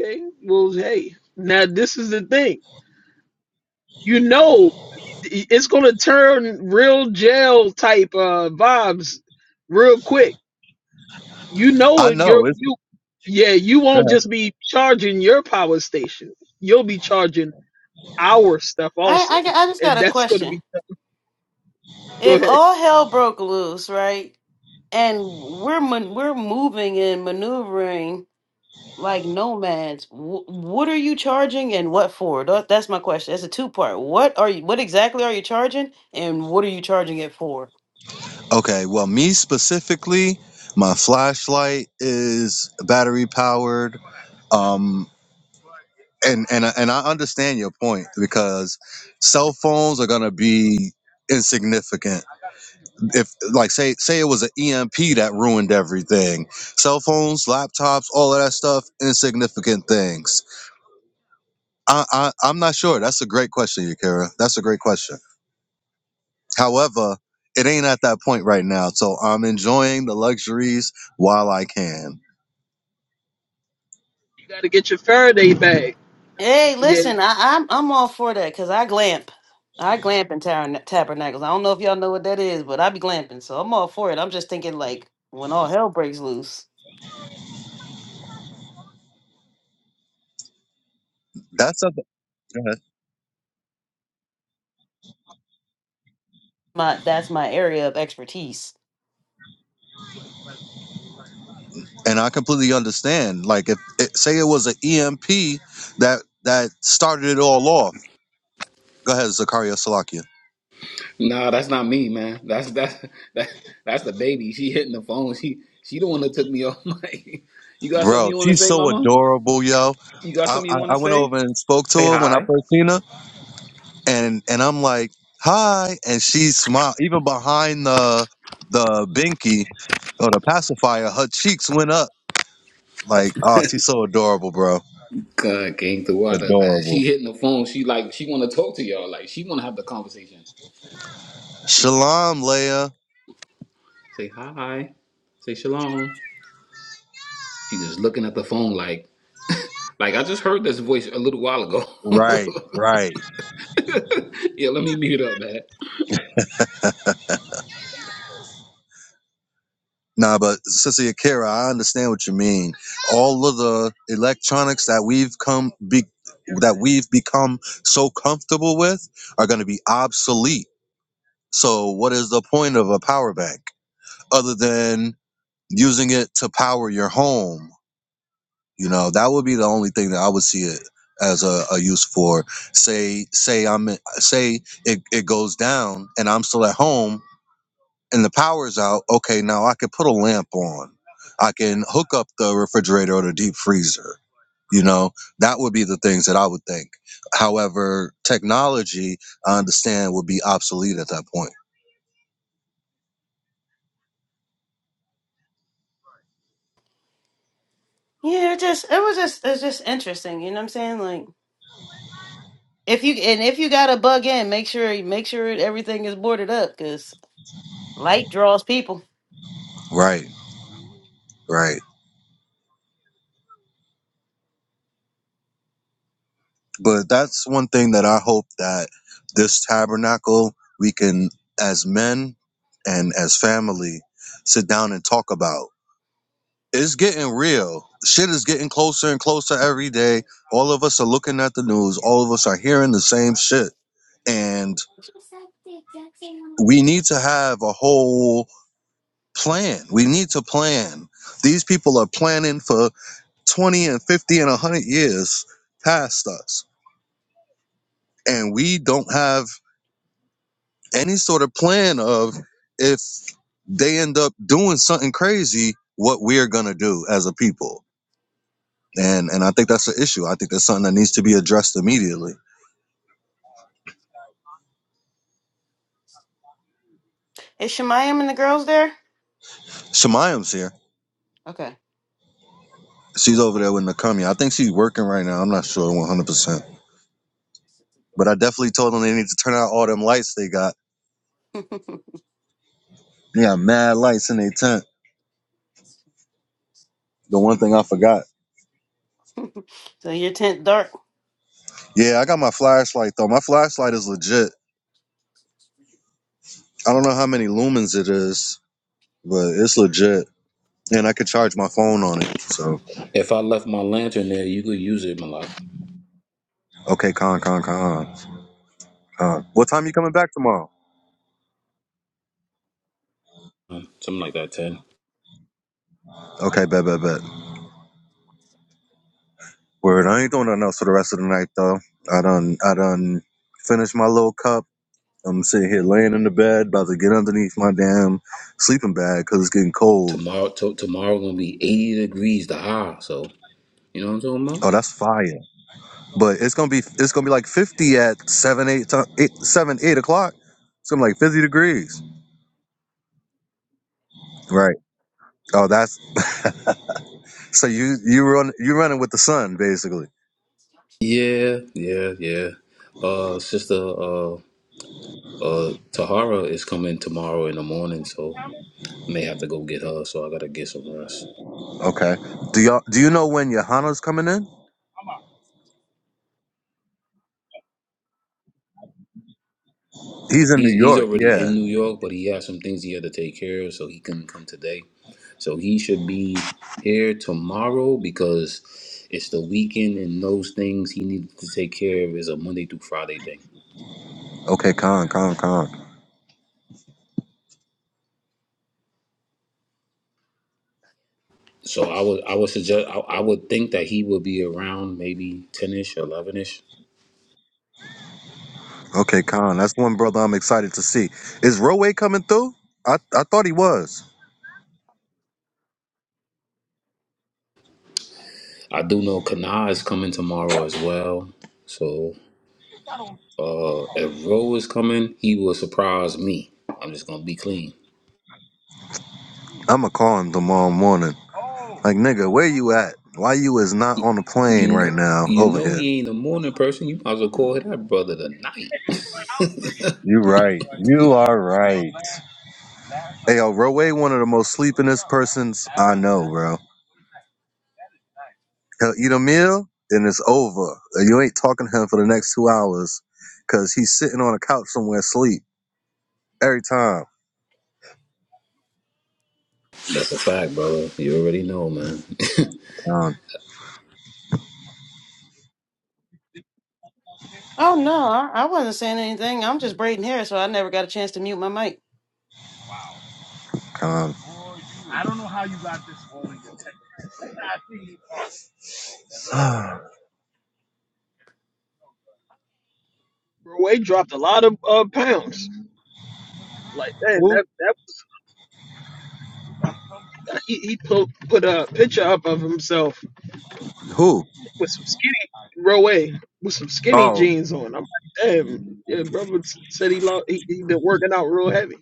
Okay, well, hey, now this is the thing. you know it's gonna turn real jail type uh vibes real quick. You know
I
you're
know it's
you yeah, you
go
won't
ahead.
just be charging your power station. You'll be charging our stuff
I
also.
I just
And
got a
that's gonna
question.
be go
If
ahead.
all hell broke loose, right? and we're man, we're moving and maneuvering like nomads. W- what are you charging and what for? Tha- That's my question. That's a two part. What are you? What exactly are you charging and what are you charging it for?
okay. Well, me specifically, my flashlight is battery powered. Um. and and I- and I understand your point because cell phones are gonna be insignificant. If like say say it was an EMP that ruined everything, cell phones, laptops, all of that stuff, insignificant things. I, I I'm not sure. That's a great question, Yakira. That's a great question. However, it ain't at that point right now, so I'm enjoying the luxuries while I can.
You gotta get your Faraday bag.
Hey,
Yeah,
listen, I, I'm I'm all for that because I glamp. I glamp in tar- tabernacles. I don't know if y'all know what that is, but I be glamping, so I'm all for it. I'm just thinking like when all hell breaks loose.
That's something.
my that's my area of expertise.
and I completely understand. Like if it, say it was an EMP that that started it all off. Go ahead, Zakaria Salakia.
Nah, that's not me, man. That's that's that, that's the baby. She hitting the phone. She she the one that took me off my. You got something
Bro,
you want to
she's
say,
so
Mama?
adorable, yo.
You got
I,
something you
I,
want to
I went
say?
over and spoke to
Say
her when I
hi.
first seen her, and and I'm like, hi, and she smiled. Even behind the the binky or the pacifier, her cheeks went up. Like, oh, she's so adorable, bro.
God, King, the water, man. She
Adorable.
hitting the phone. She like she want to talk to y'all. Like she want to have the conversation.
Shalom, Leia.
Say hi. Say shalom. She just looking at the phone like like I just heard this voice a little while ago.
Right, right.
yeah, let me mute up, man.
Nah, but Sister Akira, I understand what you mean. All of the electronics that we've come be, that we've become so comfortable with are going to be obsolete. So, what is the point of a power bank other than using it to power your home? You know, that would be the only thing that I would see it as a, a use for. Say, say I'm say it, it goes down and I'm still at home and the power's out, okay, now I can put a lamp on. I can hook up the refrigerator or the deep freezer. You know, that would be the things that I would think. However, technology, I understand, would be obsolete at that point.
Yeah, it just it was just it's just interesting, you know what I'm saying? Like if you and if you got to bug in, make sure make sure everything is boarded up cuz light draws people.
Right, right. But that's one thing that I hope that this tabernacle, we can, as men and as family, sit down and talk about. it's getting real. Shit is getting closer and closer every day. All of us are looking at the news. All of us are hearing the same shit. And we need to have a whole plan. We need to plan. These people are planning for 20 and 50 and 100 years past us. And we don't have any sort of plan of if they end up doing something crazy, what we're going to do as a people. And, and I think that's the issue. I think that's something that needs to be addressed immediately.
Is Shemayam and the girls there?
Shemayam's here.
Okay.
She's over there with Nakamiya. I think she's working right now. I'm not sure 100%. But I definitely told them they need to turn out all them lights they got. They got mad lights in their tent. The one thing I forgot.
so your tent dark?
Yeah, I got my flashlight though. My flashlight is legit. I don't know how many lumens it is, but it's legit. And I could charge my phone on it. So,
If I left my lantern there, you could use it, Malak.
okay, con, con, con. Uh, what time you coming back tomorrow?
Um, Something like that, 10.
Okay, bet, bet, bet. Word, I ain't doing nothing else for the rest of the night though. I done, I done finished my little cup. I'm sitting here laying in the bed, about to get underneath my damn sleeping bag because it's getting cold.
Tomorrow, to tomorrow gonna be 80 degrees, the high. So, you know what I'm talking about?
Oh, that's fire! But it's gonna be it's gonna be like 50 at seven eight, to, eight seven eight o'clock. It's gonna be like 50 degrees. Right. Oh, that's so you you run you running with the sun basically.
Yeah, yeah, yeah. Uh, sister, uh, uh, Tahara is coming tomorrow in the morning, so may have to go get her. So I gotta get some rest.
Okay. Do y'all do you know when Johanna's coming in? He's in
He's
New
he's
York.
already in
Yeah.
New York, but he has some things he had to take care of, so he couldn't come today. So he should be here tomorrow because it's the weekend and those things he needs to take care of is a Monday through Friday thing.
Okay, Con, Con, Con.
So I would I would suggest I, I would think that he would be around maybe ten ish, eleven ish.
Okay, Con. That's one brother I'm excited to see. Is Roe coming through? I I thought he was.
I do know Kana is coming tomorrow as well. So uh if Ro is coming, he will surprise me. I'm just gonna be clean.
I'ma call him tomorrow morning. Like, nigga, where you at? Why you is not on a plane
You
right
know
now
you
over
know
here?
he ain't a morning person, you might as well call that brother tonight.
You right. Right. Hey, yo, Roe, one of the most sleepinest persons I know, bro. He'll eat a meal and it's over. Uh, You ain't talking to him for the next two hours because he's sitting on a couch somewhere asleep every time.
That's a fact, brother. You already know, man.
Con,
Oh no, I, I wasn't saying anything. I'm just braiding hair, so I never got a chance to mute my mic.
con.
Roy dropped a lot of uh, pounds. Like man,
Who?
that that was, he he put put a picture up of himself
Who?
with some skinny row A with some skinny
Oh,
jeans on. I'm like, damn, yeah, brother s- said he, lo- he he been working out real heavy.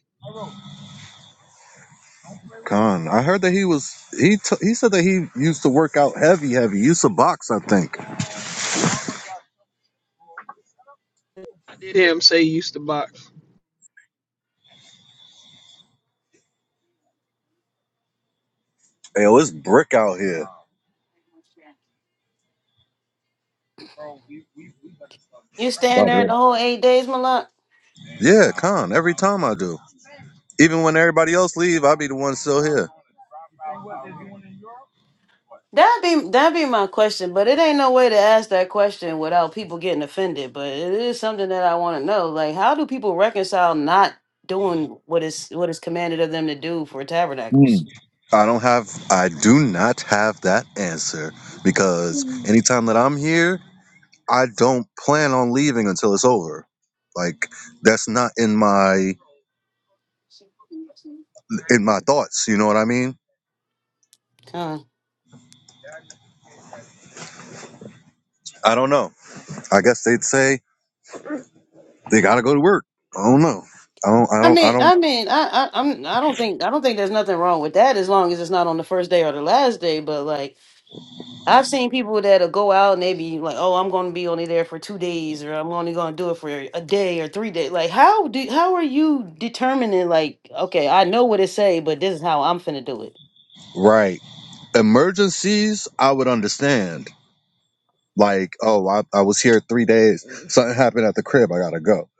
con. I heard that he was, he t- he said that he used to work out heavy, heavy. He used to box, I think.
I did hear him say he used to box.
Hey, yo, it's brick out here.
You stand there the whole eight days, Malak.
Yeah, con, every time I do. Even when everybody else leave, I'll be the one still here.
That'd be that'd be my question, but it ain't no way to ask that question without people getting offended. But it is something that I want to know. Like, how do people reconcile not doing what is what is commanded of them to do for tabernacles?
I don't have I do not have that answer because anytime that I'm here, I don't plan on leaving until it's over. Like that's not in my in my thoughts, you know what I mean?
Huh.
I don't know. I guess they'd say they got to go to work. I don't know. I don't I
I
don't I
mean,
don't
I mean, I, I, I'm, I don't think, I don't think there's nothing wrong with that as long as it's not on the first day or the last day. But like, I've seen people that'll go out and they be like, "Oh, I'm going to be only there for two days, or I'm only going to do it for a day or three days." Like, how do, how are you determining? Like, okay, I know what it say, but this is how I'm finna do it.
right. Emergencies, I would understand. Like, oh, I, I was here three days. Something happened at the crib. I gotta go.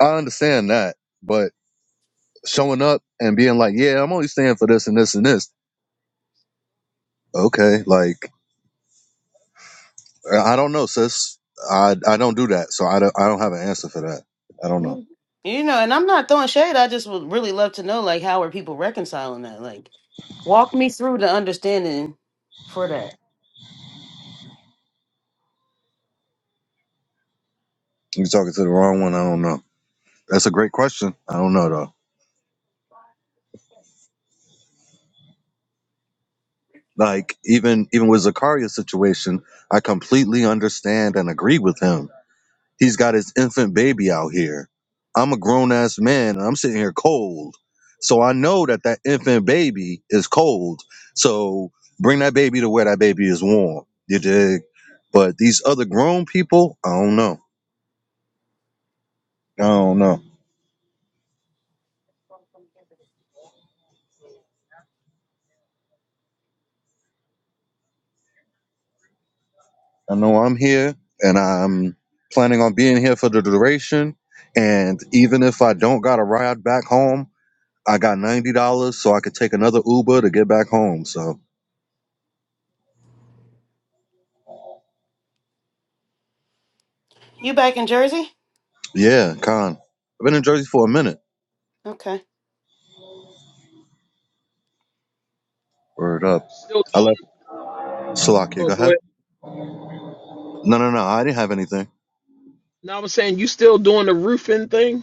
I understand that, but showing up and being like, "Yeah, I'm only staying for this and this and this." Okay, like I don't know, sis. I I don't do that, so I don't I don't have an answer for that. I don't know.
Mm. You know, and I'm not throwing shade. I just would really love to know, like, how are people reconciling that? Like, walk me through the understanding for that.
You're talking to the wrong one. I don't know. That's a great question. I don't know though. Like even even with Zakaria's situation, I completely understand and agree with him He's got his infant baby out here. I'm a grown ass man and I'm sitting here cold. So I know that that infant baby is cold. So bring that baby to where that baby is warm. You dig? But these other grown people, I don't know. I don't know. I know I'm here and I'm planning on being here for the duration. And even if I don't got a ride back home, I got $90 so I could take another Uber to get back home. So
You back in Jersey?
yeah, con. I've been in Jersey for a minute.
Okay.
Word up.
Still,
I left Salakia.
oh,
Go
go ahead.
ahead. No, no, no. I didn't have anything.
Now I'm saying you still doing the roofing thing.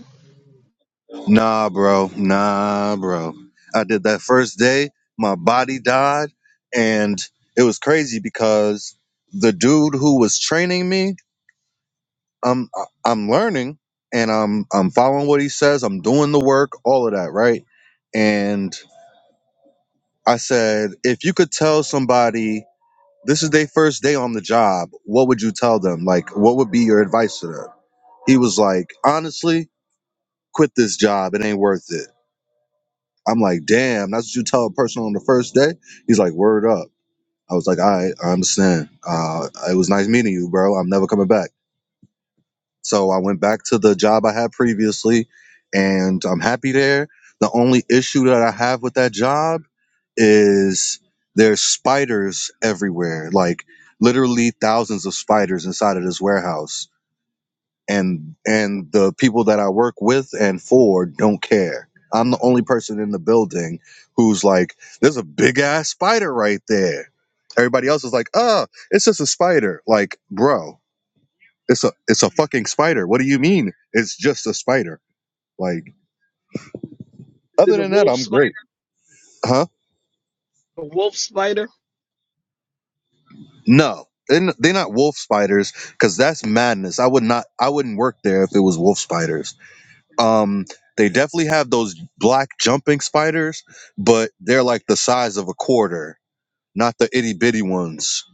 Nah, bro. Nah, bro. I did that first day. My body died. And it was crazy because the dude who was training me, I'm, I'm learning and I'm, I'm following what he says. I'm doing the work, all of that, right? And I said, if you could tell somebody this is their first day on the job, what would you tell them? Like, what would be your advice to them? He was like, honestly, quit this job. It ain't worth it. I'm like, damn, that's what you tell a person on the first day. He's like, word up. I was like, all right, I understand. Uh, it was nice meeting you, bro. I'm never coming back. So I went back to the job I had previously, and I'm happy there. The only issue that I have with that job is there's spiders everywhere, like literally thousands of spiders inside of this warehouse and and the people that I work with and for don't care. I'm the only person in the building who's like, "There's a big ass spider right there." Everybody else is like, "Oh, it's just a spider." Like, bro, it's a it's a fucking spider. What do you mean? It's just a spider. Like,
Is
other
it a
than that,
wolf
I'm
spider?
great, huh?
A wolf spider?
No, they're n- they're not wolf spiders because that's madness. I would not. I wouldn't work there if it was wolf spiders. Um, they definitely have those black jumping spiders, but they're like the size of a quarter, not the itty bitty ones.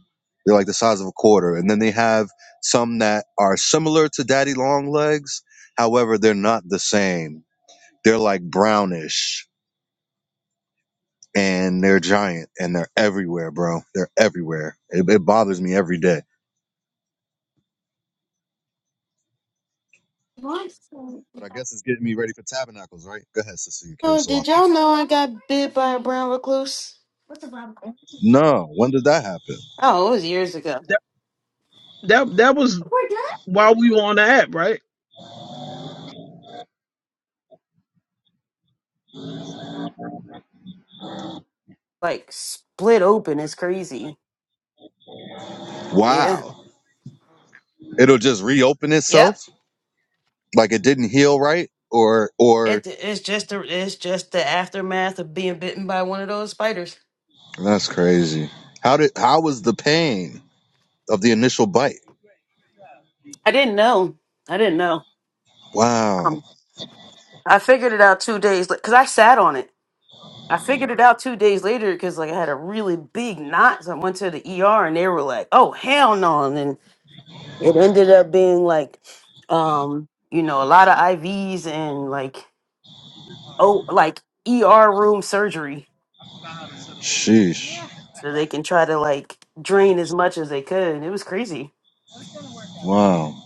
They're like the size of a quarter. And then they have some that are similar to daddy long legs. However, they're not the same. They're like brownish and they're giant and they're everywhere, bro. They're everywhere. It, it bothers me every day. But I guess it's getting me ready for tabernacles, right? Go ahead, Sister
Oh, did
Karasalaki.
y'all know I got bit by a brown recluse?
No, when did that happen?
Oh, it was years ago.
That that that was while we were on the app, right?
Like split open, it's crazy. Yeah.
Wow. It'll just reopen itself?
Yep.
Like it didn't heal right, or or
It, it's just the it's just the aftermath of being bitten by one of those spiders.
that's crazy. How did how was the pain of the initial bite?
I didn't know. I didn't know.
Wow,
Um, I figured it out two days because I sat on it. I figured it out two days later because like I had a really big knot. So I went to the ER and they were like, "Oh hell no!" And then it ended up being like, um, you know, a lot of IVs and like oh like ER room surgery
sheesh,
so they can try to like drain as much as they could. It was crazy.
wow.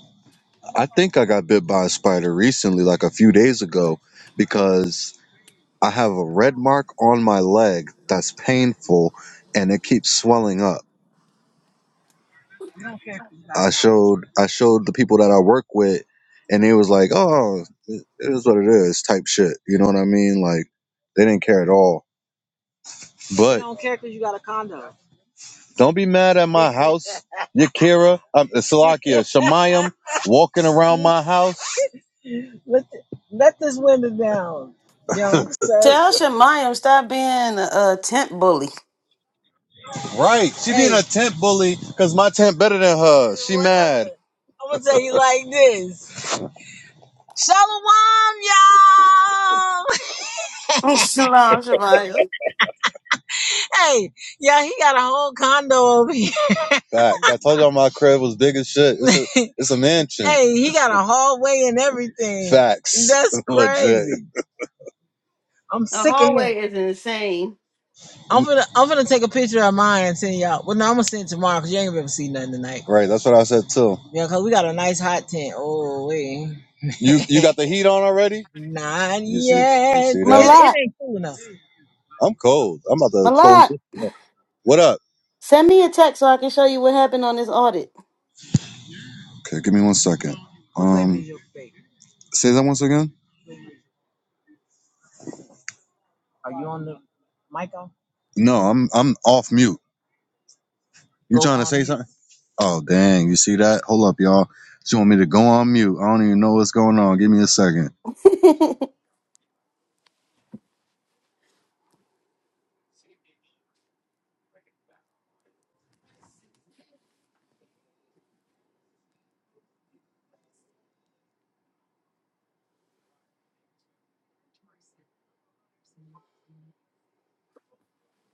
I think I got bit by a spider recently, like a few days ago, because I have a red mark on my leg that's painful, and it keeps swelling up. I showed I showed the people that I work with, and they was like, "Oh, it it is what it is," type shit. You know what I mean? Like they didn't care at all. But I Don't be mad at my house, Yakira, um, Salakia, Shemayim, walking around my house. let, th- let this woman down, young sir.
Tell Shemayam stop being a, tent bully.
Right. She hey. being Hey, a tent bully because my tent better than her. She what? mad. I'm gonna tell you like this. Shalom, y'all.
Shalom Shemayam.
Hey, yeah, he got a whole condo over here. Fact. I told y'all my crib was big as shit. It's a, it's a mansion. hey, he got a hallway and everything. Facts. That's Legit. crazy. Legit. I'm
The
sick of him.
hallway is insane.
I'm gonna I'm gonna take a picture of mine and send y'all. Well, no, I'm gonna send it tomorrow because you ain't gonna see nothing tonight. Right. That's what I said too. Yeah, cause we got a nice hot tent. Oh wait, You you got the heat on already? not You yet. see? You yet. see It, that? it it
Malak,
ain't cool enough. I'm cold. I'm about to close
Malak,
this. What up?
send me a text so I can show you what happened on this audit.
Okay, give me one second. Um, say that once again. Are you on the mic on? No, I'm I'm off mute. You Go trying to on say mute. something? Oh dang, you see that? Hold up, y'all. She want me to go on mute. I don't even know what's going on. Give me a second.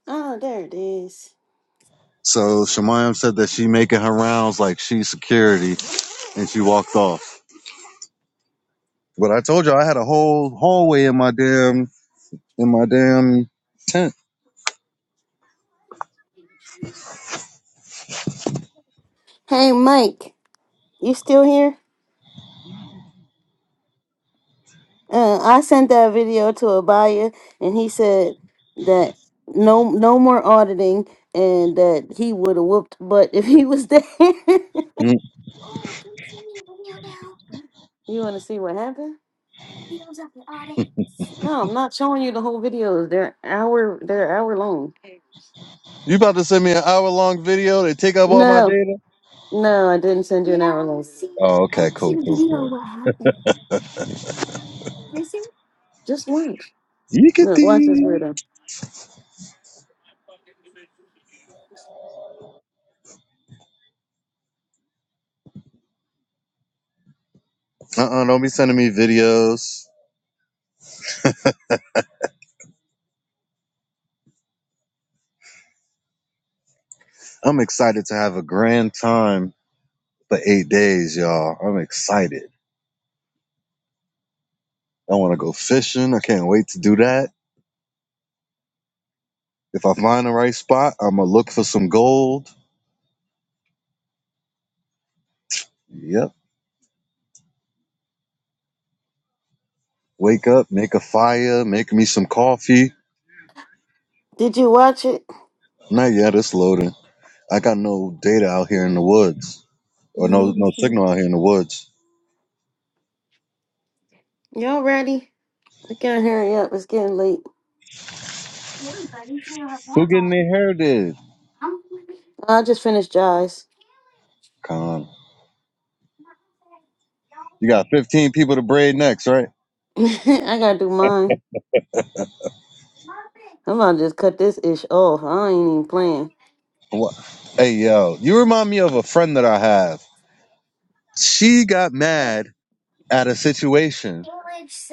oh, there it is.
So Shemayam said that she making her rounds like she's security and she walked off. But I told you I had a whole hallway in my damn in my damn tent.
Hey Mike, you still here? Uh, I sent that video to Abaya, and he said that no, no more auditing, and that he would have whooped butt if he was there.
Mm.
you want to see what happened? No, I'm not showing you the whole videos. They're hour, they're hour long.
You about to send me an hour long video to take up all my
No,
data?
no, I didn't send you an hour long.
Oh, okay, cool, cool, cool.
Just watch. Look, watch this
Yeekety.
weirdo.
Uh Uh-uh, don't be sending me videos. I'm excited to have a grand time for eight days, y'all. I'm excited. I want to go fishing. I can't wait to do that. If I find the right spot, I'm going to look for some gold. Yep. Wake up, make a fire, make me some coffee.
Did you watch it?
Not yet, it's loading. I got no data out here in the woods, or no
Y'all
no signal out here in the woods.
ready? We gotta hurry up. It's getting late.
Who getting their hair did?
I just finished Jai's.
Con. You got 15 people to braid next, right?
I gotta do mine. I'm about to just cut this ish off. I ain't even playing.
What? Hey, yo, you remind me of a friend that I have. She got mad at a situation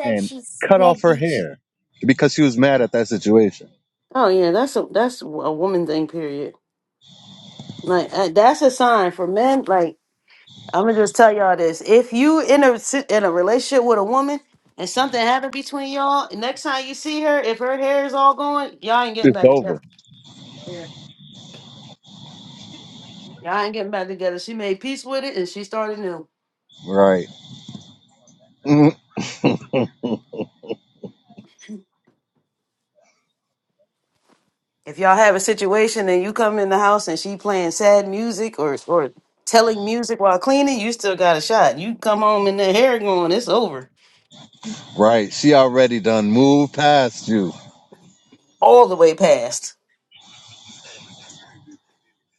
and cut off her hair because she was mad at that situation.
Oh yeah, that's a that's a woman thing. Period. Like uh, that's a sign for men. Like I'm gonna just tell y'all this: if you in a si- in a relationship with a woman and something happened between y'all, next time you see her, if her hair is all going, y'all ain't getting
It's
back
over.
together. Yeah, Y'all ain't getting back together. She made peace with it and she started new.
Right. Mhm.
if y'all have a situation and you come in the house and she playing sad music or or telling music while cleaning, you still got a shot. You come home and the hair going, it's over.
Right. She already done moved past you.
All the way past.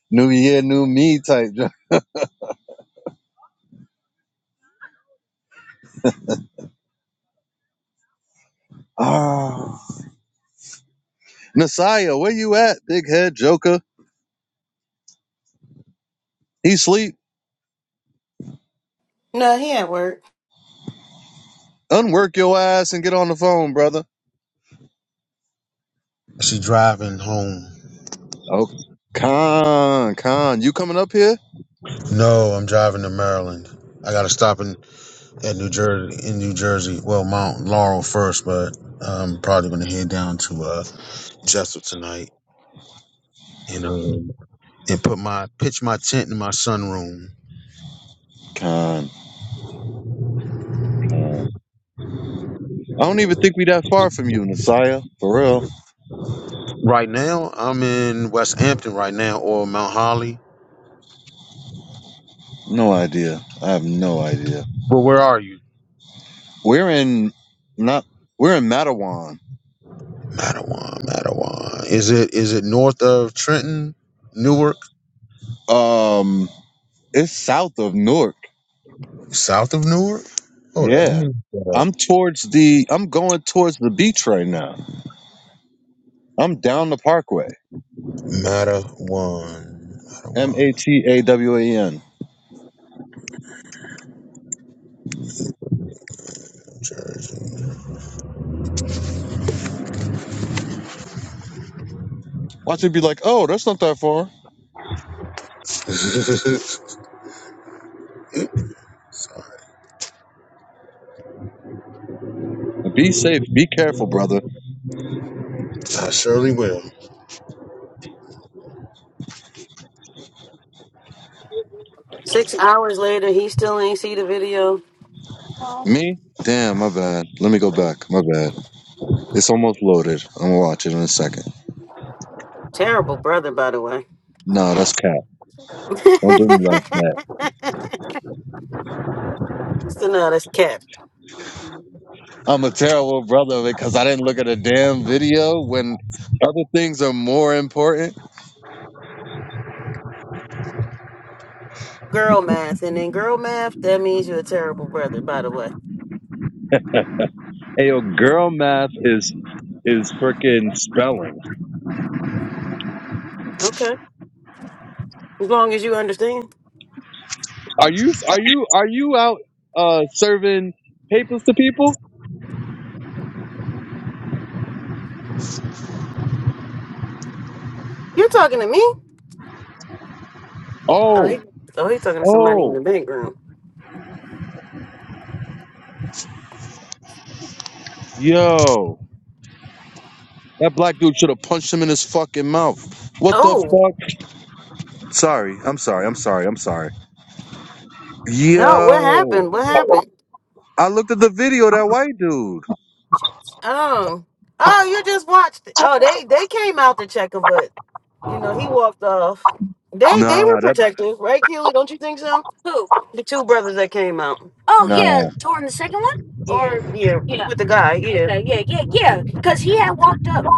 New year, new me type. jo- Ah. Messiah, where you at, big head joker? He sleep.
No, he at work.
Unwork your ass and get on the phone, brother.
she driving home?
Oh, Con, Con, you coming up here?
No, I'm driving to Maryland. I got to stop in at New Jersey, in New Jersey. Well, Mount Laurel first, but I'm probably going to head down to uh, Jessup tonight and um, and put my pitch my tent in my sunroom.
Con, Con. I don't even think we that far from you, Messiah. For real.
Right now, I'm in West Hampton right now or Mount Holly.
No idea. I have no idea.
But where are you?
We're in not we're in Mattawan.
Mattawan, Mattawan. Is it is it north of Trenton, Newark?
Um it's south of Newark.
South of Newark? Hold on, let
Yeah.
me look that up.
I'm towards the I'm going towards the beach right now. I'm down the parkway.
Mattawan.
M A
Mattawan,
T A W A N.
New Jersey.
Watch it be like, oh, that's not that far.
Sorry.
Be safe. Be careful, brother.
I surely will.
Six hours later, he still ain't see the video.
Me? Damn, my bad. Let me go back. My bad. It's almost loaded. I'm gonna watch it in a second.
Terrible brother, by the way.
No, that's cap. Don't do me like that.
so no, that's cat.
I'm a terrible brother because I didn't look at a damn video when other things are more important.
Girl math, and then girl math, that means you're a terrible brother, by the way.
Hey, is
Okay. As long as you understand.
are you are you are you out uh serving papers to people?
You're talking to me? Oh,
Oh,
he, oh he's talking to somebody in the
oh,
back room.
yo. That black dude should have punched him in his fucking mouth. What the
Oh.
fuck? Sorry, I'm sorry, I'm sorry, I'm sorry.
No, what
Yo.
happened? What happened?
I looked at the video, that white dude.
Oh, oh, you just watched. Oh, they they came out to check him, but you know he walked off. They
Nah,
they were
that
protective, right, Keely? Don't you think so? The two brothers that came out,
nah.
or yeah, yeah, with the guy, yeah, okay, yeah, yeah, yeah, because he had walked up.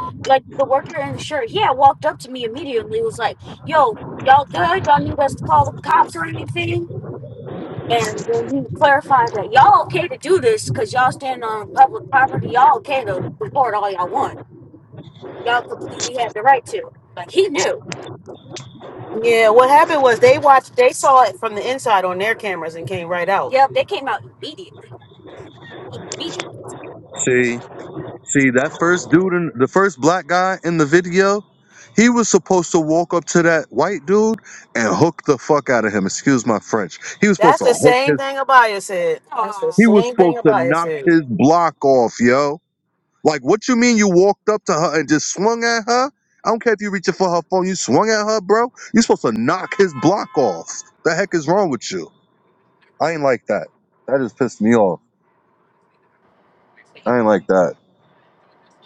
Yeah, what happened was they watched, they saw it from the inside on their cameras and came right out. Yep,
See? See that first dude in the first black guy in the video, he was supposed to walk up to that white dude and hook the fuck out of him. Excuse my French. He was supposed
that's
to
the
hook
same
his
thing Abaya said. That's the Aw.
he was
same
supposed
thing
to
Abaya
knock
said.
his block off, yo. Like what you mean you walked up to her and just swung at her? I don't care if you reaching for her phone, you swung at her, bro. you supposed to knock his block off. The heck is wrong with you? I ain't like that. That just pissed me off. I ain't like that.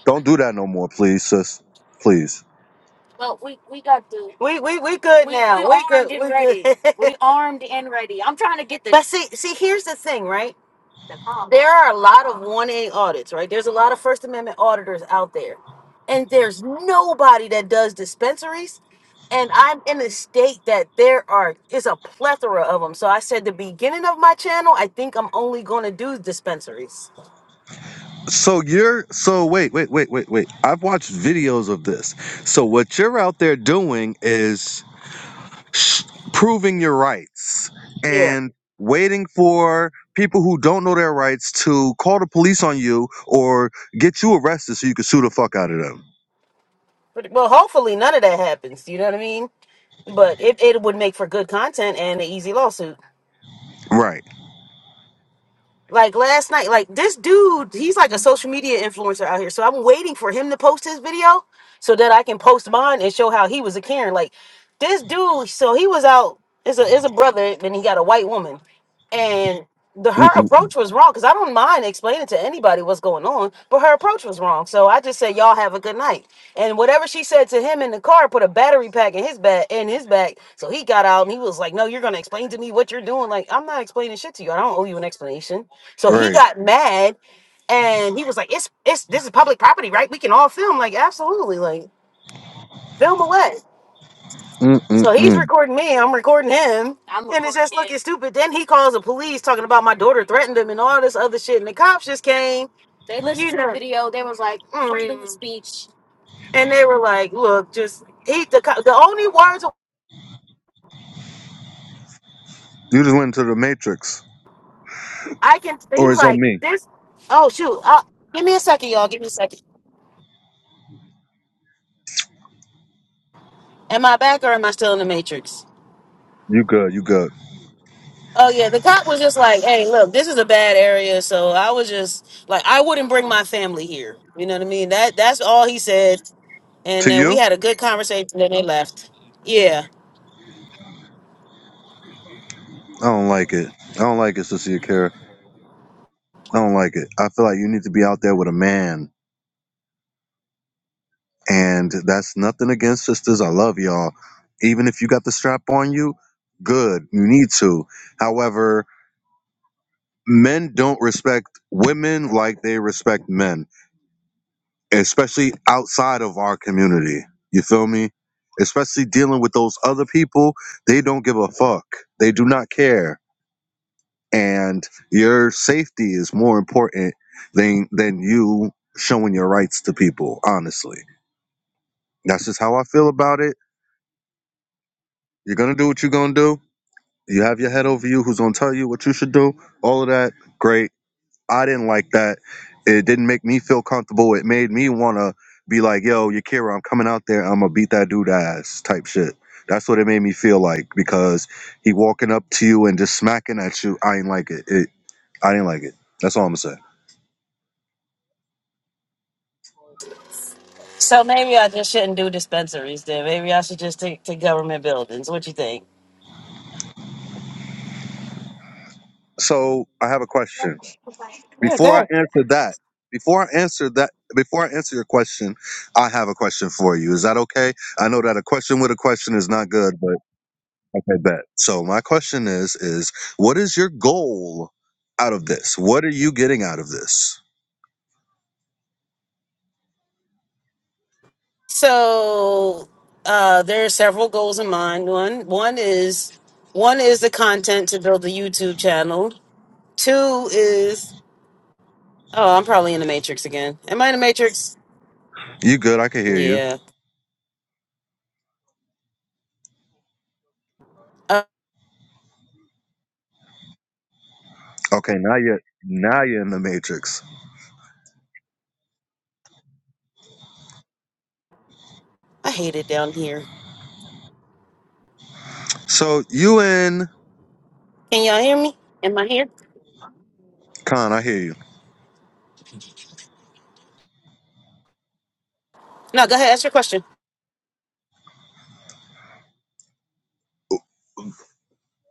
Don't do that no more, please, sis. Please.
We we we good now. We good. We good. but see, see, here's the thing, right? the There are a lot of 1A audits, right? There's a lot of First Amendment auditors out there, and there's nobody that does dispensaries. And I'm in a state that there are is a plethora of them. So I said the beginning of my channel, I think I'm only going to do dispensaries.
So you're so wait, wait, wait, wait, wait. I've watched videos of this. So what you're out there doing is sh- proving your rights
Yeah.
and waiting for people who don't know their rights to call the police on you or get you arrested so you can sue the fuck out of them.
But, well, hopefully none of that happens. You know what I mean? But it, it would make for good content and an easy lawsuit.
Right.
Like last night, like this dude, he's like a social media influencer out here. So I'm waiting for him to post his video so that I can post mine and show how he was a Karen. Like this dude, so he was out is a is a brother and he got a white woman. And the her
Mm-mm.
approach was wrong because I don't mind explaining to anybody what's going on, but her approach was wrong. So I just said, Y'all have a good night. And whatever she said to him in the car put a battery pack in his back in his back. So he got out and he was like, No, you're gonna explain to me what you're doing. Like, I'm not explaining shit to you. I don't owe you an explanation so he
Right.
got mad and he was like, It's it's this is public property, right? We can all film. Like, absolutely, like film away. So he's
Mm-mm-mm.
recording me, I'm recording him. I'm and it's just recording looking him. stupid. Then he calls the police talking about my daughter threatened him and all this other shit. And the cops just came. They listened you know. to the video. They was like, Mm. freedom of speech. And they were like, look, just he the co- the only words
You just went into the matrix.
I can he
Or
was
is that
like,
me?
this oh shoot, uh, give me a second, y'all, give me a second. Am I back or am I still in the matrix?
You good, you good.
Oh yeah, the cop was just like, "Hey, look, this is a bad area." So I was just like, "I wouldn't bring my family here." You know what I mean? That that's all he said. And
To
then we
you?
had a good conversation. Then they left. Yeah.
I don't like it. I don't like it, sister Kara. I don't like it. I feel like you need to be out there with a man And that's nothing against sisters. I love y'all. Even if you got the strap on you, good. You need to. However, men don't respect women like they respect men, especially outside of our community. You feel me? Especially dealing with those other people, they don't give a fuck. They do not care. And your safety is more important than than you showing your rights to people, honestly. That's just how I feel about it. You're gonna do what you're gonna do You have your head over you who's going to tell you what you should do. All of that, great. I didn't like that. It didn't make me feel comfortable. It made me want to be like, yo, Yakira, I'm coming out there. I'm going to beat that dude ass type shit. That's what it made me feel like because he walking up to you and just smacking at you. I ain't like it. it I didn't like it. That's all I'm going to say.
So maybe I just shouldn't do dispensaries then. Maybe I should just take to government buildings. What you think?
So I have a question.
Yeah,
Before I
good.
answer that, before I answer that, before I answer your question, I have a question for you. Is that okay? I know that a question with a question is not good, but Okay, bet. So my question is, is what is your goal out of this? What are you getting out of this?
So uh, there are several goals in mind. One one is one is the content to build the YouTube channel. Two is oh, I'm probably in the Matrix again. Am I in the Matrix?
You good? I can hear you.
Yeah. Uh,
Okay, now you're now you're in the matrix.
I hate it down here.
So you and
Can y'all hear me? Am I here?
Khan, I hear you.
No, go ahead. Ask your question,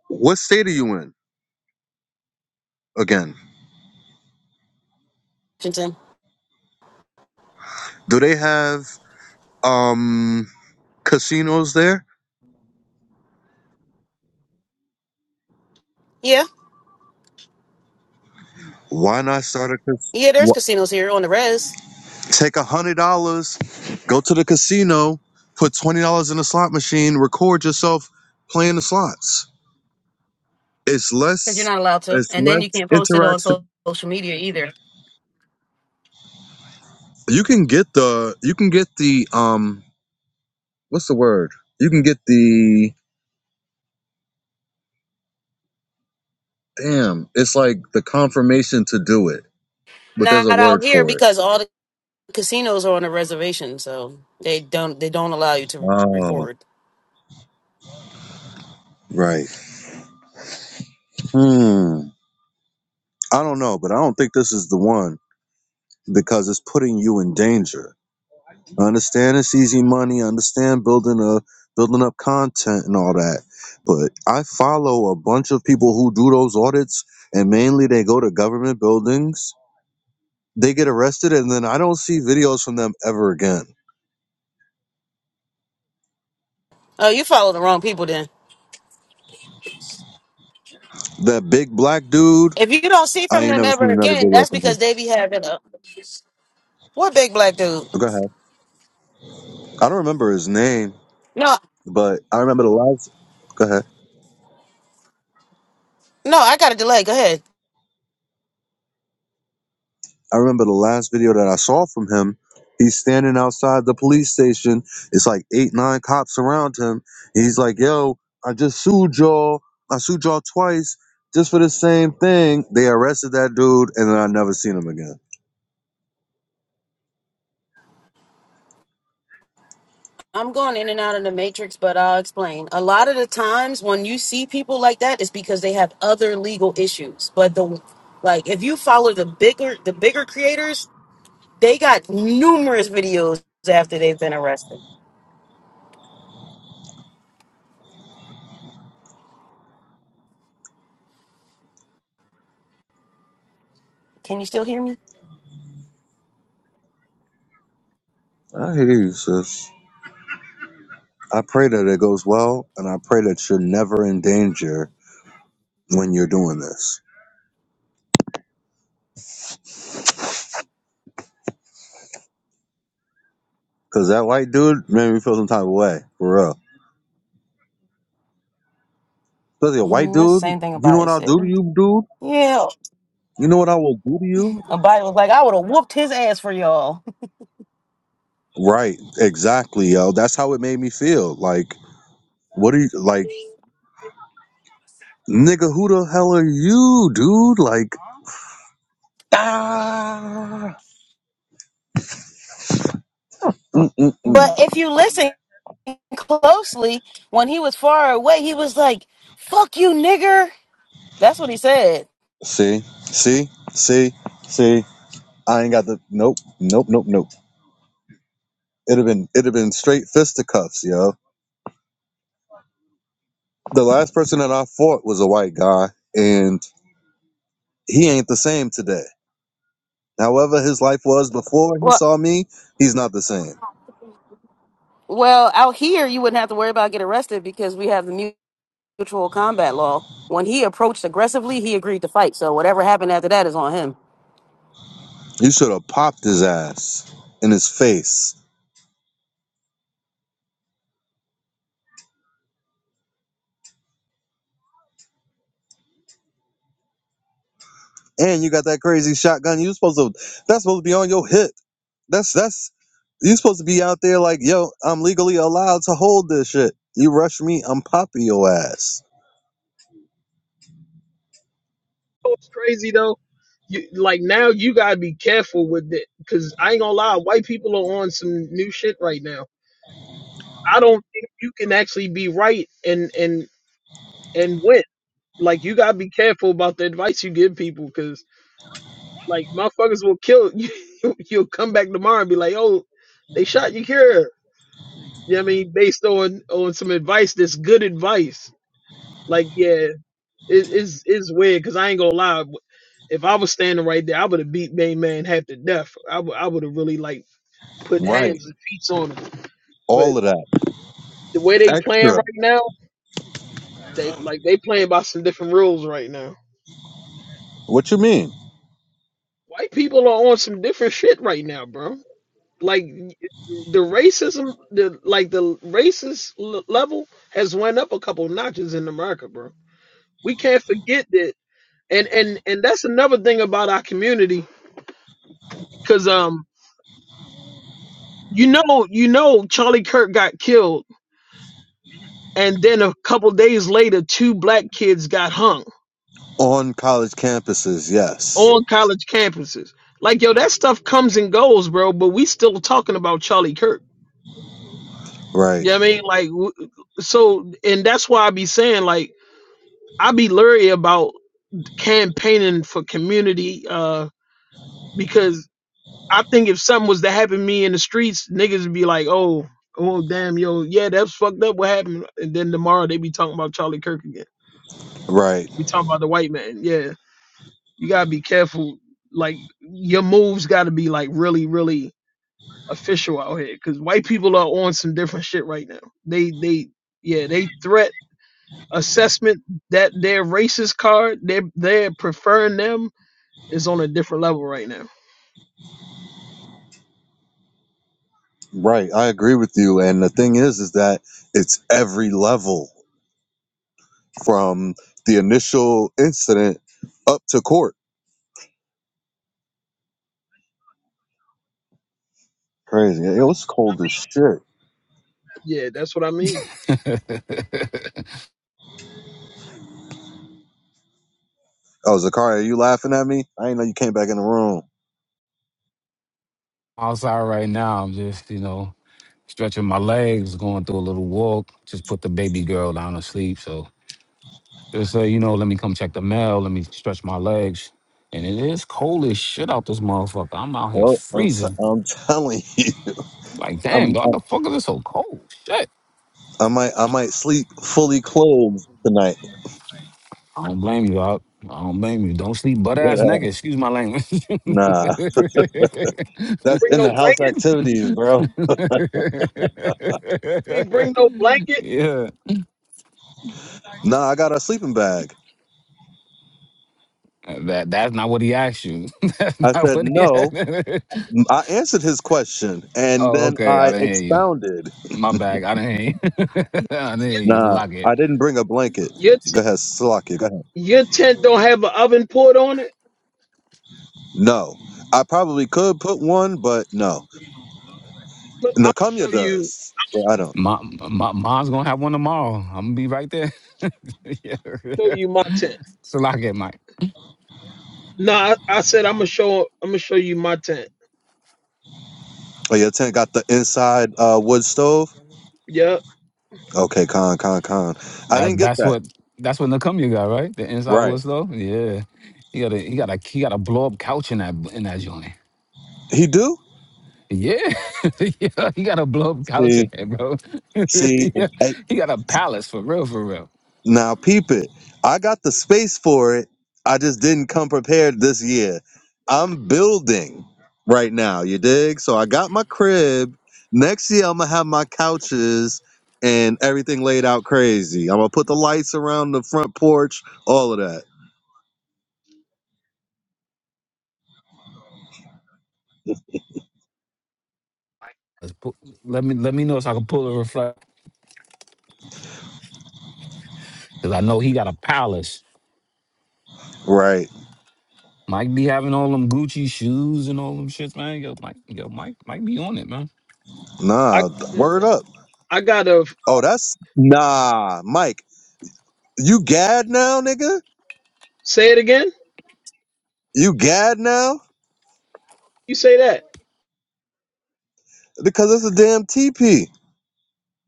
What state are you in again?
Washington.
Do they have um casinos there?
Yeah.
Why not start a cas-
Yeah, there's
wha-
casinos here on the res.
Take a hundred dollars, go to the casino, put twenty dollars in the slot machine, record yourself playing the slots it's
Because you're
less
not allowed to.
it's
And
less
then you can't post it on so-
interaction
social media either.
you can get the you can get the um what's the word you can get the damn it's like the confirmation to do it but there's
Not
a word
out here
for it
because all the casinos are on a reservation, so they don't they don't allow you to
oh
record.
right hmm i don't know but i don't think this is the one because it's putting you in danger I understand it's easy money. I understand building a building up content and all that. But I follow a bunch of people who do those audits and mainly they go to government buildings. They get arrested and then I don't see videos from them ever again.
Oh, you follow the wrong people then.
That big black dude,
If you don't see
I
from
ain't
them
never
ever
seen another
again,
video
that's
from him.
because they be having a what big black dude.
Go ahead. I don't remember his name,
No,
but I remember the last go ahead.
No, I got a delay. Go ahead.
I remember the last video that I saw from him. He's standing outside the police station. It's like eight, nine cops around him. He's like, "Yo, I just sued y'all. I sued y'all twice just for the same thing." They arrested that dude, and then I never seen him again.
I'm going in and out of the matrix, but I'll explain. A lot of the times when you see people like that, it's because they have other legal issues. But the like, if you follow the bigger the bigger creators, they got numerous videos after they've been arrested. Can you still hear me?
I hear you, sis. I pray that it goes well, and I pray that you're never in danger when you're doing this. Cause that white dude made me feel some type of way, for real. Especially a white
Mm, that's the
dude.
same thing
You know
Abaya
what I'll
said.
do to you, dude?
Yeah,
You know what I will do to you?
Abaya was like, I would have whooped his ass for y'all.
Right, exactly, yo. That's how it made me feel. Like, what are you like, nigga? Who the hell are you, dude? Like, mm-mm-mm.
But if you listen closely, when he was far away, he was like, "Fuck you, nigger." That's what he said.
see, see, see, see. I ain't got the nope, nope, nope, nope. It'd have been it'd have been straight fisticuffs, yo. The last person that I fought was a white guy, and he ain't the same today. However, his life was before he
Well,
saw me, he's not the same.
well, out here you wouldn't have to worry about getting arrested because we have the mutual combat law. When he approached aggressively, he agreed to fight. So whatever happened after that is on him.
You should have popped his ass in his face and you got that crazy shotgun. You supposed to that's supposed to be on your hip. That's that's you supposed to be out there like, yo, I'm legally allowed to hold this shit. You rush me, I'm popping your ass.
It's crazy though. You, like now you gotta be careful with it because I ain't gonna lie, white people are on some new shit right now. I don't think you can actually be right and and and win. like you gotta be careful about the advice you give people because like motherfuckers will kill you you'll come back tomorrow and be like oh they shot your cure you know what i mean based on on some advice that's good advice like yeah it's it's weird because i ain't gonna lie if i was standing right there i would have beat main man half to death i would i would have really like put
Right.
hands and feet on him
All
but
of that.
the way they playing
Extra.
right now they like they playing by some different rules right now
What you mean?
white people are on some different shit right now bro like the racism the like the racist l- level has went up a couple notches in america bro we can't forget that and and and that's another thing about our community because um you know you know charlie kirk got killed and then a couple days later two black kids got hung
On college campuses, yes.
on college campuses like yo that stuff comes and goes bro but we still talking about charlie kirk
Right.
you know what i mean like w- so and that's why i be saying like i be leery about campaigning for community uh because I think if something was to happen to me in the streets, niggas would be like, oh, oh damn, yo, yeah, that's fucked up. What happened? And then tomorrow they be talking about Charlie Kirk again.
Right.
We talking about the white man. Yeah. You gotta be careful. Like your moves gotta be like really, really official out here. Cause white people are on some different shit right now. They they yeah, they threat assessment that their racist card, they they're preferring them is on a different level right now.
Right. I agree with you. And the thing is is that it's every level from the initial incident up to court. Crazy. It was cold as shit.
Yeah, that's what I mean.
Oh, Zakaria, you laughing at me? I didn't know you came back in the room.
outside right now. I'm just, you know, stretching my legs, going through a little walk. Just put the baby girl down to sleep. So just say, you know, let me come check the mail. Let me stretch my legs. And it is cold as shit out this motherfucker. I'm out here
Oh, I'm, s-
freezing.
I'm telling you,
Like, damn,
I'm,
dog,
I'm,
the fuck is it so cold? Shit.
I might, I might sleep fully clothed tonight.
I don't blame you, dog. I don't blame you. Don't sleep butt
But,
ass
uh,
naked. Excuse my language.
nah, that's
Bring
in
no
the house
blanket.
activities, bro.
You ain't bring no blanket.
yeah.
Nah, I got a sleeping bag.
That that's not what he asked you. that's
I
not
said
what he asked.
no. I answered his question, and
oh,
then
okay. I
I
didn't hear you.
expounded.
My bag. I didn't hear you. I didn't hear
Your
you.
Nah,
Lock it.
I didn't bring a blanket.
your, t-
Go ahead, Salakia. Go ahead.
your tent don't have an oven put on it.
No, I probably could put one, but no.
Look, I'll
Nakamya
show you
does, but I don't.
My, my mom's gonna have one tomorrow. I'm gonna be right there. yeah,
show
yeah.
you my tent.
So lock it, Mike.
No, I, I said I'm gonna show I'm gonna show you my tent.
Oh, your tent got the inside uh, wood stove.
Yeah,
Okay, con, con, con. I
That
didn't get
that's
that.
what that's what Nakumya got right. The inside wood
Right.
though. Yeah, he got a he got a he got a blow up couch in that in that joint.
He do.
Yeah, yeah, he got a blow up couch in
See,
there, bro.
see.
yeah,
Hey,
he got a palace for real, for real.
now peep it. I got the space for it. I just didn't come prepared this year. I'm building right now. You dig? So I got my crib. Next year I'm gonna have my couches and everything laid out crazy. I'm gonna put the lights around the front porch. All of that.
Let's pu- let me let me know so I can pull a reflect because I know he got a palace.
Right.
Mike be having all them Gucci shoes and all them shits, man. Yo, Mike, yo, Mike, Mike be on it, man.
I
Nah. Word up.
I gotta
Oh, that's nah, Mike. You gad now, nigga?
say it again.
You gad now?
You say that
Because it's a damn TP.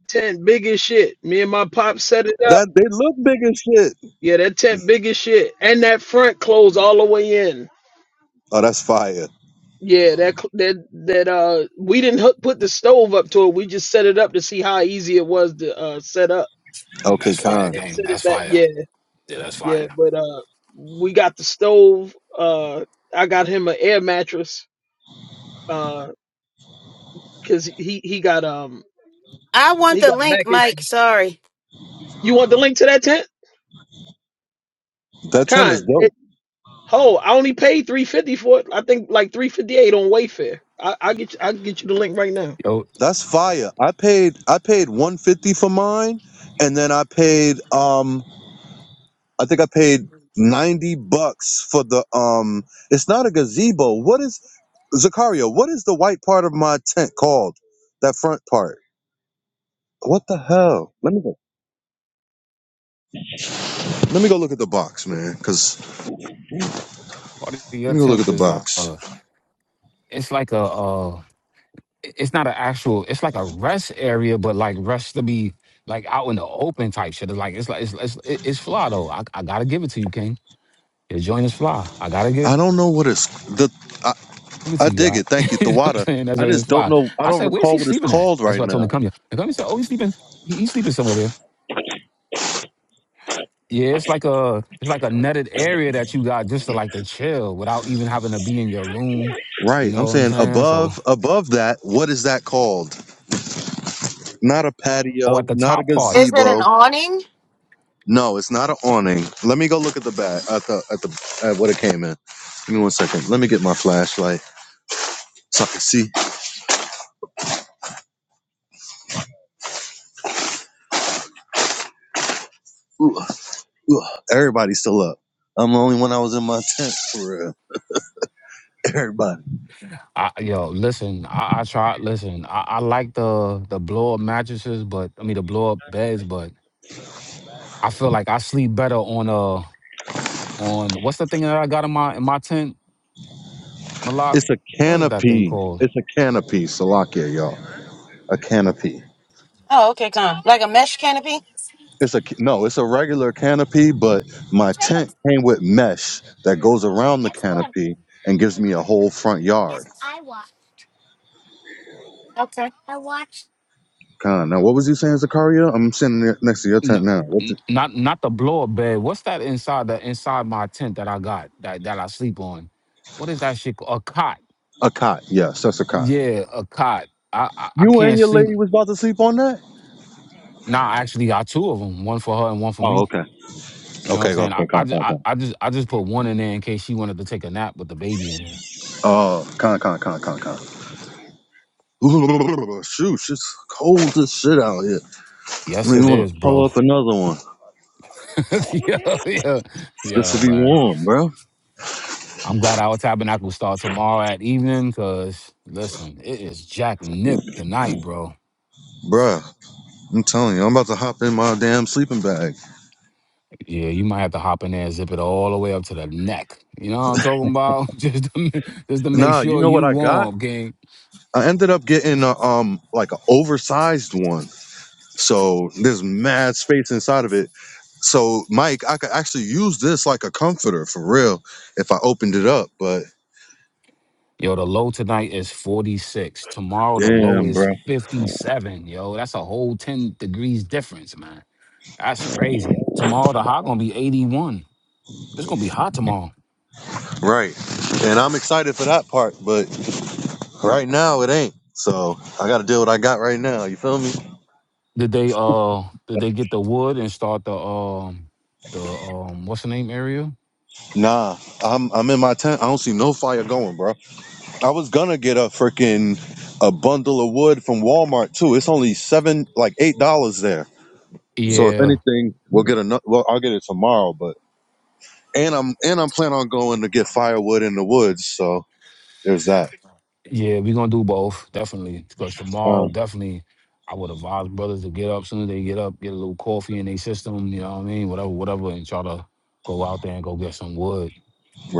tent big as shit. Me and my pop set it up.
That they look big as shit.
Yeah, that tent big as shit, and that front closed all the way in.
Oh, that's fire.
Yeah, that cl- that that uh, we didn't hook, put the stove up to it. We just set it up to see how easy it was to uh set up
Okay,
That's
and,
fire
Khan.
and
game.
set
That's
it back.
fire.
Yeah,
Yeah, that's
yeah.
fire.
But uh, we got the stove. Uh, I got him an air mattress. Uh, cause he he got um
I want
he
the
got
link,
back
Mike.
issues.
Sorry.
You want the link to that tent?
That tent is
Con. It,
dope.
oh, I only paid three fifty for it. I think like three fifty eight on Wayfair. I I get you, I get you the link right now.
Yo,
That's fire. I paid I paid 150 for mine, and then I paid um I think I paid 90 bucks for the um it's not a gazebo. What is Zakaria, what is the white part of my tent called? That front part. What the hell? Let me go. Let me go look at the box, man. Cause
part of
let
your
me go look at
temp
the
is like
box.
a, it's like a uh it's not an actual it's like a rest area, but like rest to be like out in the open type shit. It's like it's like it's it's, it's fly though. I, I gotta give it to you, King. Your joint is fly. I gotta give
I don't know what it's the. I,
it
I
to you.
dig
Doc.
it. Thank you,
you know what I'm
Thawada.
saying? That
I
joint is
just don't
fly.
know. I
I
don't
said, where's he
recall what it's
sleeping at?
called
That's
right
why I told him to
now.
come here. And come he said, Oh, he's sleeping he- he's sleeping somewhere. Yeah, it's like a it's like a netted area that you got just to like to chill without even having to be in your room. You
Right. I'm
know what I'm
saying
saying? So,
above above that. What is that called? Not a
oh, at
patio.
the
Not a
top part,
Is it an
gazebo.
awning?
No, it's not an awning. Let me go look at the back at the at the at what it came in. Give me one second. Let me get my flashlight so I can see. Ooh, ooh, everybody's still up. I'm the only one I was in my tent for real. Everybody.
I, yo, listen, I, I tried. Listen, I, I like the the blow up mattresses, but I mean the blow up beds, but I feel like I sleep better on uh on what's the thing that I got in my in my tent, Malak?
It's a
What is that thing
canopy.
called?
It's a canopy, Salakia, y'all. A canopy.
Oh, okay, come. Like a mesh canopy?
It's a no. It's a regular canopy, but my tent came with mesh that goes around the canopy and gives me a whole front yard.
Okay.
Kind of. Now, what was you saying, Zakaria? I'm sitting there next to your tent now. What?
N-
The,
Not not the blow up bed. What's that inside the inside my tent that I got that that I sleep on? What is that shit? called? A cot.
a cot. Yes, that's a cot.
Yeah, a cot. I, I I
You and
can't
your
sleep.
lady was about to sleep on that.
Nah, I actually got two of them, one for her and one for
Oh,
me.
okay.
You know what I'm
Okay,
saying? I
okay,
I
con,
just
con,
I,
con.
I just I just put one in there in case she wanted to take a nap with the baby in there.
Oh, con, con, con, con, con. Shoot, it's cold as shit out here.
Yes,
We
it
want
is,
to pull
bro.
up another one.
yo, yo,
This will
yo,
be
man.
warm, bro.
I'm glad our tabernacle start tomorrow at evening, cause listen, it is Jack Nip tonight, bro.
Bruh, I'm telling you, I'm about to hop in my damn sleeping bag.
Yeah, you might have to hop in there and zip it all the way up to the neck. You know what I'm talking about? Just to, ma- just to make
Nah, you
sure
know
you
what I got?
warm, gang.
I ended up getting a, um like an oversized one. So there's mad space inside of it. So Mike, I could actually use this like a comforter for real if I opened it up, but
Yo, the low tonight is 46. Tomorrow the low
damn,
is
bro.
57. Yo, that's a whole 10 degrees difference, man. That's crazy. Tomorrow the high gonna be 81. It's gonna be hot tomorrow.
Right. And I'm excited for that part, but right now it ain't. So I gotta do what I got right now. You feel me?
Did they uh did they get the wood and start the um the um what's the name area?
Nah, I'm I'm in my tent. I don't see no fire going, bro. I was gonna get a freaking a bundle of wood from Walmart too. It's only seven, like eight dollars there. So if
Yeah,
anything, we'll get another. Well, I'll get it tomorrow. But and I'm and I'm planning on going to get firewood in the woods. So there's that.
yeah, we gonna do both, definitely. Because tomorrow
Uh,
definitely I would advise brothers to get up soon as they get up, get a little coffee in their system, you know what I mean? Whatever, whatever, and try to go out there and go get some wood.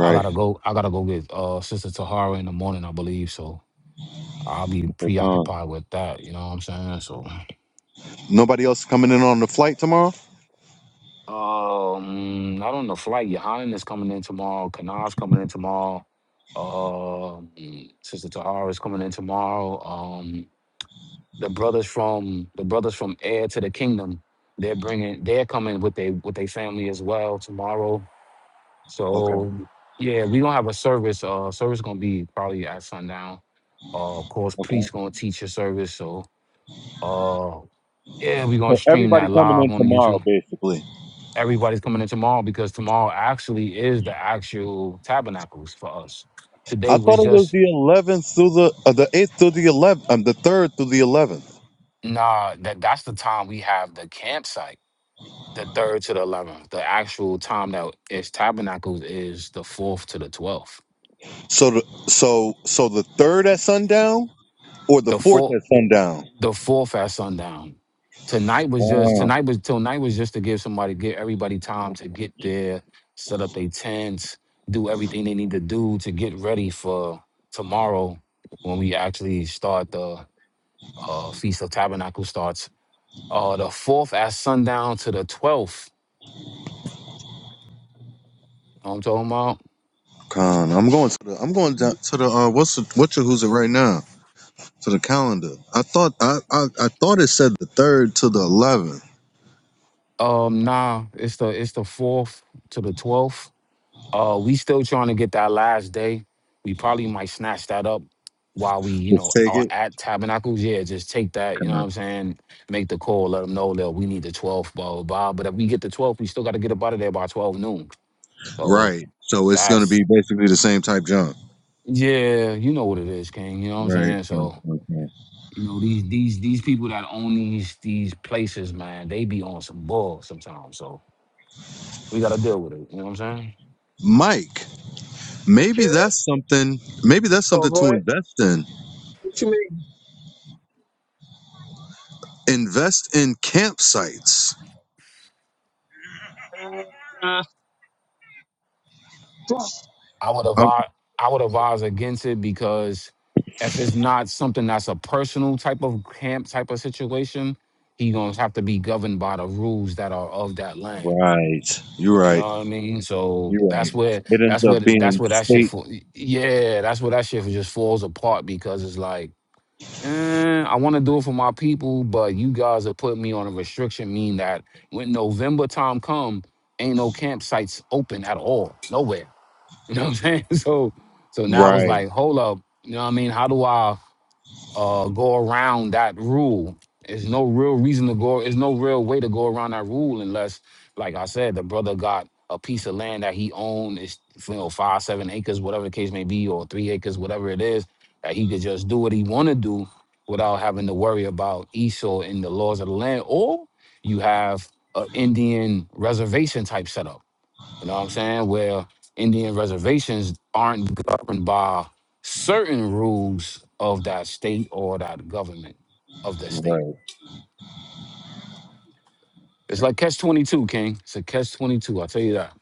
I gotta go. I gotta go get uh Sister Tahara in the morning, I believe. So I'll be
Uh,
preoccupied with that. You know what I'm saying? So,
nobody else coming in on the flight tomorrow.
um, not on the flight. Yohanan is coming in tomorrow. Kanaz coming in tomorrow. Um, Sister Tahara is coming in tomorrow. Um, the brothers from the brothers from Heir to the Kingdom, they're bringing. They're coming with they with their family as well tomorrow.
Okay.
So yeah, we gonna have a service. Uh, service gonna be probably at sundown. Uh, of course,
Okay.
priest gonna teach a service. So uh, yeah, we gonna
So
stream
everybody
that
coming
live
in
on the
tomorrow,
YouTube.
basically.
Everybody's coming in tomorrow because tomorrow actually is the actual tabernacles for us.
I
Today
thought
was
it was
just
the 11th through the uh, the 8th through the 11th, um, the 3rd through the 11th.
nah. That that's the time we have the campsite, the third to the eleventh. The actual time that is tabernacles is the fourth to the twelfth.
So the so so the 3rd at sundown or the
The
fourth
fourth.
at sundown.
the fourth at sundown. Tonight was just
Wow,
tonight was till night was just to give somebody give everybody time to get there, set up their tents, do everything they need to do to get ready for tomorrow when we actually start the uh, feast of tabernacle starts. Uh, the fourth at sundown to the twelfth. I'm talking about.
con. I'm going to the. I'm going down to the. Uh, what's the, what your who's it right now? To the calendar. I thought I, I I thought it said the third to the eleventh.
Um, nah, it's the it's the fourth to the twelfth. Uh, we still trying to get that last day. We probably might snatch that up while we, you
Just
know,
take
are
it.
at Tabernacles. Yeah, just take that, you know what
Con.
I'm saying? Make the call, let them know that we need the 12th, blah, blah, blah. But if we get the 12th, we still got to get up out of there by 12 noon. So
Right. So it's going to
that's,
be basically the same type jump.
yeah, you know what it is, King. You know what I'm
Right.
saying?
con,
So,
con,
you know, these these these people that own these these places, man, they be on some bull sometimes. So we got to deal with it. You know what I'm saying?
Mike,
You
maybe
care?
that's something. Maybe that's
Oh,
something to
boy.
invest in.
What you
Invest in campsites.
mean? Uh,
I would
Um,
advise I would advise against it because if it's not something that's a personal type of camp type of situation, he gonna have to be governed by the rules that are of that land.
right. You're
You know
right.
what I mean? So
You're right.
that's where
It ends
that's where
up
that's
being
where that shit
state.
for yeah, that's where that shit just falls apart because it's like, eh, I want to do it for my people, but you guys have put me on a restriction, mean that when November time come, ain't no campsites open at all, nowhere. You know what I'm saying? So so now it's
Right.
like, hold up, you know what I mean? How do I uh go around that rule? There's no real reason to go, there's no real way to go around that rule unless, like I said, the brother got a piece of land that he owned, it's you know, five, seven acres, whatever the case may be, or three acres, whatever it is, that he could just do what he wanna do without having to worry about Esau and the laws of the land. Or you have an Indian reservation type setup you know what I'm saying? Where Indian reservations aren't governed by certain rules of that state or that government of the
Right.
state. It's like catch 22, King. It's a catch 22. I'll tell you that.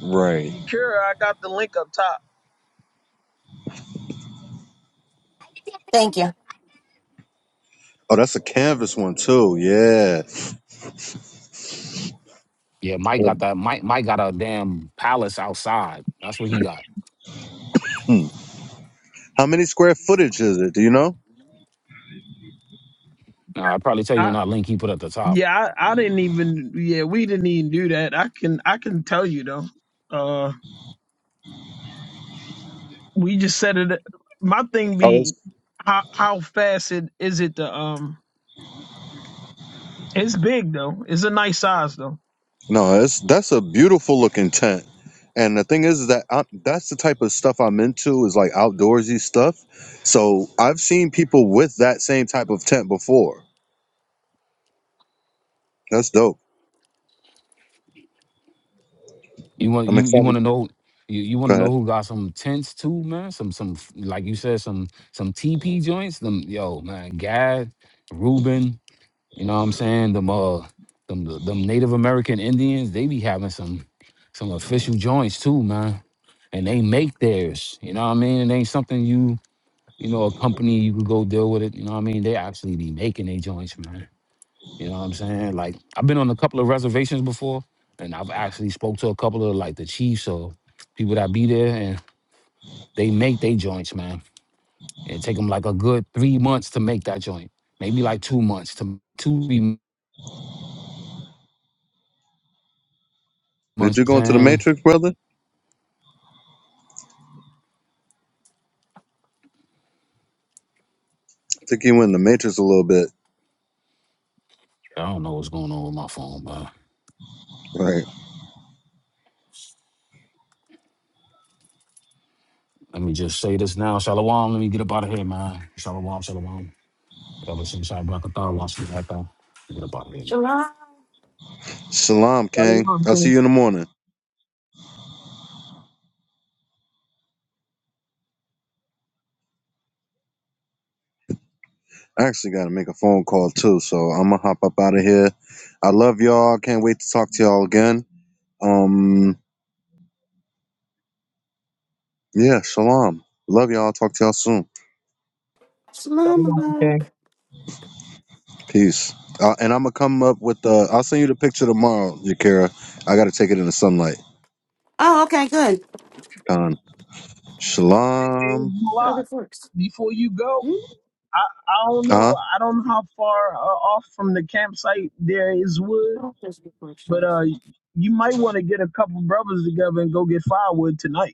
Right.
Yakira, I got the link up top.
Thank you.
Oh, that's a canvas one too. Yeah.
Yeah, Mike got that. Mike, Mike got a damn palace outside. That's what he got.
Hmm. How many square footage is it? Do you know?
Now, I'll probably tell you in
I,
that link he put at the top.
yeah, I, I didn't even. Yeah, we didn't even do that. I can I can tell you though. Uh, we just said it. My thing
Oh, it's,
be how how fast it is it to um. It's big though. It's a nice size though.
No, it's that's a beautiful looking tent. And the thing is, is that i that's the type of stuff I'm into is like outdoorsy stuff. So I've seen people with that same type of tent before. That's dope.
You want
I'm
you you want
excited.
to know you, you
Go
want to
ahead.
know who got some tents too, man? Some some like you said some some TP joints. Them yo man, Gad, Ruben, You know what I'm saying? Them uh them them Native American Indians, they be having some some official joints too, man. And they make theirs. You know what I mean? It ain't something you, you know, a company you could go deal with it. You know what I mean? They actually be making their joints, man. You know what I'm saying? Like I've been on a couple of reservations before and I've actually spoke to a couple of like the chiefs or people that be there and they make their joints, man. It take them like a good three months to make that joint. Maybe like two months to two three
Did
months,
you go into the
man
Matrix, brother? think you went in the Matrix a little bit.
I don't know what's going on with my phone, man.
right.
Let me just say this now. Shalom. Let me get up out of here, man. Shalom, shalom. That was inside Black Thought. Get up out of here, man.
Salam, King.
Shalom,
I'll see
King.
you in the morning. I actually got to make a phone call too, so I'm gonna hop up out of here. I love y'all. Can't wait to talk to y'all again. Um, yeah, shalom. Love y'all. Talk to y'all soon.
Shalom, King.
Peace. Uh, and I'm gonna come up with the. I'll send you the picture tomorrow, Yakira. I got to take it in the sunlight.
Oh, okay, good.
Con.
It ain't
Shalom.
a
So
lot.
this works.
Before you go,
Hmm?
I I don't
Uh huh.
know. I don't know how far uh, off from the campsite there is wood,
Oh, This works,
but
then.
uh, you might want to get a couple brothers together and go get firewood tonight.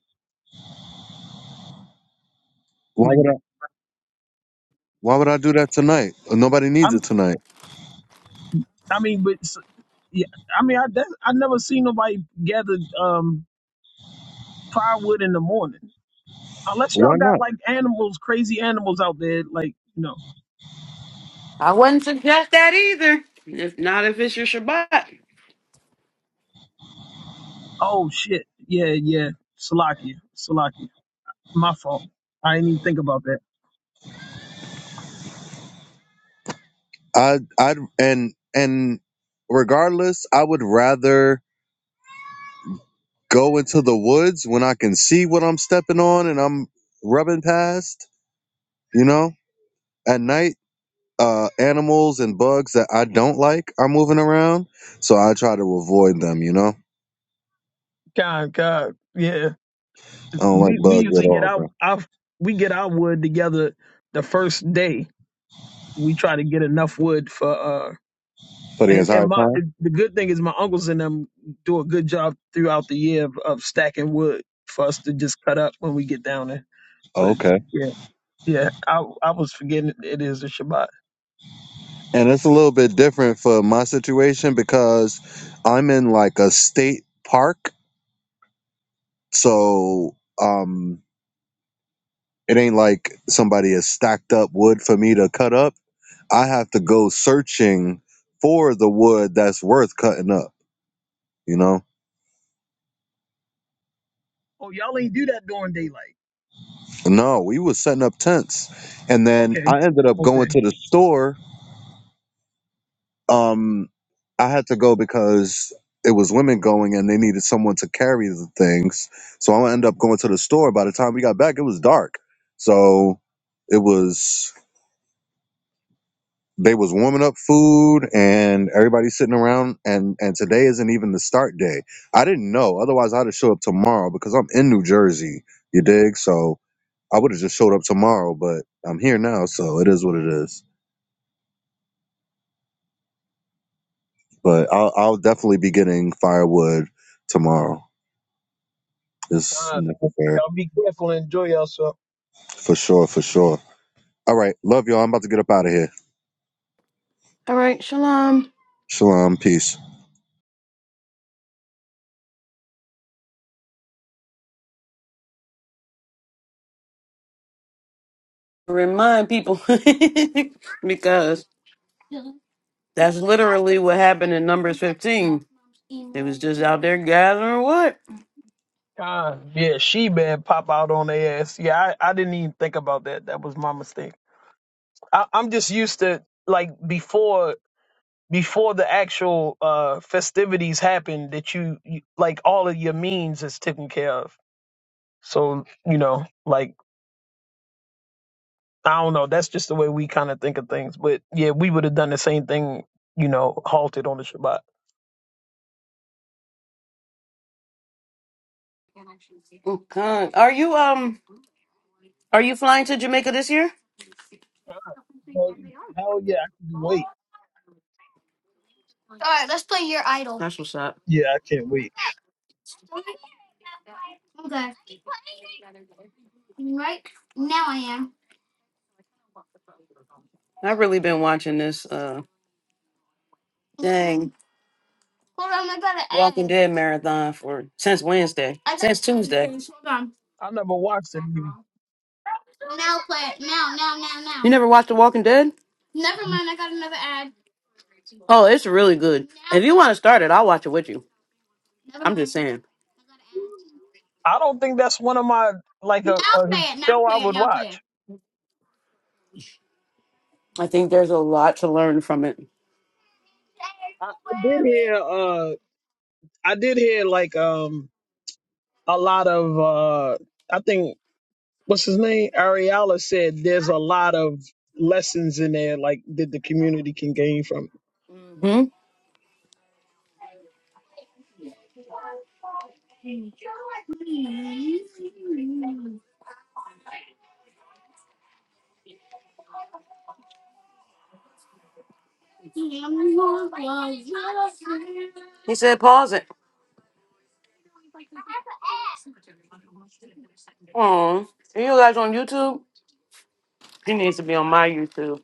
Why
like
would
that.
I? Why would I do that tonight? Nobody needs
I'm,
it tonight.
I mean, but s- yeah, I mean, I that, I never seen nobody gather um firewood in the morning unless y'all
Why not?
got like animals, crazy animals out there, like you know.
I wouldn't suggest that either. If not, if it's your Shabbat.
Oh shit, yeah, yeah, Salakia, Salakia, my fault. I didn't even think about that.
I. I. would And. And. Regardless, I would rather go into the woods when I can see what I'm stepping on and I'm rubbing past, you know? At night, uh animals and bugs that I don't like are moving around, so I try to avoid them, you know?
God, God, yeah.
I don't like
We we
bugs at
usually get
all,
our
bro.
our we get our wood together the first day. We try to get enough wood for uh
For the
and and
entire
my
time?
the good thing is my uncles and them do a good job throughout the year of, of stacking wood for us to just cut up when we get down there. So
Okay.
yeah, yeah, I I was forgetting it is a Shabbat.
And it's a little bit different for my situation because I'm in like a state park, so um It ain't like somebody has stacked up wood for me to cut up. I have to go searching for the wood that's worth cutting up, you know?
Oh, y'all ain't do that during daylight.
No, we was setting up tents. And then
Okay,
I ended up going
okay.
to the store. Um I had to go because it was women going and they needed someone to carry the things. So I ended up going to the store. By the time we got back, it was dark. So it was They was warming up food and everybody sitting around and and today isn't even the start day. I didn't know. Otherwise I'd have showed up tomorrow because I'm in New Jersey. You dig? So I would have just showed up tomorrow, but I'm here now, so it is what it is. But I'll I'll definitely be getting firewood tomorrow. It's
Uh,
necessary.
y'all be careful and enjoy yourself.
For sure, for sure. All right. Love y'all. I'm about to get up out of here.
All right, shalom.
Shalom. Peace.
Remind people because That's literally what happened in Numbers 15. They was just out there gathering what?
God, yeah, she bad pop out on their ass. Yeah, I, I didn't even think about that. That was my mistake. I, I'm just used to like before before the actual uh festivities happen that you, you like all of your means is taken care of so you know like i don't know that's just the way we kind of think of things but yeah we would have done the same thing you know halted on the shabbat
Okay. Are you um are you flying to Jamaica this year?
Well, hell yeah, I can wait.
That's what's up.
Yeah, I can't wait.
I've really been watching this uh dang Walking Dead marathon for since Wednesday. Since Tuesday.
i never watched it even.
You never watched The Walking Dead? Oh, it's really good. If you want to start it, I'll watch it with you. I'm just saying.
i don't think that's one of my like a, a show i would watch
I think there's a lot to learn from it.
I I did hear uh I did hear like um a lot of uh I think what's his name? Ariala said there's a lot of lessons in there, like that the community can gain from it.
hmm He said pause it. Oh, are you guys on YouTube? He needs to be on my YouTube.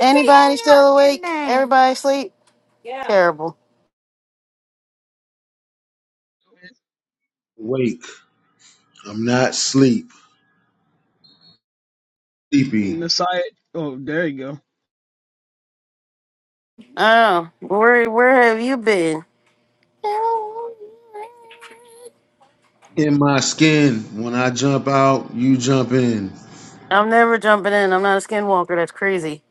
Anybody still awake? Everybody asleep? Terrible.
Wake. I'm not sleep. Sleepy.
Nasai, oh, there you go.
Oh, where where have you been?
In my skin. When I jump out, you jump in.
I'm never jumping in. I'm not a skinwalker. That's crazy.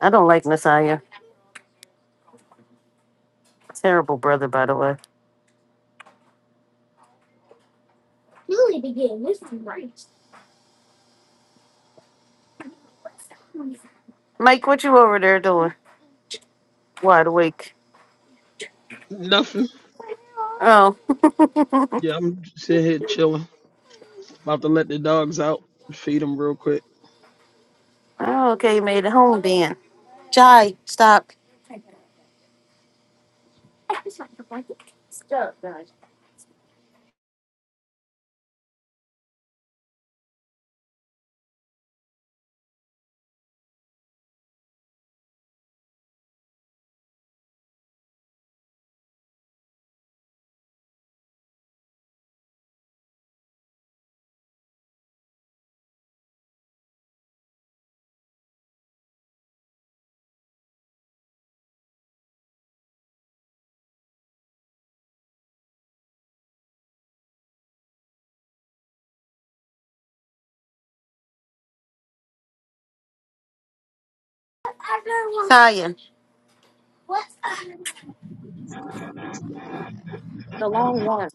I don't like Messiah. Terrible brother, by the way. Mike, what you over there doing? Wide awake.
Nothing.
Oh,
Yeah, I'm sitting here chilling. About to let the dogs out, feed them real quick.
oh okay. You made it home then. Jai, stop. Messiah, the long one.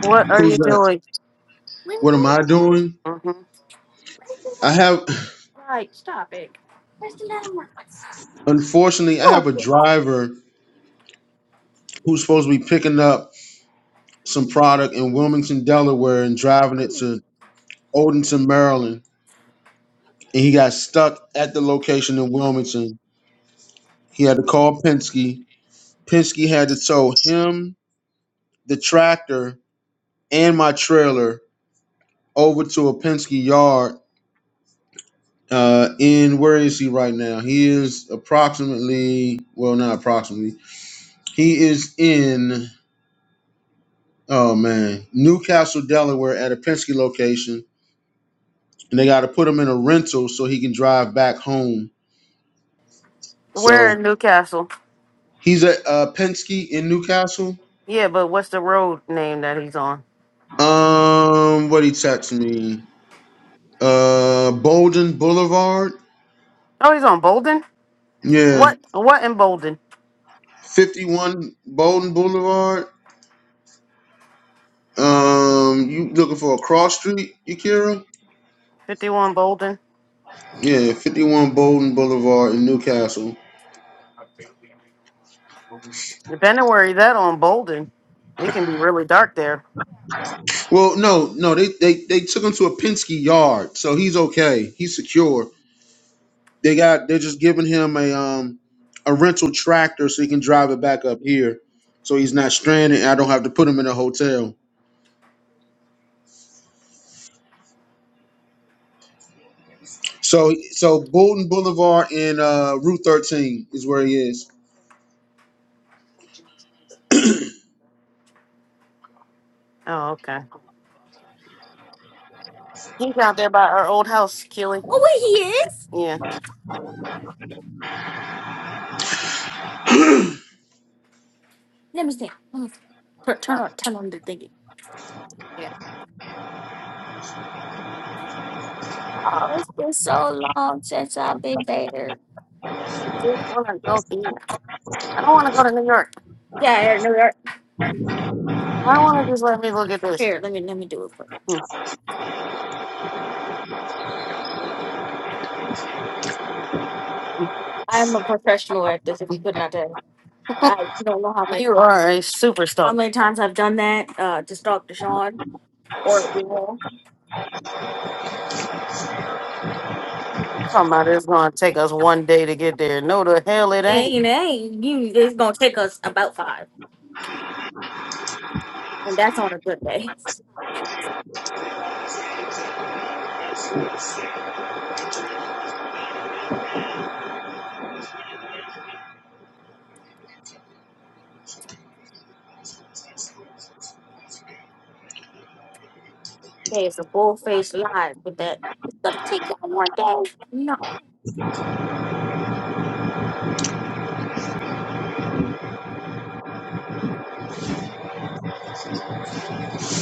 What are
Who's
you
that?
doing?
What am I doing?
hmm
I have
Right, stop it.
unfortunately I have
Oh,
a driver who's supposed to be picking up some product in Wilmington, Delaware and driving it to Odenton, Maryland. and he got stuck at the location in Wilmington. He had to call Penske. Penske had to tow him, the tractor, and my trailer over to a Penske yard. Uh, in where is he right now? He is approximately, well, not approximately. He is in, oh man, Newcastle, Delaware, at a Penske location, and they got to put him in a rental so he can drive back home.
We're in
So
Newcastle.
he's at uh, Penske in Newcastle
Yeah, but what's the road name that he's on?
Um, what he text me? Uh, Bolden Boulevard.
Oh, he's on Bolden.
Yeah,
What? What in Bolden?
fifty-one Bolden Boulevard. Um, you looking for a cross street, Yakira?
Fifty-one Bolden.
Yeah, fifty-one Bolden Boulevard in Newcastle.
Depending where he's at on Bolden, it can be really dark there.
Well, no, no, they they they took him to a Penske yard, so he's okay. He's secure. They got they're just giving him a um a rental tractor so he can drive it back up here, so he's not stranded. and I don't have to put him in a hotel. So so Bolton Boulevard and uh, Route 13 is where he is.
Oh, okay. He's out there by our old house, Keely. Yeah. Yeah. I don't. York. Why want to just let me look at this? Here, let me let me do it. For you. Hmm. You are a superstar. I'm talking about it's gonna take us one day to get there. No, the hell it ain't. Ain't it?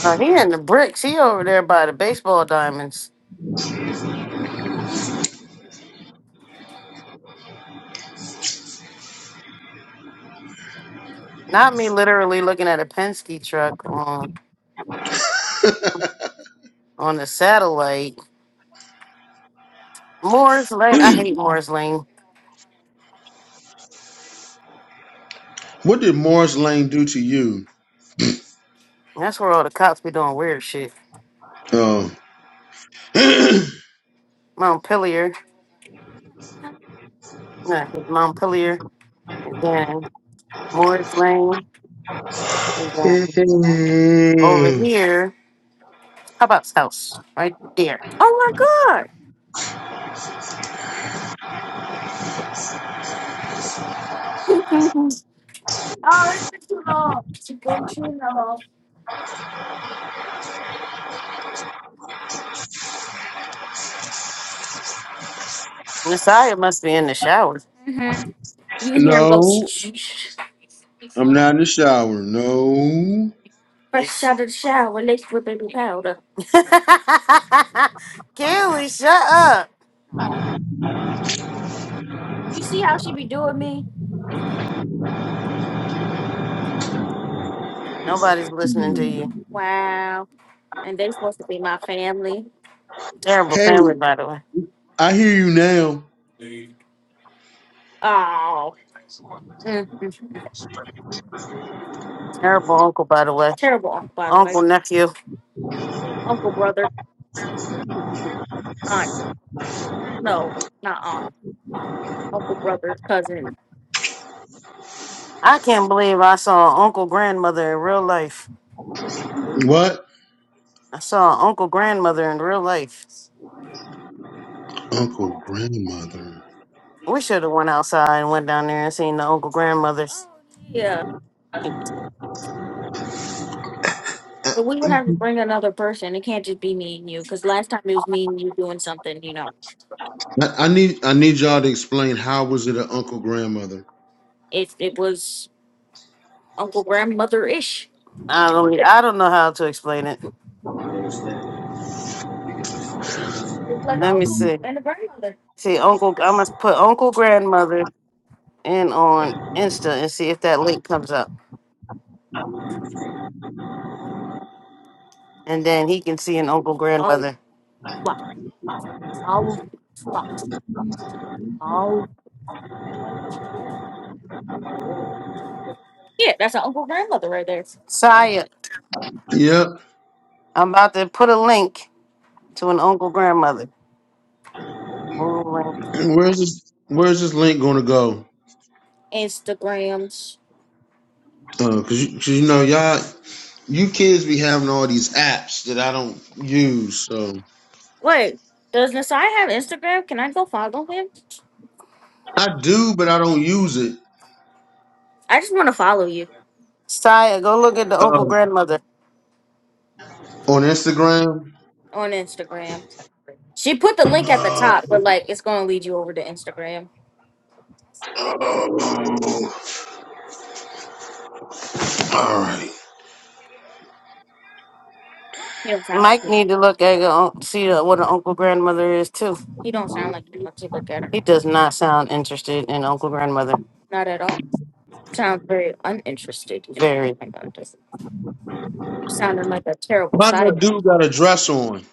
Uh, he in the bricks. He over there by the baseball diamonds. Not me, literally looking at a Penske truck. on the satellite. Moore's Lane. I hate Moore's Lane.
What did Morris Lane do to you?
That's where all the cops be doing weird shit.
Oh. no,
Montpelier. Yeah, Montpelier. And then Moore's Lane. And then over here. How about house? Right there. Messiah must be in the shower.
I'm not in the shower. No.
Kelly, shut up. Nobody's listening to you. Terrible
Hey,
family, by the way.
I hear you now.
Terrible uncle, by the way. Uncle, nephew. I can't believe I saw uncle grandmother in real life.
What?
I saw Uncle Grandmother in real life.
Uncle grandmother.
We should have went outside and went down there and seen the Uncle Grandmothers.
I, I need I need y'all to explain how was it an uncle grandmother?
I don't, e, I don't know how to explain it. Let me see. See, Uncle, I must put Uncle Grandmother in on Insta and see if that link comes up. And then he can see an Uncle Grandmother. Saya,
Yep.
I'm about to put a link to an Uncle Grandmother. Whole link.
Where's this Where's this link going to go? Uh, cause, you, 'cause you know y'all. you kids be having all these apps that I don't use. So I do, but I don't use it.
Saya, go look at the Uncle
Uh,
Grandmother.
on Instagram. Oh, all right.
Mike like need to look at your un- see the- what an uncle grandmother is too. He does not sound interested in uncle grandmother. Very
My dude got a dress on.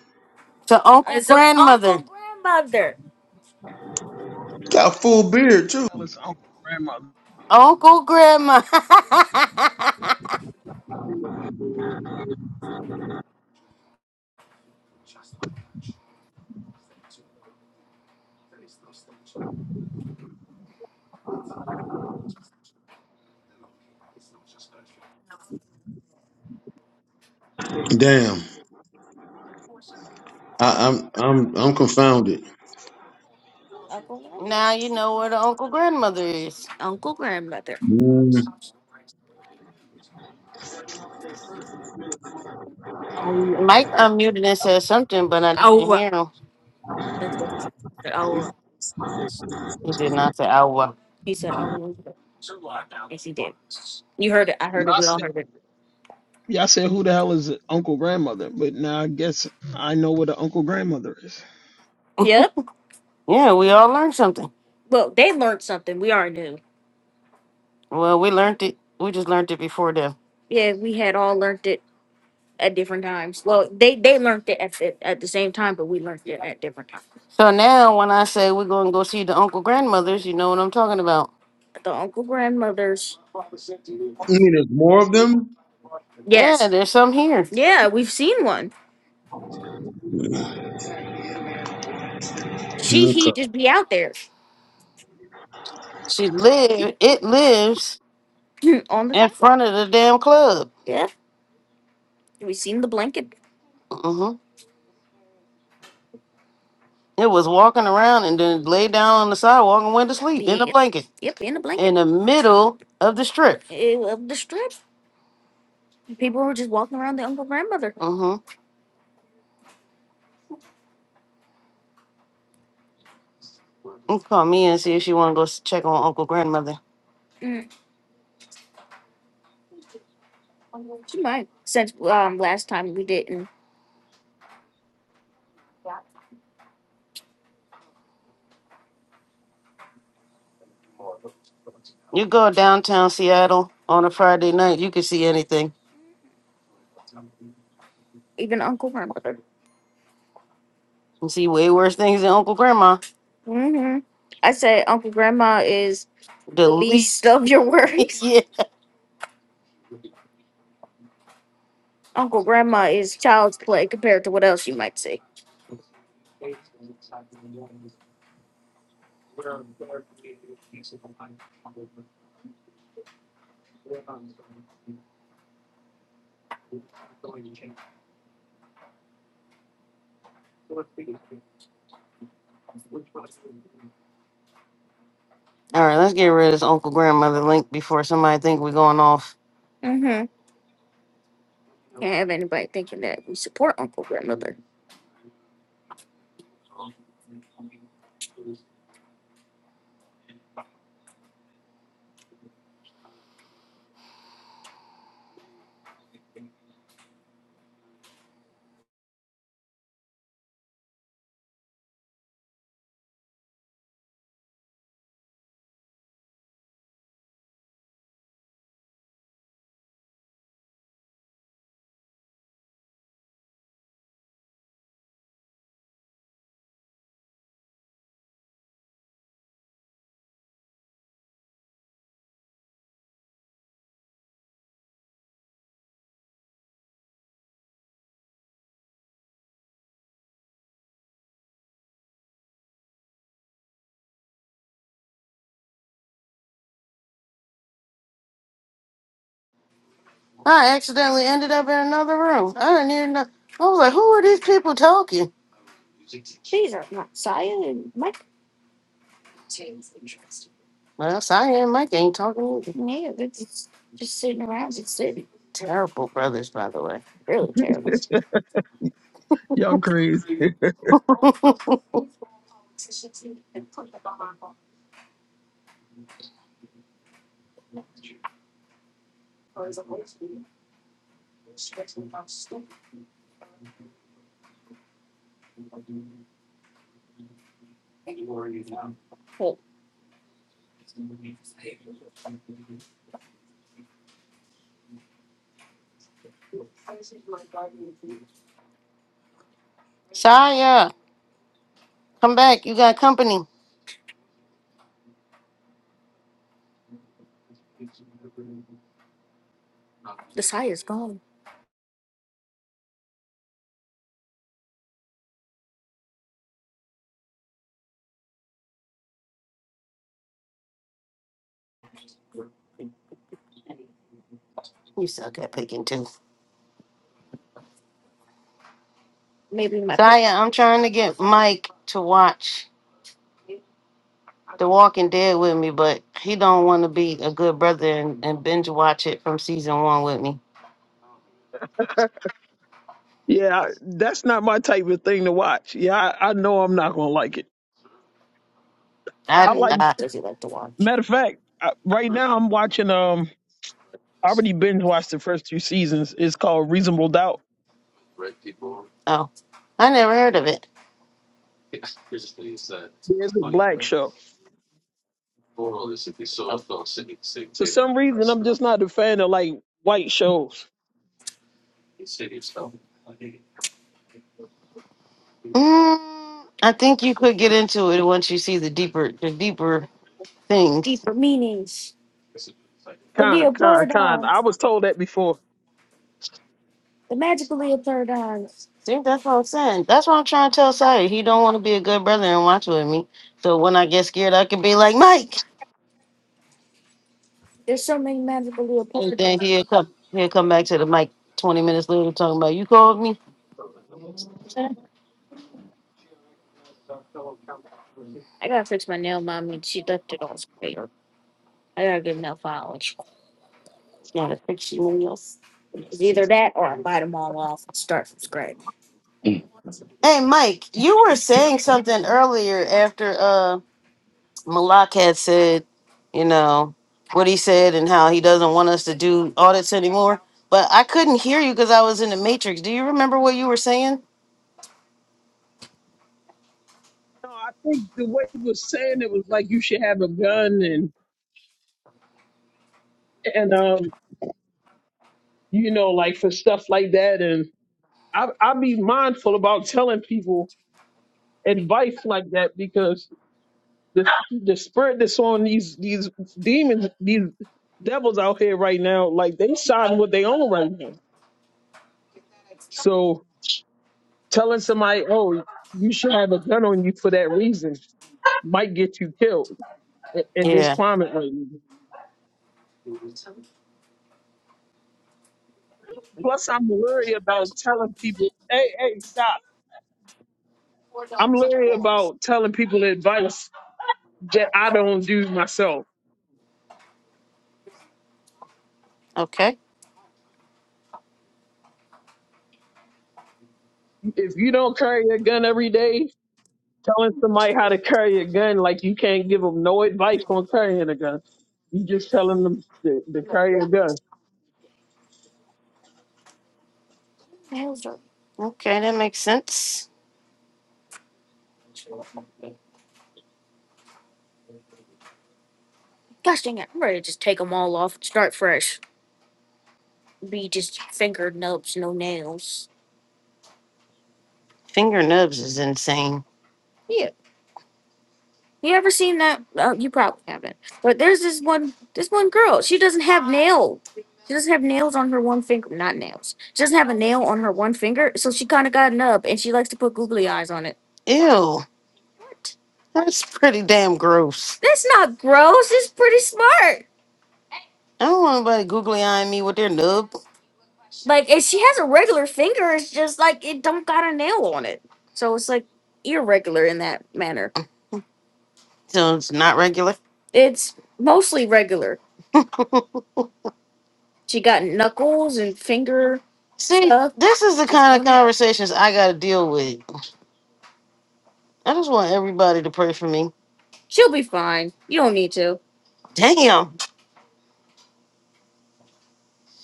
to uncle grandmother.
Got a full beard too.
Hell, it's Uncle Grandmother.
Uncle grandma.
Damn. I, I'm I'm I'm confounded.
now you know where the uncle grandmother is.
Mm. I
Um, Mike unmuted and said something, but I Oh, didn't Oh, hear him. He did not say "ow."
And I said, yeah, I said, who the hell is Uncle Grandmother? But now I guess I know what an Uncle Grandmother is.
Yeah, we all learned something. Well, we learned it. We just learned it before then. So now when I say we're going to go see the uncle grandmothers, you know what I'm talking about.
mean, there's more of them.
Yeah, Yes. there's some here. Yeah.
Okay.
She live. It lives On the in sidewalk. front of the damn club. hmm It was walking around and then laid down on the sidewalk and went to sleep in a Yeah. blanket Blanket. in the middle of the strip. hmm You Call me and see if she want to go s- check on Uncle Grandmother. You go downtown Seattle on a Friday night, you can see anything You see way worse things than Uncle Grandma. The Police least, stories. All right, let's get rid of this Uncle Grandmother link before somebody think we're going off. I accidentally ended up in another room. I didn't even know. I was like, who are these people talking? Well, Sonya and Mike ain't talking either. Yeah, they're just, just sitting around, just sitting. Terrible brothers, by the way. Really terrible.
Y'all crazy.
Saya, come back. You got company. You suck at picking too. Saya, I'm trying to get Mike to watch The Walking Dead with me, but he don't want to be a good brother and, and binge watch it from season one with me.
Yeah, I- that's not my type of thing to watch. Yeah, I, I know I'm not going to like it. I
I
like,
I does he like to watch?
matter of fact, I, right now I'm watching, um, I already binge watched the first two seasons. It's called Reasonable Doubt.
Oh, I never heard of it.
It's a black show. For some reason, I'm just not a fan of like white shows.
Mm, I think you could get into it once you see the deeper the deeper things.
Con, con, con. I was told that before.
See, that's what I'm saying. That's what I'm trying to tell Sire. He don't want to be a good brother and watch with me. So when I get scared, I could be like Mike, and then he'll come he'll come back to the mic twenty minutes later talking about you called me. Not a picture of else. Hey Mike, you were saying something earlier after. uh. Malak had said, you know, what he said and how he doesn't want us to do audits anymore. But I couldn't hear you because I was in the matrix. Do you remember what you were saying?
No, I think the way he was saying it was like you should have a gun and and um you know like for stuff like that. And I I be mindful about telling people advice like that because the the spirit that's on these these demons these devils out here right now like they sign what they own right now So telling somebody, oh, you should have a gun on you for that reason might get you killed i- in this
Yeah.
climate right now. Plus, I'm worried about telling people, hey, hey, stop. I'm leery about telling people advice that I don't do myself.
Okay.
If you don't carry a gun every day, telling somebody how to carry a gun, like you can't give them no advice on carrying a gun. You just telling them to, to carry a gun.
Okay, that makes sense. Finger nubs is insane. Ew. That's pretty damn gross. I don't want nobody googly eyeing me with their nub. So it's not regular. See, Uh, this is the kind of conversations I gotta deal with. I just want everybody to pray for me. Damn.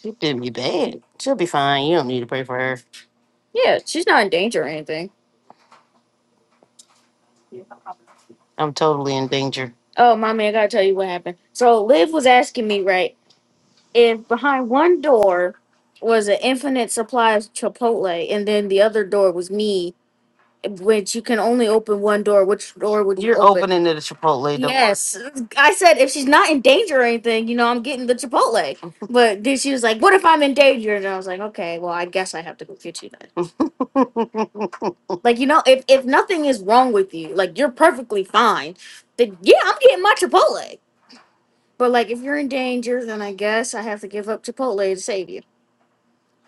She did be bad. She'll be fine. You don't need to pray for her. I'm totally in danger. When you're open? opening to the Chipotle door. Yes.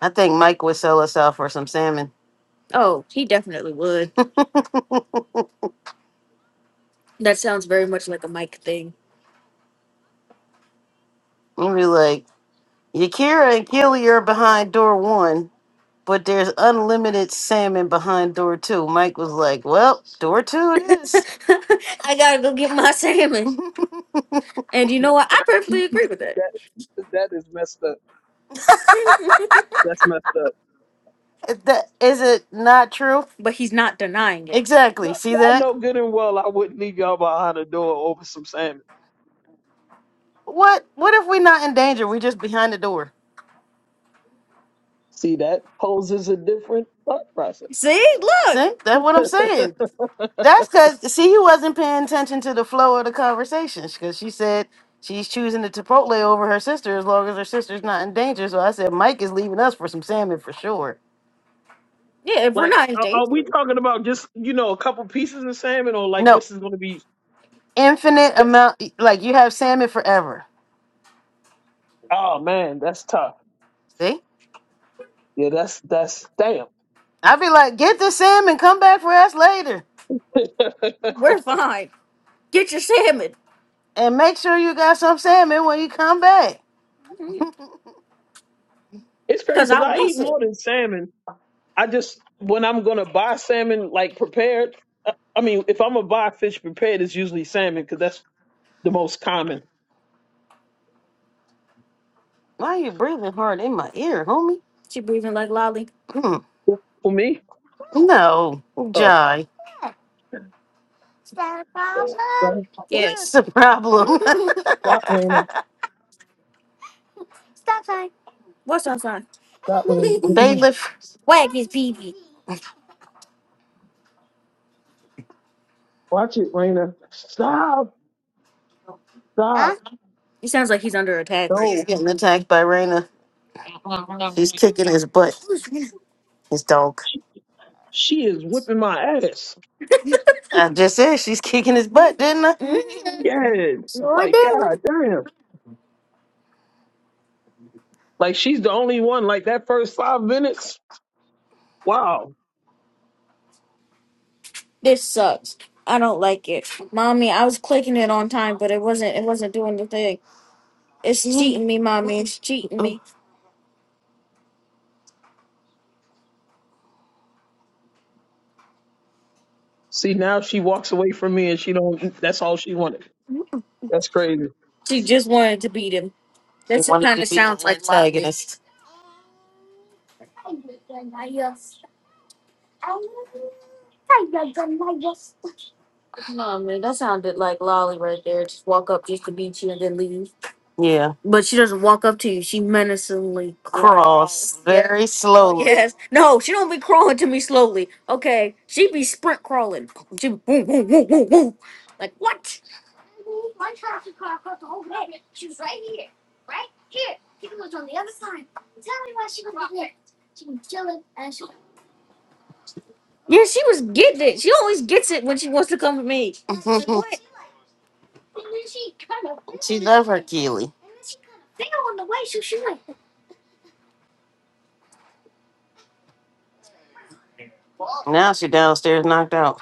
I think Mike would sell us out for some salmon. We'd be like, Yakira and Keely are behind door one, but there's unlimited salmon behind door two. Mike was like, Well, door two it is.
Man, That that is messed up. That's messed up.
that is it not true? Yeah. Exactly.
No,
See
y'all
that?
know good and well I wouldn't leave y'all behind the door over some salmon.
What what if we're not in danger? we are just behind the door.
See, that poses a different thought process.
Look. See? That's what I'm saying. That's because see, he wasn't paying attention to the flow of the conversation because she said she's choosing the Chipotle over her sister as long as her sister's not in danger. So I said Mike is leaving us for some salmon for sure.
like, are, are we talking about just you know a couple pieces of salmon, or like
No,
this is going to be?
infinite
sp-
amount. Like you have salmon forever.
Oh man, that's tough.
See,
Yeah, that's that's damn.
I'd be like, get the salmon, come back for us later,
it's
and make sure you got some salmon when you come back.
crazy because I eat more than salmon. I just when I'm gonna buy salmon like prepared. I I mean, if I'm gonna buy fish prepared, it's usually salmon because that's the most common
Why are you breathing hard in my ear, homie? Mm.
for me.
no,
Oh,
Jai. That's a problem.
Stop, Raina. Stop, Raina. Get down.
bailiff.
Watch it, Raina. Stop. Stop.
He's
No.
getting attacked by Raina. She's kicking his butt. His dog.
She is whipping my ass.
I just said she's kicking his butt, didn't I?
Yeah. It's Like, God damn. Like, she's the only one. Like, that first five minutes. Wow.
Me.
See, now she walks away from me and she don't, that's all she wanted. That's crazy.
That's wanted kind to of be sounds the like Lottie. antagonist. Yeah. Cross Yep. very slowly. Yes. she love her Keely. Now she downstairs knocked out.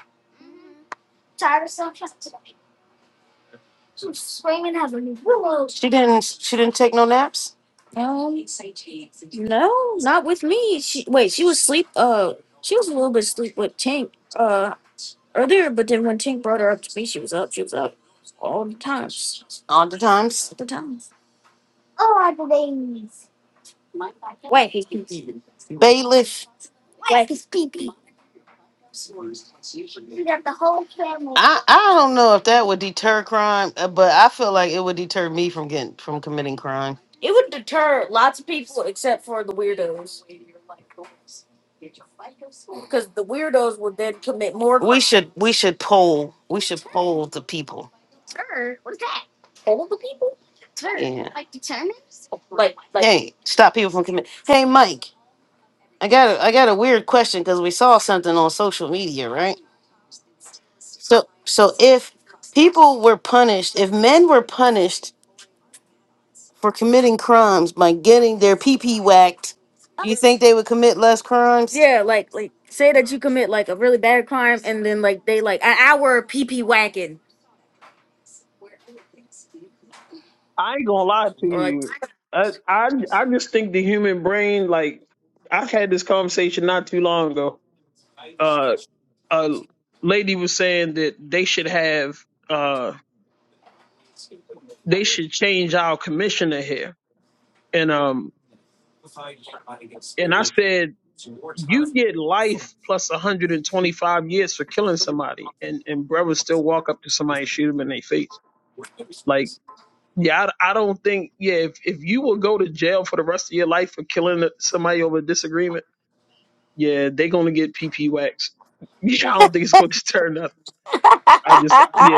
She didn't she didn't take no naps all the times. Bailiff. I, I don't know if that would deter crime, uh, but I feel like it would deter me from getting from committing crime. We should we should poll we should poll the people. Yeah. Hey, stop people from committing. Hey, Mike, I got a, I got a weird question because we saw something on social media, right? So so if people were punished, if men were punished for committing crimes by getting their pee pee whacked, do you think they would commit less crimes? of pee pee
I ain't gonna lie to you. I, I, I just think the human brain, like, I had this conversation not too long ago. Uh. a lady was saying that they should have uh they should change our commissioner here and um and i said you get life plus 125 years for killing somebody and and brothers still walk up to somebody and shoot them in their face like yeah I, I don't think yeah if, if you will go to jail for the rest of your life for killing somebody over a disagreement yeah they gonna get pp wax yeah i don't think it's gonna deter nothing i just yeah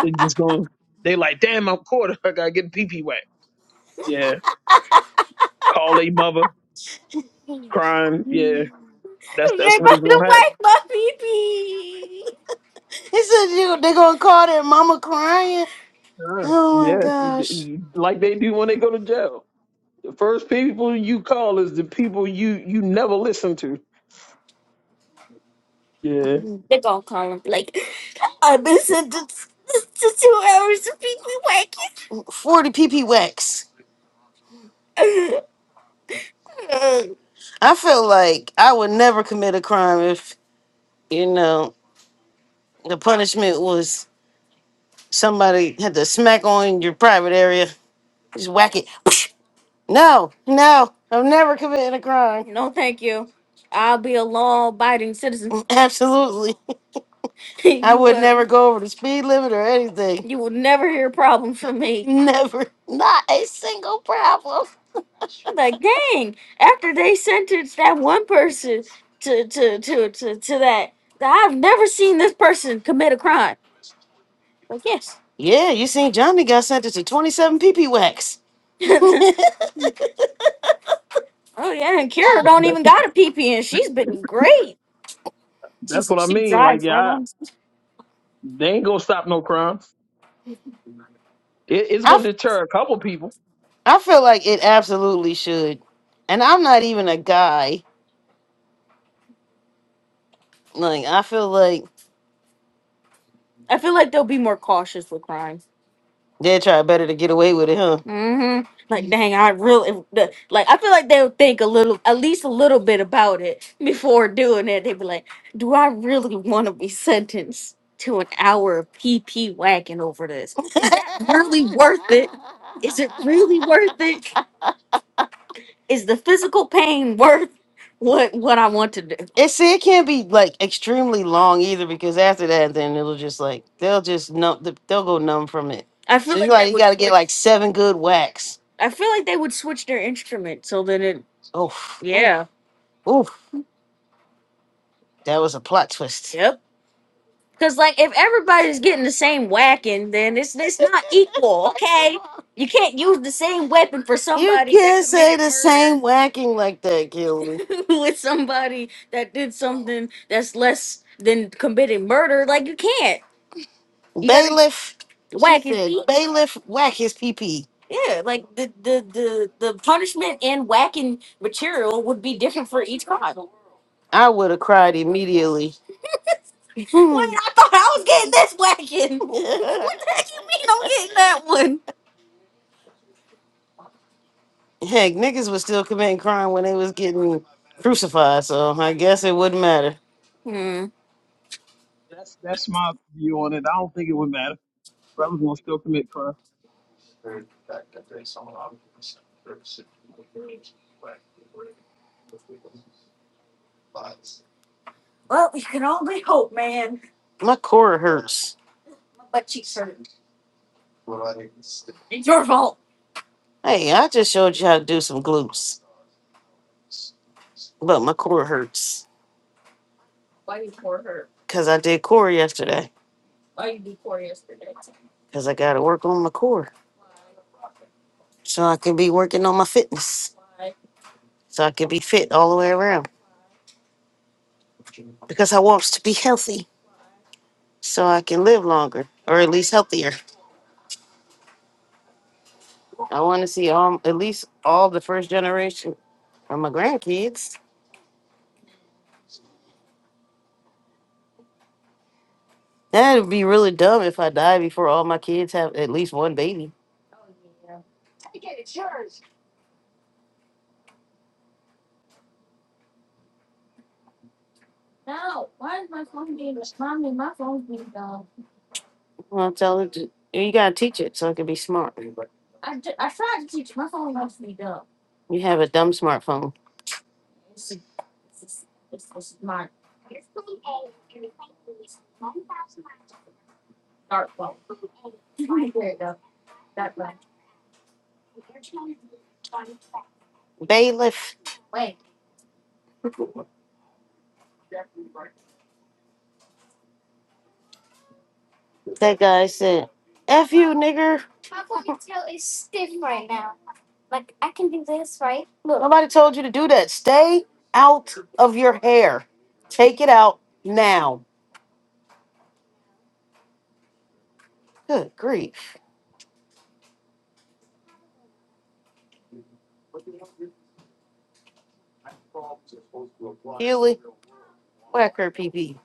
It's just going. They like, damn, I'm caught. I gotta get pee pee wet. Yeah, call a mother crying. Yeah, that's that's what it's gonna happen.
He said you, they gonna call their mama crying.
Yeah,
Oh my
Yeah.
gosh.
like they do when they go to jail. The first people you call is the people you you never listen to. Yeah,
40 PP wax. I feel like I would never commit a crime if, you know, the punishment was somebody had to smack on your private area. Just whack it. No, no, i have never committed a crime. No, Absolutely. I you would wouldn't. never wouldn't. go over the speed limit or anything. You ain't. Never. Not a single problem. Yeah, you seen Johnny got sentenced to 27 PP wax.
that's that's what I mean. Like, yeah, I, they ain't gonna stop no crimes. It, it's
I,
gonna
f-
deter a couple people.
I feel like it absolutely should. And I'm not even a guy. Like I feel like they try better to get away with it, huh? And see, it can't be like extremely long either, because after that, then it'll just like they'll just numb, th- they'll go numb from it. I So feel So you like they like that you would got to get like seven good whacks. Oof, Yeah. oof, that was a plot twist. Yep. Hey, You somebody can't that say committed the murder. same whacking like that, Gilman. You gotta Bailiff, she whack his said, feet. bailiff, whack his pee pee. I would have cried immediately. Heck, niggas was still committing crime when they was getting crucified, so I guess it wouldn't matter. Hmm.
That's that's my view on it. I don't think it would matter. Brothers gonna still commit crime.
My core hurts. Hey, I just showed you how to do some glutes, but my core hurts because I did core yesterday because I got to work on my core so I can be working on my fitness so I can be fit all the way around because I wants to be healthy so I can live longer or at least healthier. I want to see all, at least all the first generation of my grandkids. That'd be really dumb if I die before all my kids have at least one baby. Well, tell it to, you gotta teach it so it can be smart. You have a dumb smartphone. Bailiff, that guy said, F you, nigger. Look, nobody told you to do that. Stay out of your hair. Take it out now. Good grief. Healy, whack her PP.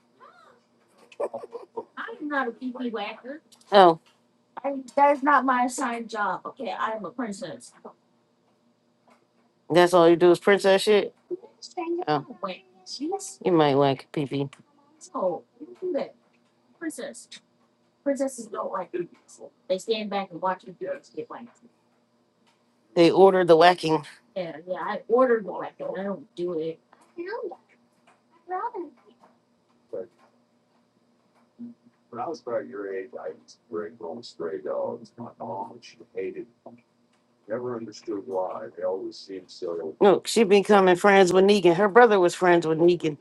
Oh, that's all you do is print that shit? Oh, you might whack PP. They ordered the whacking. Look, she becoming friends with Negan. Her brother was friends with Negan.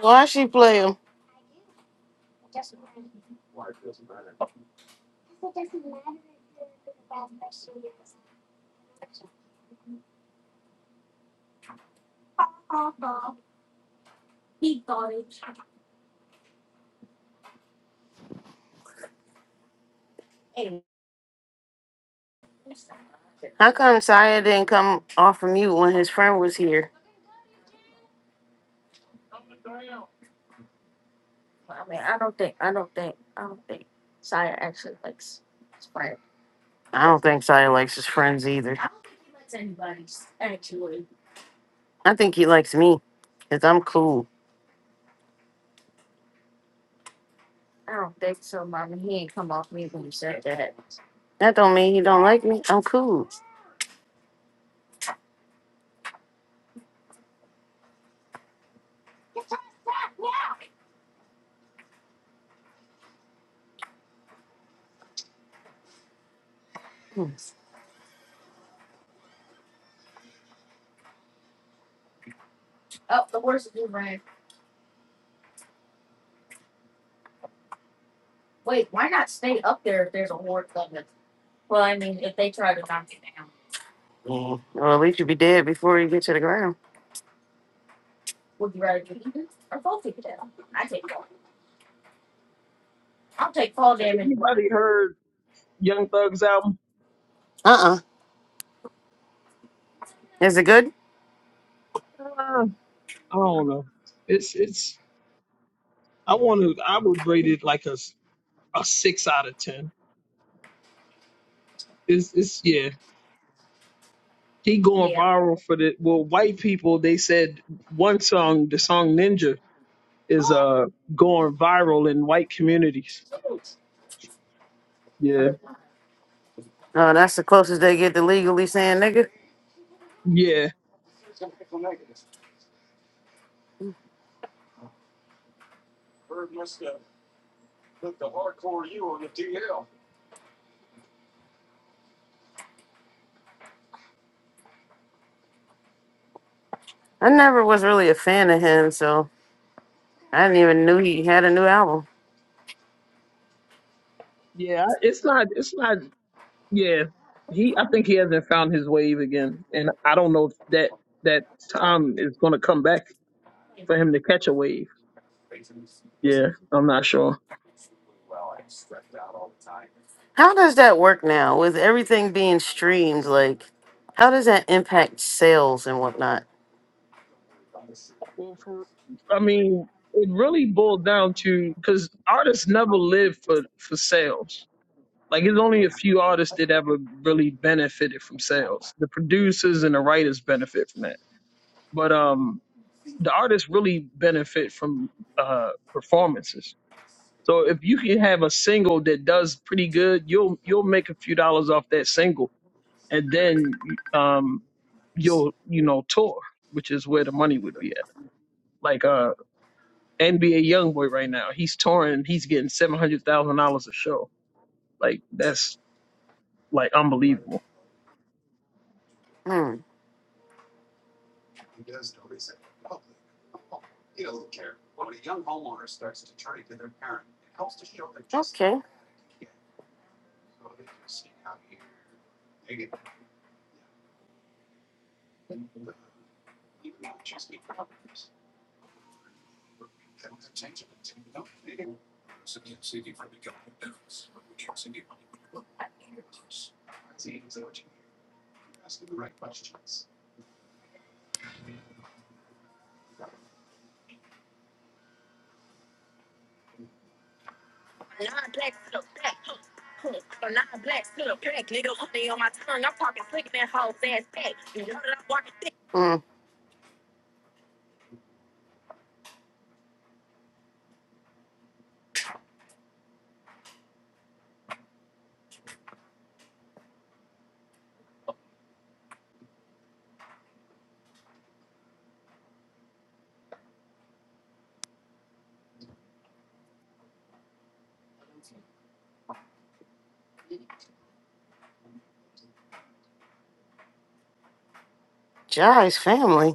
Why she play him? How come Saya didn't come off of mute when his friend was here? I don't think Saya likes his friends either. I think he likes me, cause I'm cool. That don't mean he don't like me. I'm cool. Hmm. Yeah. Well, at least you be dead before you get to the ground.
Has anybody heard Young Thug's album?
Uh-uh. Is it good?
I don't know. It's it's. I want to. I would rate it like a s- a six out of ten. It's it's yeah. He going viral for the well. White people they said one song, the song Ninja, is uh going viral in white communities. Yeah,
Oh, that's the closest they get to legally saying nigga.
yeah,
I never was really a fan of him, so I didn't even knew he had a new album.
yeah. I- It's not. It's not. Yeah. He. I think he hasn't found his wave again, and I don't know if that that time is going to come back for him to catch a wave. Yeah, I'm not sure.
How does that work now with everything being streamed? Like, how does that impact sales and whatnot?
Well, for I mean, it really boiled down to because artists never live for for sales. Like it's only a few artists that ever really benefited from sales. The producers and the writers benefit from that, but um, the artists really benefit from uh performances. So if you can have a single that does pretty good, you'll you'll make a few dollars off that single, and then um, you'll you know tour, which is where the money would be at. Like uh. NBA YoungBoy right now. He's touring. He's getting seven hundred thousand dollars a show. Like that's like unbelievable.
Hmm. Okay. Mm. Jai's family.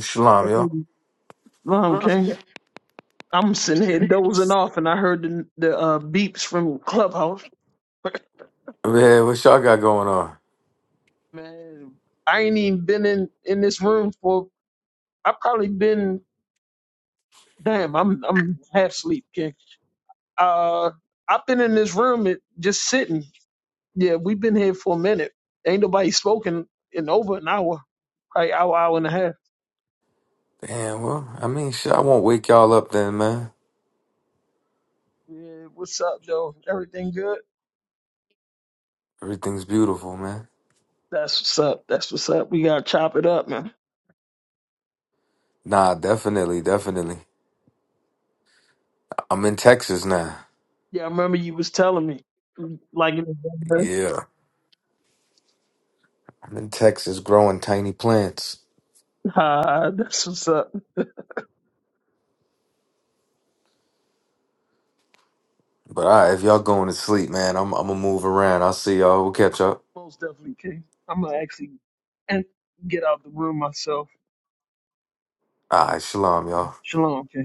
Shalom, y'all.
Okay, I'm sitting here dozing off, and I heard the the uh, beeps from Clubhouse.
Yeah, what y'all got going on?
Man, I ain't even been in in this room for. I've probably been damn. I'm I'm half asleep, King. Uh, I've been in this room it, just sitting. Yeah, we've been here for a minute. Ain't nobody spoken in over an hour, probably hour hour and a half.
Damn, well, I mean, shit, I won't wake y'all up then, man.
Yeah, what's up, though? Everything good?
Everything's beautiful, man.
That's what's up. That's what's up. We gotta chop it up, man.
Nah, definitely, definitely. I'm in Texas now.
Yeah, I remember you was telling me, like in November.
Yeah, I'm in Texas growing tiny plants.
Ah, that's what's up.
But all right, if y'all going to sleep, man, I'm, I'm gonna move around. I'll see y'all. We'll catch up.
Most definitely, King. I'm gonna actually and get out the room myself.
All right, shalom, y'all.
Shalom, King.